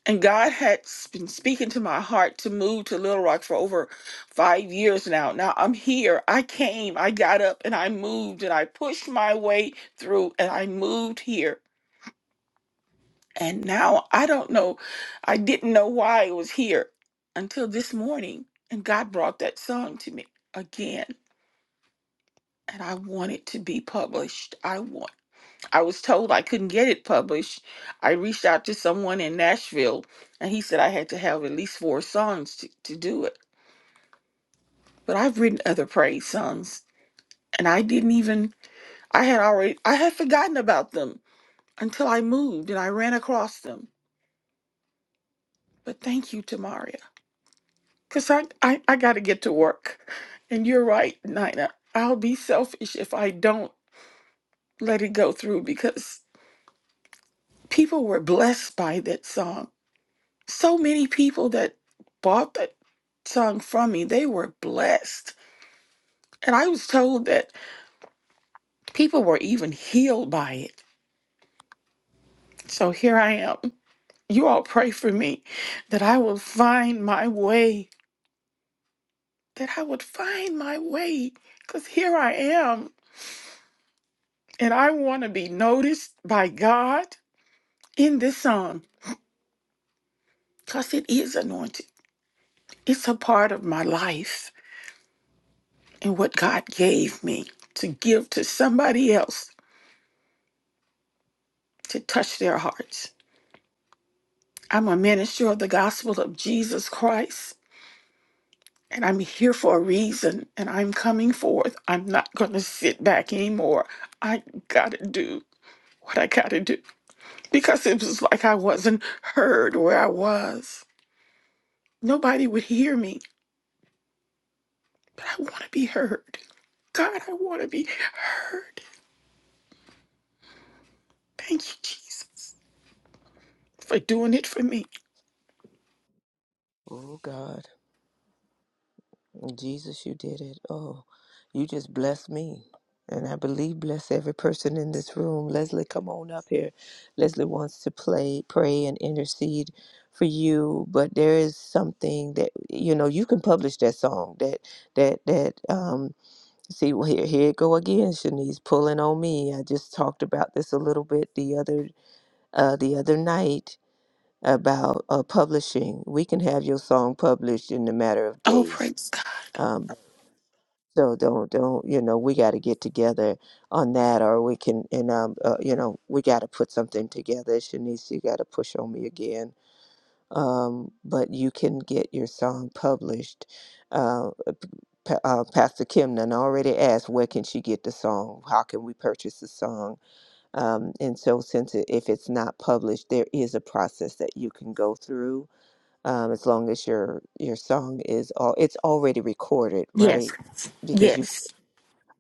And God had s- been speaking to my heart to move to Little Rock for over five years now. Now I'm here. I came, I got up and I moved and I pushed my way through and I moved here. And now I don't know, I didn't know why it was here until this morning. And God brought that song to me again. And I want it to be published. I want I was told I couldn't get it published. I reached out to someone in Nashville and he said I had to have at least four songs to, to do it. But I've written other praise songs and I didn't even I had already I had forgotten about them until I moved and I ran across them. But thank you, Tamaria. Because I, I, I got to get to work. And you're right, Nina. I'll be selfish if I don't let it go through because people were blessed by that song. So many people that bought that song from me, they were blessed. And I was told that people were even healed by it. So here I am. You all pray for me that I will find my way, that I would find my way. Because here I am. And I want to be noticed by God in this song because it is anointed. It's a part of my life and what God gave me to give to somebody else to touch their hearts. I'm a minister of the gospel of Jesus Christ, and I'm here for a reason, and I'm coming forth. I'm not going to sit back anymore. I got to do what I got to do because it was like I wasn't heard where I was. Nobody would hear me but I want to be heard. God, I want to be heard. Thank you, Jesus, for doing it for me.
Oh God. Jesus, you did it. Oh, you just blessed me. And I believe bless every person in this room. Leslie, come on up here. Leslie wants to play, pray, and intercede for you. But there is something that you know you can publish that song. That that that um. See, well, here here it go again. Shanice pulling on me. I just talked about this a little bit the other uh the other night about uh, publishing. We can have your song published in a matter of
Oh,
days
praise God.
um, so don't don't you know we got to get together on that, or we can and um uh, you know we got to put something together. Shanice, you got to push on me again. Um, but you can get your song published. Uh, Pa- uh, Pastor Kimnan already asked where can she get the song? How can we purchase the song? Um, and so since it, if it's not published, there is a process that you can go through. Um, as long as your your song is all it's already recorded,
Yes,
right? because you
yes,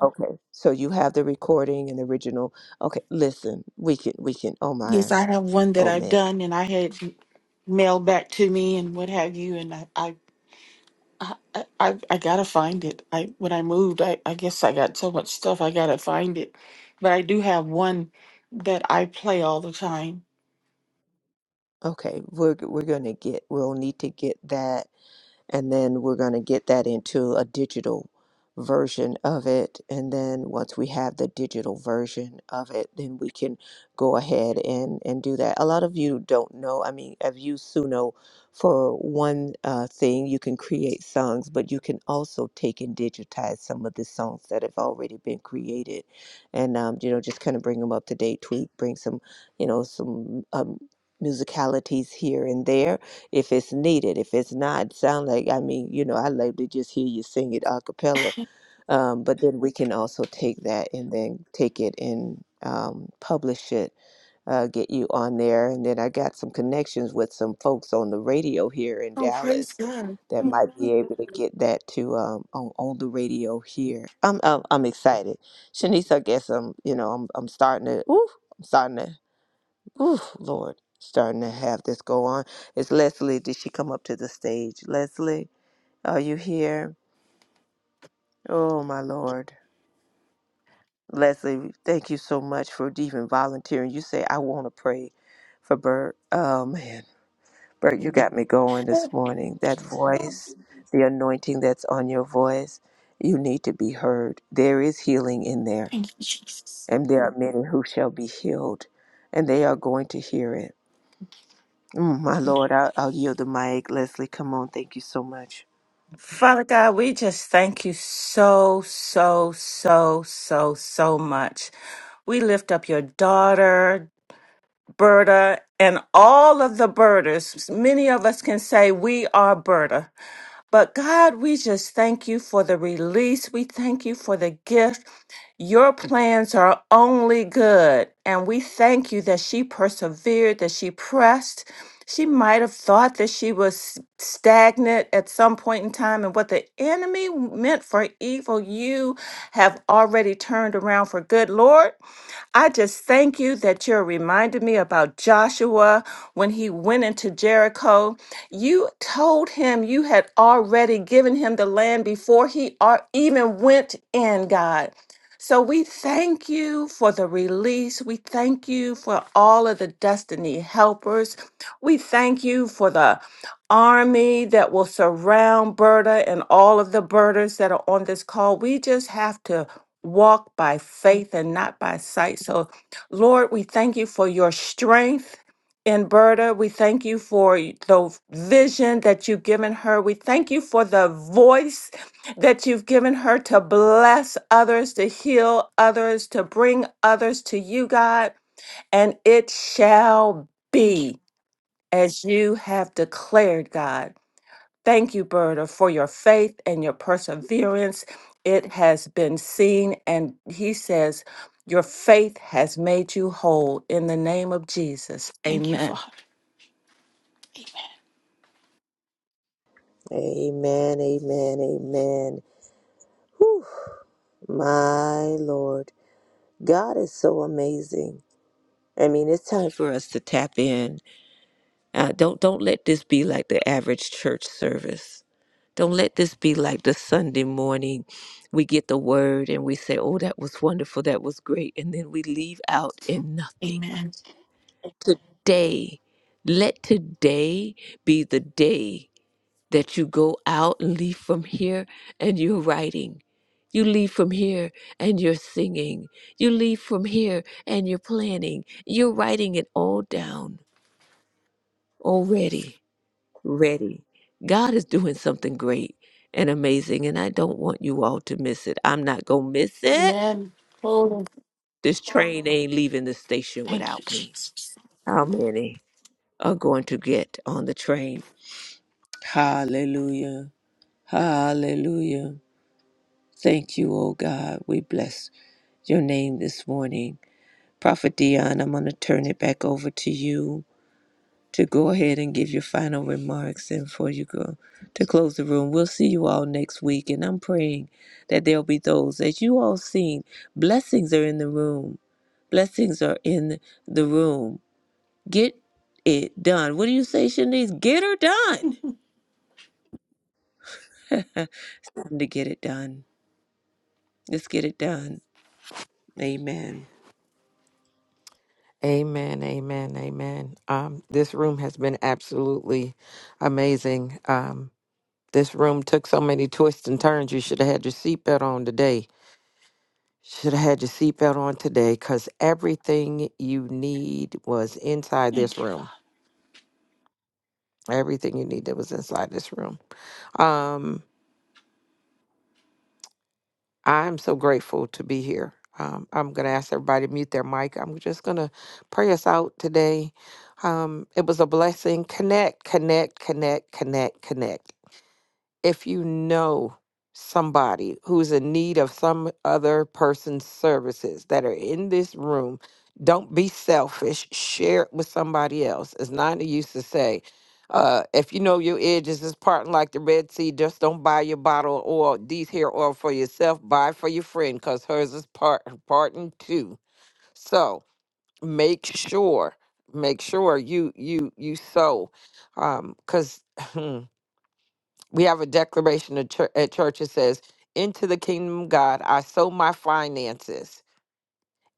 Okay, so you have the recording and the original. Okay, listen, we can we can. Oh
yes.
man,
I have one that
oh
I've
man.
done, and I had mailed back to me and what have you, and I, I, I, I, I gotta find it. I when I moved, I, I guess I got so much stuff. I gotta find it, but I do have one that I play all the time.
Okay, we're we're gonna get. We'll need to get that. and then we're going to get that into a digital version of it and then once we have the digital version of it then we can go ahead and and do that a lot of you don't know i mean i've used suno for one uh, thing you can create songs but you can also take and digitize some of the songs that have already been created and um, you know just kind of bring them up to date tweak bring some you know some um, musicalities here and there if it's needed. If it's not, sound like I mean, you know, I love to just hear you sing it a cappella. Um, but then we can also take that and then take it and um, publish it uh, get you on there. And then I got some connections with some folks on the radio here in
Oh, praise
Dallas
God!
that might be able to get that to um, on on the radio here. I'm I'm, I'm excited, Shanice. I guess I'm you know I'm I'm starting to. Ooh, I'm starting to. Ooh, Lord, starting to have this go on. Is Leslie, did she come up to the stage? Leslie, are you here? Oh, my Lord. Leslie, thank you so much for even volunteering. You say, I want to pray for Bert. Oh, man. Bert, you got me going this
Thank
morning. That voice, the anointing that's on your voice, you need to be heard. There is healing in there,
you, Jesus.
and there are many who shall be healed, and they are going to hear it. Mm, my Lord, I'll, I'll yield the mic. Leslie, come on. Thank you so much.
Father God, we just thank you so, so, so, so, so much. We lift up your daughter, Berta, and all of the birders. Many of us can say we are Berta. But God, we just thank you for the release. We thank you for the gift. Your plans are only good. And we thank you that she persevered, that she pressed. She might have thought that she was stagnant at some point in time, and what the enemy meant for evil, you have already turned around for good, Lord. I just thank you that you're reminding me about Joshua when he went into Jericho. You told him you had already given him the land before he ar- even went in, God. So we thank you for the release. We thank you for all of the destiny helpers. We thank you for the army that will surround Berta and all of the birders that are on this call. We just have to walk by faith and not by sight. So, Lord, we thank you for your strength. And Berta, we thank you for the vision that you've given her. We thank you for the voice that you've given her to bless others, to heal others, to bring others to you, God. And it shall
Thank you,
be as you have declared, God. Thank you, Berta, for your faith and your perseverance. It has been seen. And he says, Your faith has made you whole. In the name of Jesus,
thank you,
amen.
Father.
Amen, amen, amen. Whew, my Lord, God is so amazing. I mean, it's time for us to tap in. Uh, don't don't let this be like the average church service. Don't let this be like the Sunday morning. We get the word and we say, "Oh, that was wonderful. That was great," and then we leave out in nothing.
Amen.
Today, let today be the day that you go out and leave from here and you're writing. You leave from here and you're singing. You leave from here and you're planning. You're writing it all down already. Ready. God is doing something great and amazing, and I don't want you all to miss it. I'm not going to miss it.
Amen. Oh,
This train ain't leaving the station
thank you,
without me.
Jesus.
How many are going to get on the train? Hallelujah. Hallelujah. Thank you, O God. We bless your name this morning. Prophet Dion, I'm going to turn it back over to you to go ahead and give your final remarks and before you go to close the room. We'll see you all next week. And I'm praying that there'll be those, as you all seen, blessings are in the room. Blessings are in the room. Get it done. What do you say, Shanice? Get her done. Time to get it done. Let's get it done. Amen.
Amen, amen, amen. Um, this room has been absolutely amazing. Um, this room took so many twists and turns. You should have had your seatbelt on today Should have had your seatbelt on today because everything you need was inside
Thank
this
you.
room. Everything you needed was inside this room. Um, I'm so grateful to be here. Um, I'm going to ask everybody to mute their mic. I'm just going to pray us out today. Um, it was a blessing. Connect, connect, connect, connect, connect. if you know somebody who's in need of some other person's services that are in this room, don't be selfish. Share it with somebody else. As Nina used to say, uh, if you know your edges is parting like the Red Sea, just don't buy your bottle of oil, these hair oil for yourself. Buy for your friend because hers is part parting too. So make sure, make sure you you you sow, because we have a declaration at chur- at church that says, Into the kingdom of God, I sow my finances.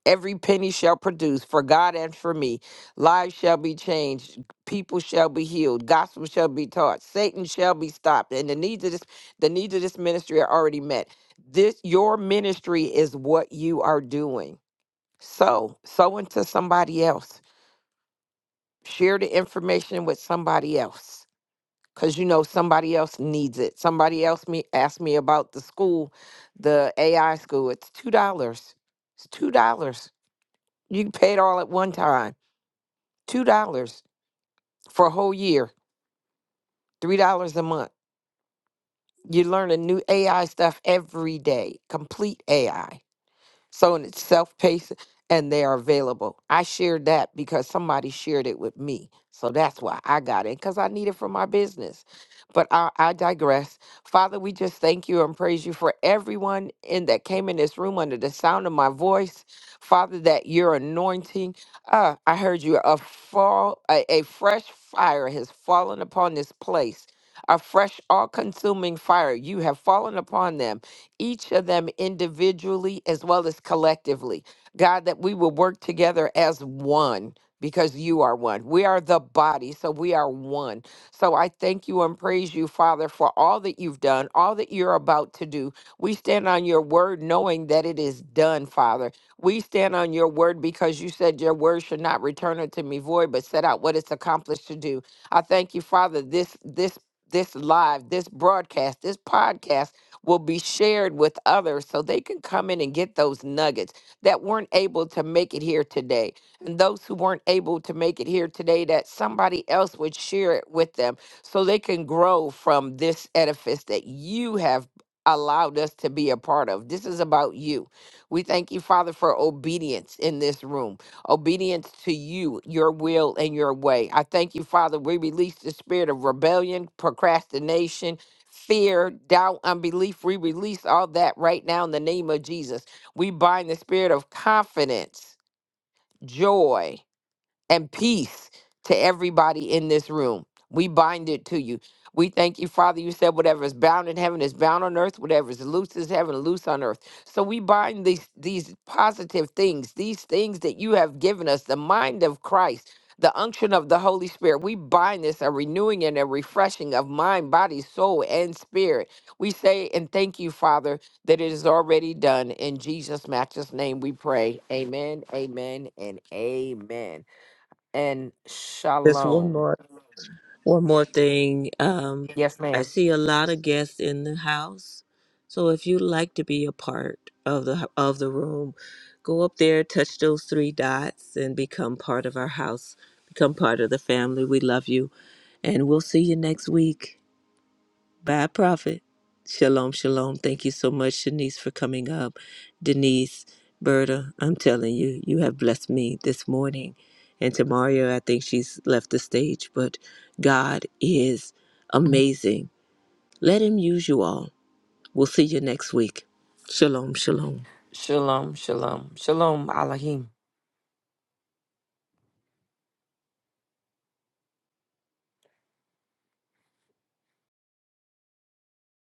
Every penny shall produce for God and for me. Lives shall be changed. People shall be healed. Gospel shall be taught. Satan shall be stopped. And the needs of this, the needs of this ministry are already met. This your ministry is what you are doing. So sow into somebody else. Share the information with somebody else because you know somebody else needs it. Somebody else me asked me about the school, the AI school. It's two dollars. It's two dollars. You can pay it all at one time. Two dollars for a whole year. Three dollars a month. You're learning new AI stuff every day. Complete AI. So and it's self-paced and they are available. I shared that because somebody shared it with me. So that's why I got it because I need it for my business. But I, I digress. Father, we just thank you and praise you for everyone in that came in this room under the sound of my voice. Father, that your anointing, uh, I heard you, a fall, a, a fresh fire has fallen upon this place. A fresh, all consuming fire. You have fallen upon them each of them individually as well as collectively. God, that we will work together as one because you are one. We are the body, so we are one. So I thank you and praise you, Father, for all that you've done, all that you're about to do. We stand on your word knowing that it is done, Father. We stand on your word because you said your word should not return unto me void, but set out what it's accomplished to do. I thank you, Father, this this this live, this broadcast, this podcast will be shared with others so they can come in and get those nuggets that weren't able to make it here today. And those who weren't able to make it here today, that somebody else would share it with them so they can grow from this edifice that you have allowed us to be a part of. This is about you. We thank you, Father, for obedience in this room, obedience to you, your will, and your way. I thank you, Father. We release the spirit of rebellion, procrastination, fear, doubt, unbelief. We release all that right now in the name of Jesus. We bind the spirit of confidence, joy and peace to everybody in this room. We bind it to you. We thank you, Father. You said whatever is bound in heaven is bound on earth, whatever is loose is heaven, loose on earth. So we bind these these positive things, these things that you have given us, the mind of Christ, the unction of the Holy Spirit. We bind this a renewing and a refreshing of mind, body, soul, and spirit. We say and thank you, Father, that it is already done. In Jesus' matchless name we pray. Amen, amen, and amen and
Just one
shalom.
more One more thing. Um,
Yes,
I
ma'am.
see a lot of guests in the house, so if you'd like to be a part of the of the room, go up there, touch those three dots, and become part of our house. Become part of the family. We love you, and we'll see you next week. Bye, Prophet. Shalom, shalom. Thank you so much, Shanice, for coming up. Denise, Berta, I'm telling you, you have blessed me this morning. And to Mario, I think she's left the stage, but God is amazing. Let Him use you all. We'll see you next week. Shalom, shalom.
Shalom, shalom, shalom, Alahim.